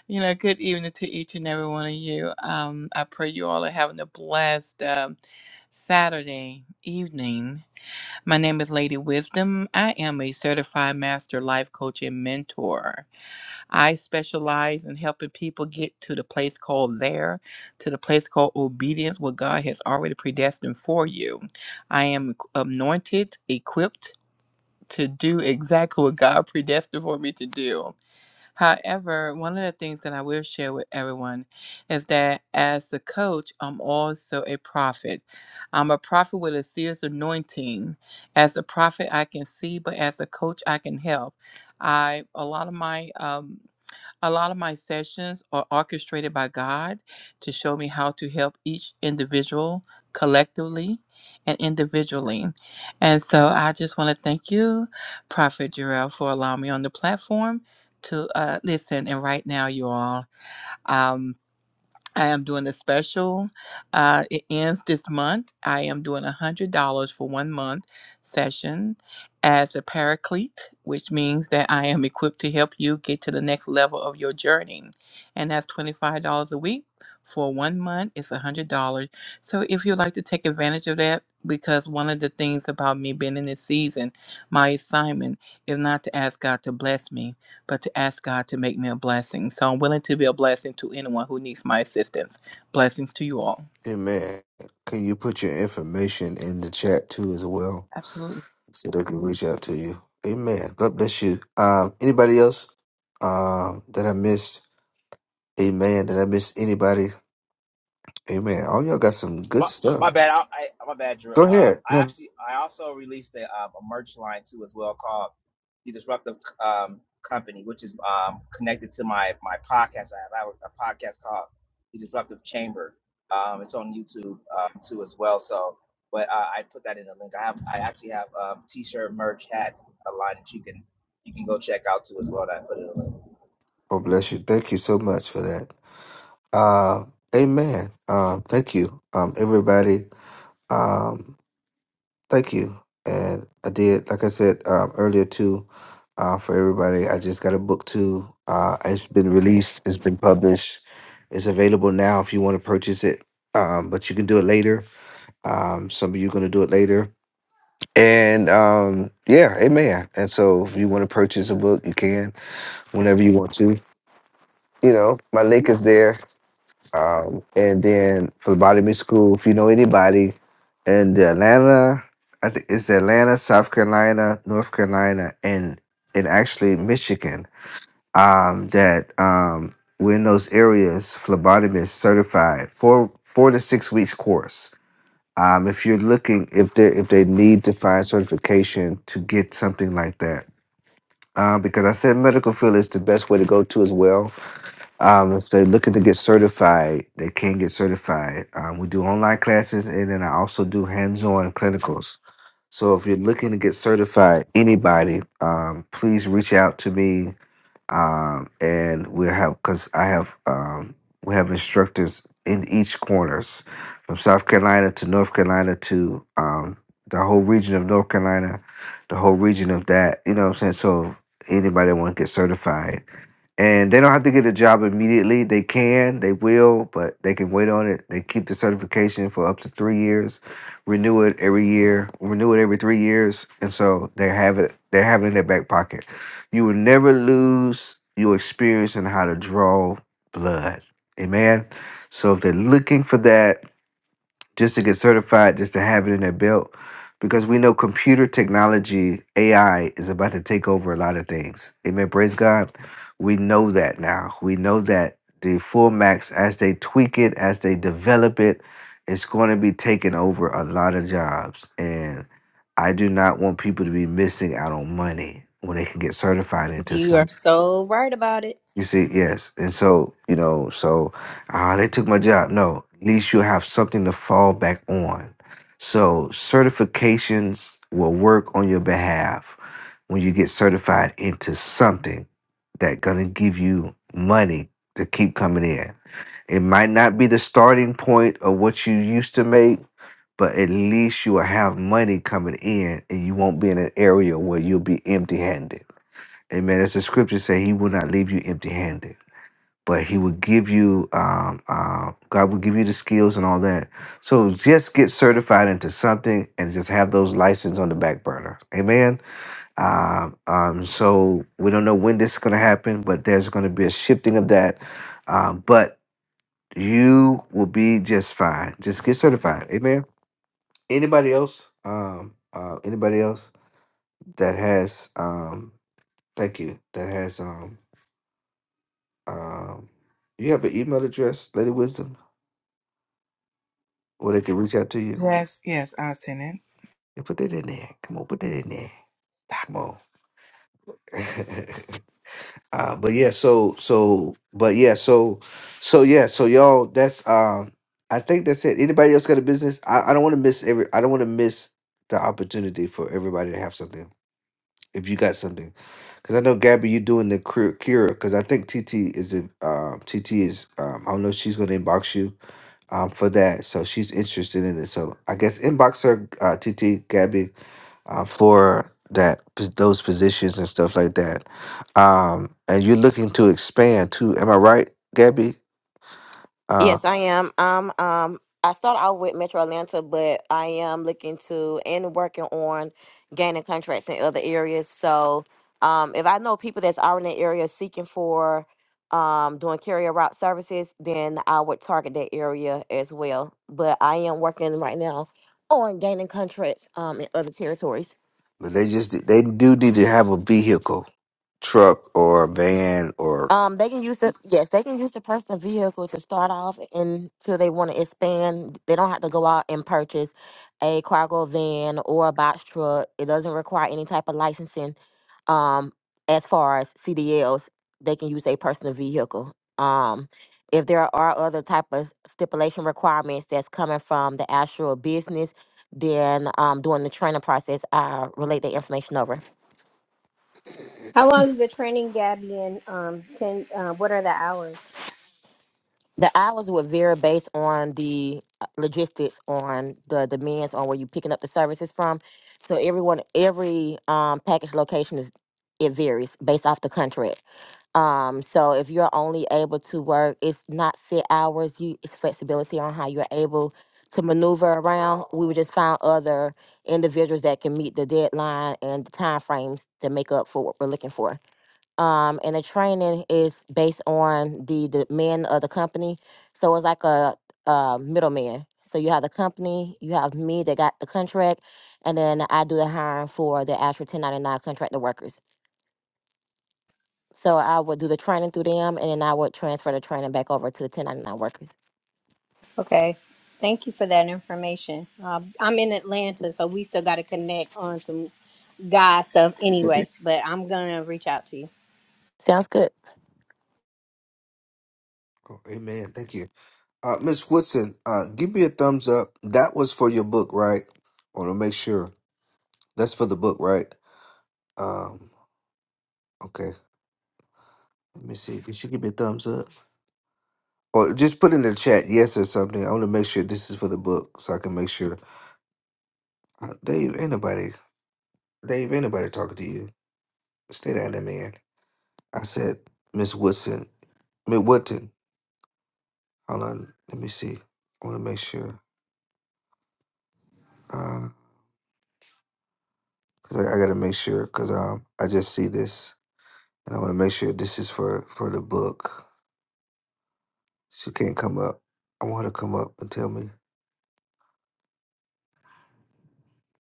You know, good evening to each and every one of you. Um, I pray you all are having a blessed um, Saturday evening. My name is Lady Wisdom. I am a certified master life coach and mentor. I specialize in helping people get to the place called there, to the place called obedience, what God has already predestined for you. I am anointed, equipped, to do exactly what God predestined for me to do. However, one of the things that I will share with everyone is that as a coach, I'm also a prophet. I'm a prophet with a serious anointing. As a prophet, I can see, but as a coach, I can help. I a lot of my um, a lot of my sessions are orchestrated by God to show me how to help each individual collectively and individually. And so I just want to thank you, Prophet Jarrell, for allowing me on the platform to uh, listen. And right now, you all, um, I am doing a special. Uh, it ends this month. I am doing a hundred dollars for one month session as a paraclete, which means that I am equipped to help you get to the next level of your journey, and that's twenty five dollars a week for one month. It's a hundred dollars. So if you'd like to take advantage of that. Because one of the things about me being in this season, my assignment is not to ask God to bless me, but to ask God to make me a blessing. So I'm willing to be a blessing to anyone who needs my assistance. Blessings to you all. Amen. Can you put your information in the chat too as well? Absolutely. So they can reach out to you. Amen. God bless you. Um anybody else um that I missed? Amen. Did I miss anybody? Amen. All y'all got some good My, my stuff. bad. I, I my bad. Drew. Go Um, ahead. I No, actually I also released a, um, a merch line too as well called the Disruptive um, Company, which is um, connected to my my podcast. I have, I have a podcast called the Disruptive Chamber. Um, it's on YouTube um, too as well. So, but uh, I put that in the link. I have I actually have um, t-shirt, merch, hats, a line that you can you can go check out too as well. That I put in the link. oh bless you. Thank you so much for that. Uh, amen. Um, thank you, um, everybody. Um, thank you. And I did, like I said um, earlier too, uh, for everybody. I just got a book too. Uh, it's been released. It's been published. It's available now if you want to purchase it. Um, but you can do it later. Um, some of you going to do it later. And um, yeah, amen. And so if you want to purchase a book, you can whenever you want to. You know, my link is there Um, and then for the body music school, if you know anybody in the Atlanta, I think it's Atlanta, South Carolina, North Carolina, and and actually Michigan, um, that um we in those areas, phlebotomist certified for four to six weeks course. Um, if you're looking, if they if they need to find certification to get something like that, um, because I said medical field is the best way to go to as well um, if they're looking to get certified, they can get certified. Um, we do online classes, and then I also do hands-on clinicals. So if you're looking to get certified, anybody, um, please reach out to me, um, and we'll have because I have um, we have instructors in each corners, from South Carolina to North Carolina to um, the whole region of North Carolina, the whole region of that. You know what I'm saying? So anybody want to get certified and they don't have to get a job immediately. They can, they will, but they can wait on it. They keep the certification for up to three years, renew it every year, renew it every three years, and so they have it. They have it in their back pocket. You will never lose your experience in how to draw blood. Amen. So if they're looking for that, just to get certified, just to have it in their belt. Because we know computer technology, AI, is about to take over a lot of things. Amen. Praise God. We know that now. We know that the full max, as they tweak it, as they develop it, it's going to be taking over a lot of jobs. And I do not want people to be missing out on money when they can get certified into You something. are so right about it. You see, yes. And so, you know, so ah, they took my job. No, at least you'll have something to fall back on. So certifications will work on your behalf when you get certified into something that gonna give you money to keep coming in. It might not be the starting point of what you used to make, but at least you will have money coming in and you won't be in an area where you'll be empty handed. Amen. As the scriptures say, he will not leave you empty handed but he will give you um, uh, god will give you the skills and all that so just get certified into something and just have those license on the back burner amen um, um, so we don't know when this is going to happen but there's going to be a shifting of that um, but you will be just fine just get certified amen anybody else um, uh, anybody else that has um, thank you that has um, um, you have an email address lady wisdom Or they can reach out to you. Yes, yes, I'll send it. Yeah, put that in there. Come on, put that in there. Come on. <laughs> uh, but yeah, so so but yeah, so so yeah, so y'all that's um I think that's it. Anybody else got a business? I, I don't want to miss every I don't want to miss the opportunity for everybody to have something. If you got something. Cause I know Gabby, you're doing the cur- cure. Cause I think TT is a um, TT is um, I don't know if she's gonna inbox you um, for that. So she's interested in it. So I guess inbox her, uh, TT Gabby, uh, for that those positions and stuff like that. Um, and you're looking to expand too. Am I right, Gabby? Uh, Yes, I am. Um, um, I started out with Metro Atlanta, but I am looking to and working on gaining contracts in other areas. So, um, if I know people that's already in the area seeking for um doing carrier route services, then I would target that area as well. But I am working right now on gaining contracts um in other territories. But they just they do need to have a vehicle, truck or a van or Um, they can use the yes, they can use the personal vehicle to start off until they want to expand. They don't have to go out and purchase a cargo van or a box truck. It doesn't require any type of licensing. Um, as far as CDLs, they can use a personal vehicle. Um, if there are other type of stipulation requirements that's coming from the actual business, then um, during the training process, I relate the information over. how long is the training Gabby and um can uh, what are the hours The hours would vary based on the uh, logistics, on the demands, on where you're picking up the services from. So everyone, every um, package location is it varies based off the contract. Um, so if you're only able to work, it's not set hours. You it's flexibility on how you're able to maneuver around. We would just find other individuals that can meet the deadline and the time frames to make up for what we're looking for um, and the training is based on the demand of the company. So it's like a, uh middleman. So you have the company, you have me that got the contract, and then I do the hiring for the actual 1099 contractor workers. So I would do the training through them, and then I would transfer the training back over to the 1099 workers. Okay. Thank you for that information. Uh, I'm in Atlanta, so we still got to connect on some God stuff anyway, but I'm going to reach out to you. Sounds good. cool. Amen. Thank you, uh, Miss Woodson. Uh, give me a thumbs up. That was for your book, right? I want to make sure that's for the book, right? Um, okay. Let me see. Did she give me a thumbs up? Or just put in the chat yes or something. I want to make sure this is for the book so I can make sure. Uh, Dave, anybody, Dave, anybody talking to you? Stay down there, man. I said, Miss Woodson, Miss Woodton. Hold on, let me see. I want to make sure. Uh, cause I, I gotta make sure because um I just see this and I want to make sure this is for for the book. She can't come up. I want her to come up and tell me,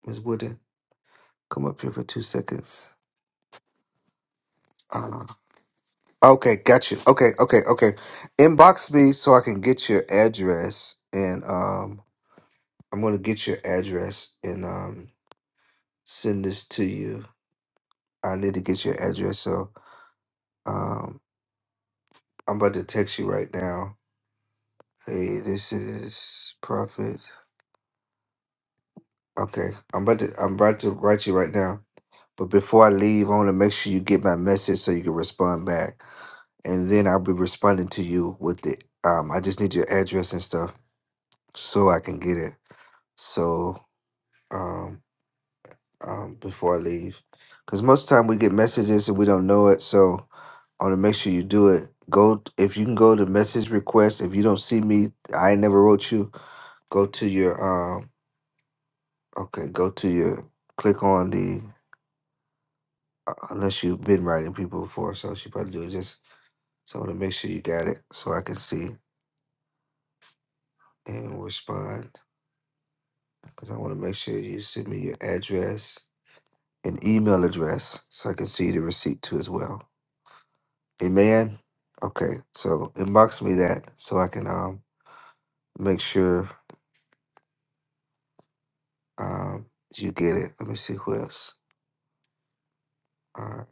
Miss Woodton, come up here for two seconds. Uh-huh. Okay, got you. Okay, okay, okay. Inbox me so I can get your address, and um, I'm gonna get your address and um, send this to you. I need to get your address, so um, I'm about to text you right now. Hey, this is Prophet. Okay, I'm about to I'm about to write you right now. But before I leave, I want to make sure you get my message so you can respond back, and then I'll be responding to you with it. Um, I just need your address and stuff so I can get it. So um, um, before I leave, because most of the time we get messages and we don't know it. So I want to make sure you do it. Go if you can go to message requests. If you don't see me, I ain't never wrote you. Go to your um. Okay, go to your click on the uh, unless you've been writing people before, so she probably do it. Just so I want to make sure you got it so I can see and respond because I want to make sure you send me your address and email address so I can see the receipt too as well. Amen. Okay, so inbox me that so I can um make sure um you get it. Let me see who else. All right,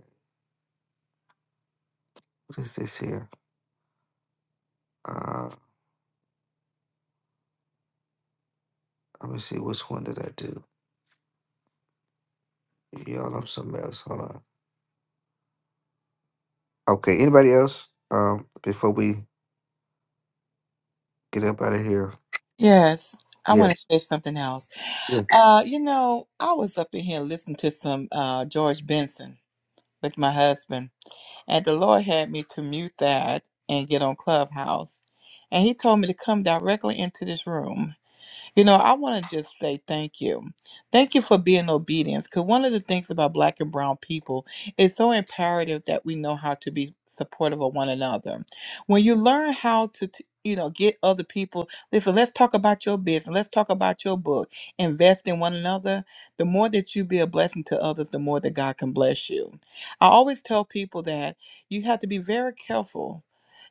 what is this here? Uh, let me see which one did I do? Y'all, I'm something else. Hold on. Okay, anybody else? Um, before we get up out of here. Yes, I want to Yes. say something else. Yeah. Uh, you know, I was up in here listening to some uh George Benson with my husband, and the Lord had me to mute that and get on Clubhouse, and He told me to come directly into this room. You know, I want to just say thank you. Thank you for being obedient. Because one of the things about Black and Brown people, it's so imperative that we know how to be supportive of one another. When you learn how to, t- you know, get other people, listen, let's talk about your business, let's talk about your book, invest in one another. The more that you be a blessing to others, the more that God can bless you. I always tell people that you have to be very careful.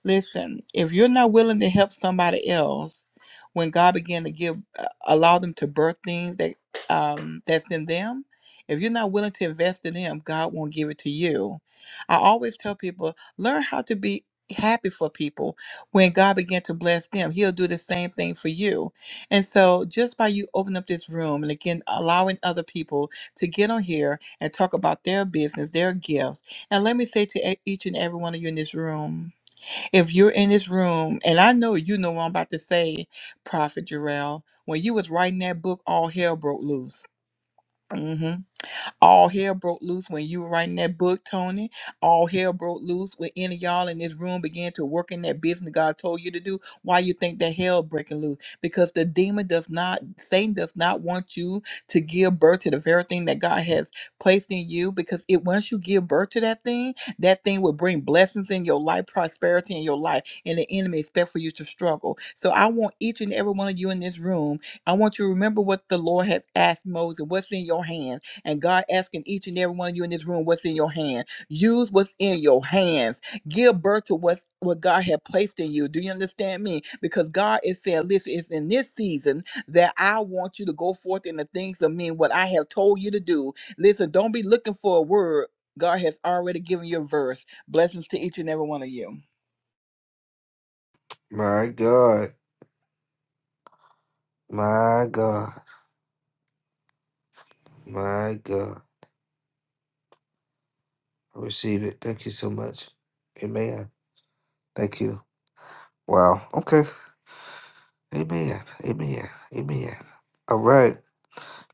Listen, if you're not willing to help somebody else, when God began to give, uh, allow them to birth things that um, that's in them. If you're not willing to invest in them, God won't give it to you. I always tell people, learn how to be happy for people. When God began to bless them, He'll do the same thing for you. And so, just by you opening up this room and again allowing other people to get on here and talk about their business, their gifts, and let me say to e- each and every one of you in this room if you're in this room, and I know you know what I'm about to say, Prophet Jarrell, when you was writing that book, all hell broke loose. Mm-hmm. All hell broke loose when you were writing that book, Tony. All hell broke loose when any of y'all in this room began to work in that business God told you to do. Why you think that hell breaking loose? Because the demon does not, Satan does not want you to give birth to the very thing that God has placed in you. Because it once you give birth to that thing, that thing will bring blessings in your life, prosperity in your life, and the enemy expect for you to struggle. So I want each and every one of you in this room I want you to remember what the Lord has asked Moses, what's in your hands. And God asking each and every one of you in this room what's in your hand. Use what's in your hands. Give birth to what's what God had placed in you. Do you understand me? Because God is saying, listen, it's in this season that I want you to go forth in the things of me, what I have told you to do. Listen, don't be looking for a word. God has already given you a verse. Blessings to each and every one of you. My God. My God. My God. I receive it. Thank you so much. Amen. Thank you. Wow. Okay. Amen. Amen. Amen. All right.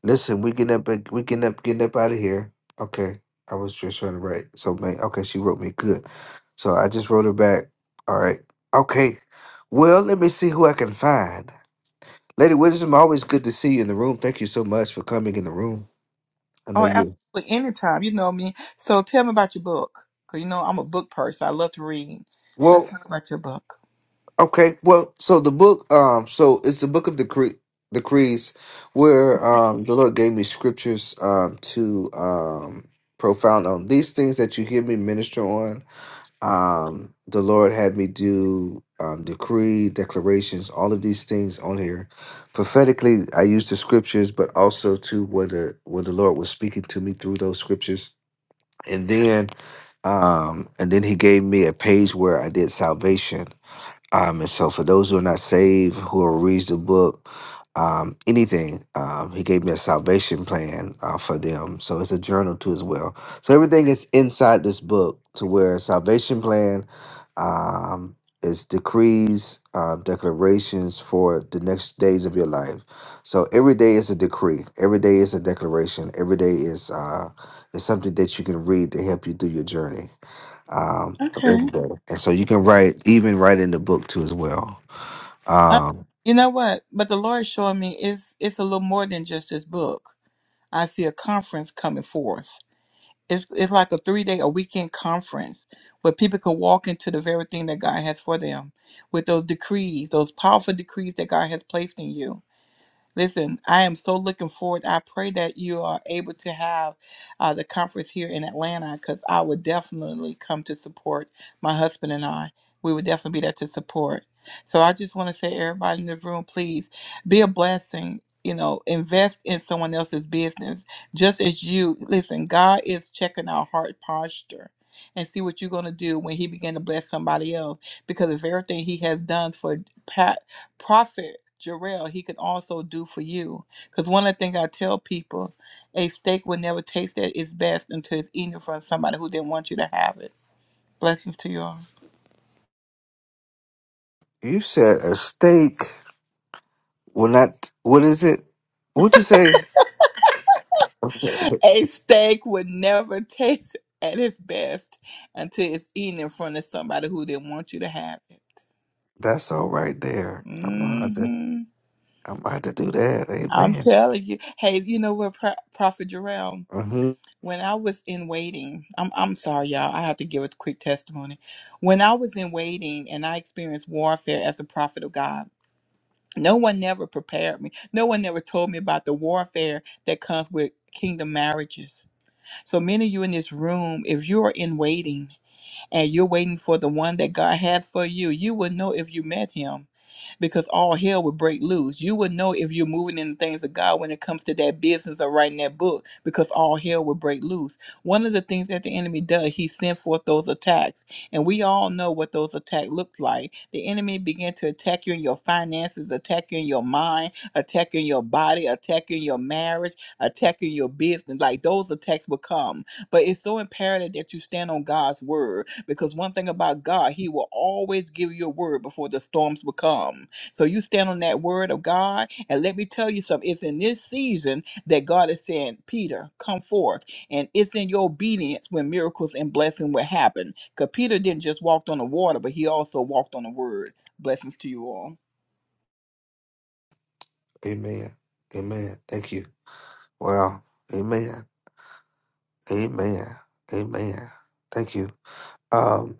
Listen, we getting up we getting up getting up out of here. Okay. I was just trying to write. So man, okay, she wrote me good. So I just wrote her back. All right. Okay. Well, let me see who I can find. Lady Wisdom, always good to see you in the room. Thank you so much for coming in the room. I know Oh, you. absolutely. Anytime. You know me. So tell me about your book. Because, you know, I'm a book person. I love to read. well. Let's talk about your book. Okay, well, so the book, um, so it's the book of decree, decrees, where um, the Lord gave me scriptures um, to um, profound on these things that you hear me minister on. Um, the Lord had me do um, decree declarations, all of these things on here. Prophetically, I use the scriptures, but also to what the what the Lord was speaking to me through those scriptures, and then um, and then He gave me a page where I did salvation um, and so for those who are not saved, who will read the book, um, anything, um, he gave me a salvation plan uh, for them. So it's a journal too as well. So everything is inside this book to where salvation plan um, is decrees, uh, declarations for the next days of your life. So every day is a decree. Every day is a declaration. Every day is uh, is something that you can read to help you through your journey um, of Okay. everybody. And so you can write, even write in the book too as well. Uh, Um, you know what? But the Lord showed me it's it's a little more than just this book. I see a conference coming forth. It's it's like a three day, a weekend conference where people can walk into the very thing that God has for them with those decrees, those powerful decrees that God has placed in you. Listen, I am so looking forward. I pray that you are able to have uh, the conference here in Atlanta because I would definitely come to support my husband and I. We would definitely be there to support. So I just want to say, everybody in the room, please be a blessing. You know, invest in someone else's business just as you listen. God is checking our heart posture and see what you're going to do when He began to bless somebody else because of everything He has done for Prophet Jarrell, he can also do for you. Because one of the things I tell people, a steak will never taste at its best until it's eaten from somebody who didn't want you to have it. Blessings to you all. <laughs> you said a steak will not, what is it? What'd you say? <laughs> A steak would never <laughs> taste at its best until it's eaten in front of somebody who didn't want you to have it. That's all right there. I'm gonna have to, hmm I'm gonna have to do that. I'm Amen. telling you. Hey, you know what, Pro- Prophet Jarrell? hmm When I was in waiting, I'm I'm sorry, y'all. I have to give a quick testimony. When I was in waiting and I experienced warfare as a prophet of God, no one never prepared me. No one never told me about the warfare that comes with kingdom marriages. So many of you in this room, if you're in waiting and you're waiting for the one that God has for you, you will know if you met him because all hell would break loose. You would know if you're moving in the things of God when it comes to that business or writing that book because all hell would break loose. One of the things that the enemy does, he sent forth those attacks. And we all know what those attacks looked like. The enemy began to attack you in your finances, attack you in your mind, attack you in your body, attack you in your marriage, attack you in your business. Like those attacks will come. But it's so imperative that you stand on God's word because one thing about God, he will always give you a word before the storms will come. So you stand on that word of God. And let me tell you something. It's in this season that God is saying, Peter, come forth. And it's in your obedience when miracles and blessing will happen. Because Peter didn't just walk on the water, but he also walked on the word. Blessings to you all. Amen. Amen. Thank you. Wow. Amen. Amen. Amen. Thank you. Um,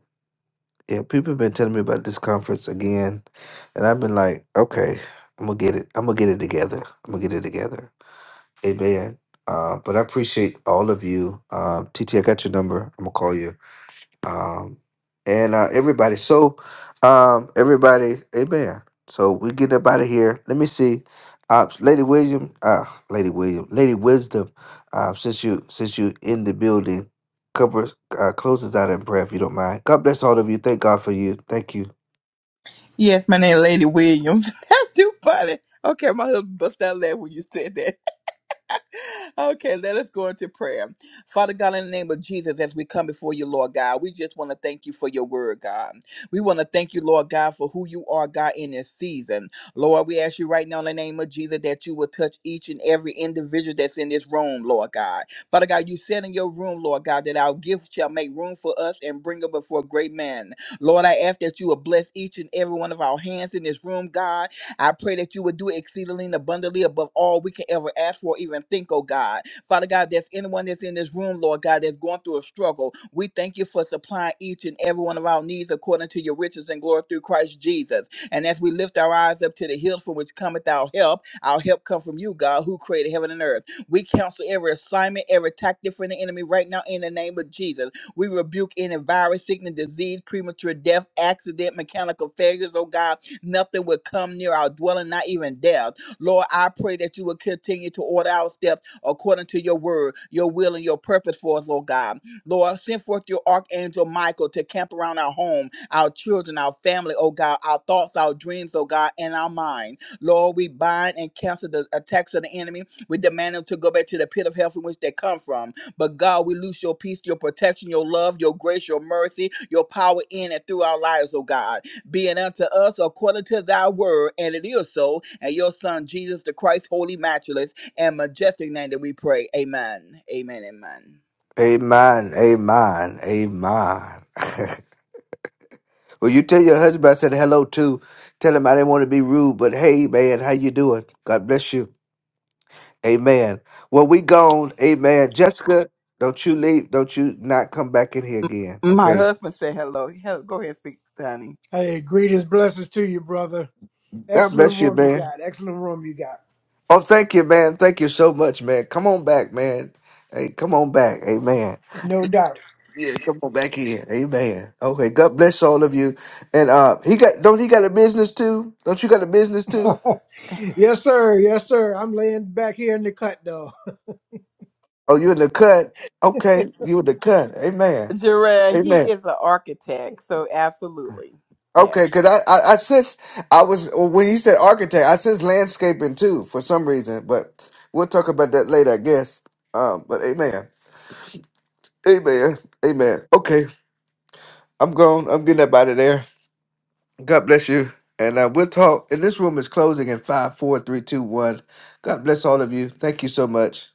yeah, people have been telling me about this conference again, and I've been like, okay, I'm gonna get it. I'm gonna get it together. I'm gonna get it together. Amen. Uh, but I appreciate all of you. Um, TT, I got your number. I'm gonna call you. Um, and uh, everybody. So, um, everybody. Amen. So we get up out of here. Let me see. Uh, Lady William. Uh, Lady William. Lady Wisdom. Uh, since you since you in the building, cover uh, closes out in prayer if you don't mind. God bless all of you. Thank God for you. Thank you. Yes, my name is Lady Williams. <laughs> That's too funny. Okay, my husband bust out laugh when you said okay, let us go into prayer. Father God, in the name of Jesus, as we come before you, Lord God, we just want to thank you for your word, God. We want to thank you, Lord God, for who you are, God, in this season. Lord, we ask you right now in the name of Jesus that you will touch each and every individual that's in this room, Lord God. Father God, you said in your room, Lord God, that our gift shall make room for us and bring us before great men. Lord, I ask that you will bless each and every one of our hands in this room, God I pray that you would do exceedingly and abundantly above all we can ever ask for, or even think, oh God. Father God, if there's anyone that's in this room, Lord God, that's going through a struggle. We thank you for supplying each and every one of our needs according to your riches and glory through Christ Jesus. And as we lift our eyes up to the hills from which cometh our help, our help come from you, God, who created heaven and earth. We cancel every assignment, every tactic from the enemy right now in the name of Jesus. We rebuke any virus, sickness, disease, premature death, accident, mechanical failures, oh God, Nothing would come near our dwelling, not even death. Lord, I pray that you will continue to order our steps according to your word, your will, and your purpose for us, Lord God. Lord, send forth your archangel Michael to camp around our home, our children, our family, oh God, our thoughts, our dreams, oh God, and our mind. Lord, we bind and cancel the attacks of the enemy. We demand them to go back to the pit of hell from which they come from. But God, we lose your peace, your protection, your love, your grace, your mercy, your power in and through our lives, oh God being unto us according to thy word, and it is so. And your son Jesus the Christ, holy, matchless, and majestic name that we pray. Amen. Amen. Amen. Amen. Amen. Amen. <laughs> Well, you tell your husband I said hello too. Tell him I didn't want to be rude, but hey, man, how you doing? God bless you. Amen. Well, we gone. Amen. Jessica, don't you leave. Don't you not come back in here again. My Okay. husband said hello. Hel- Go ahead and speak, Danny. Hey, greetings, blessings to you, brother. God Excellent bless you, room you man. got. Excellent room you got. Oh, thank you, man. Thank you so much, man. Come on back, man. Hey, come on back. Amen. No doubt. Yeah, come on back here. Amen. Okay. God bless all of you. And uh he got don't he got a business too? Don't you got a business too? <laughs> yes, sir. Yes, sir. I'm laying back here in the cut, though. Oh, you in the cut? Okay, you in the cut. Amen. Jared, he Amen. is an architect, so absolutely. Okay, because I, I I sense I was when you said architect, I sense landscaping too for some reason, but we'll talk about that later, I guess. Um, but amen, amen, amen. Okay, I'm gone. I'm getting up out of there. God bless you, and uh, we'll talk. And this room is closing in five, four, three, two, one. God bless all of you. Thank you so much.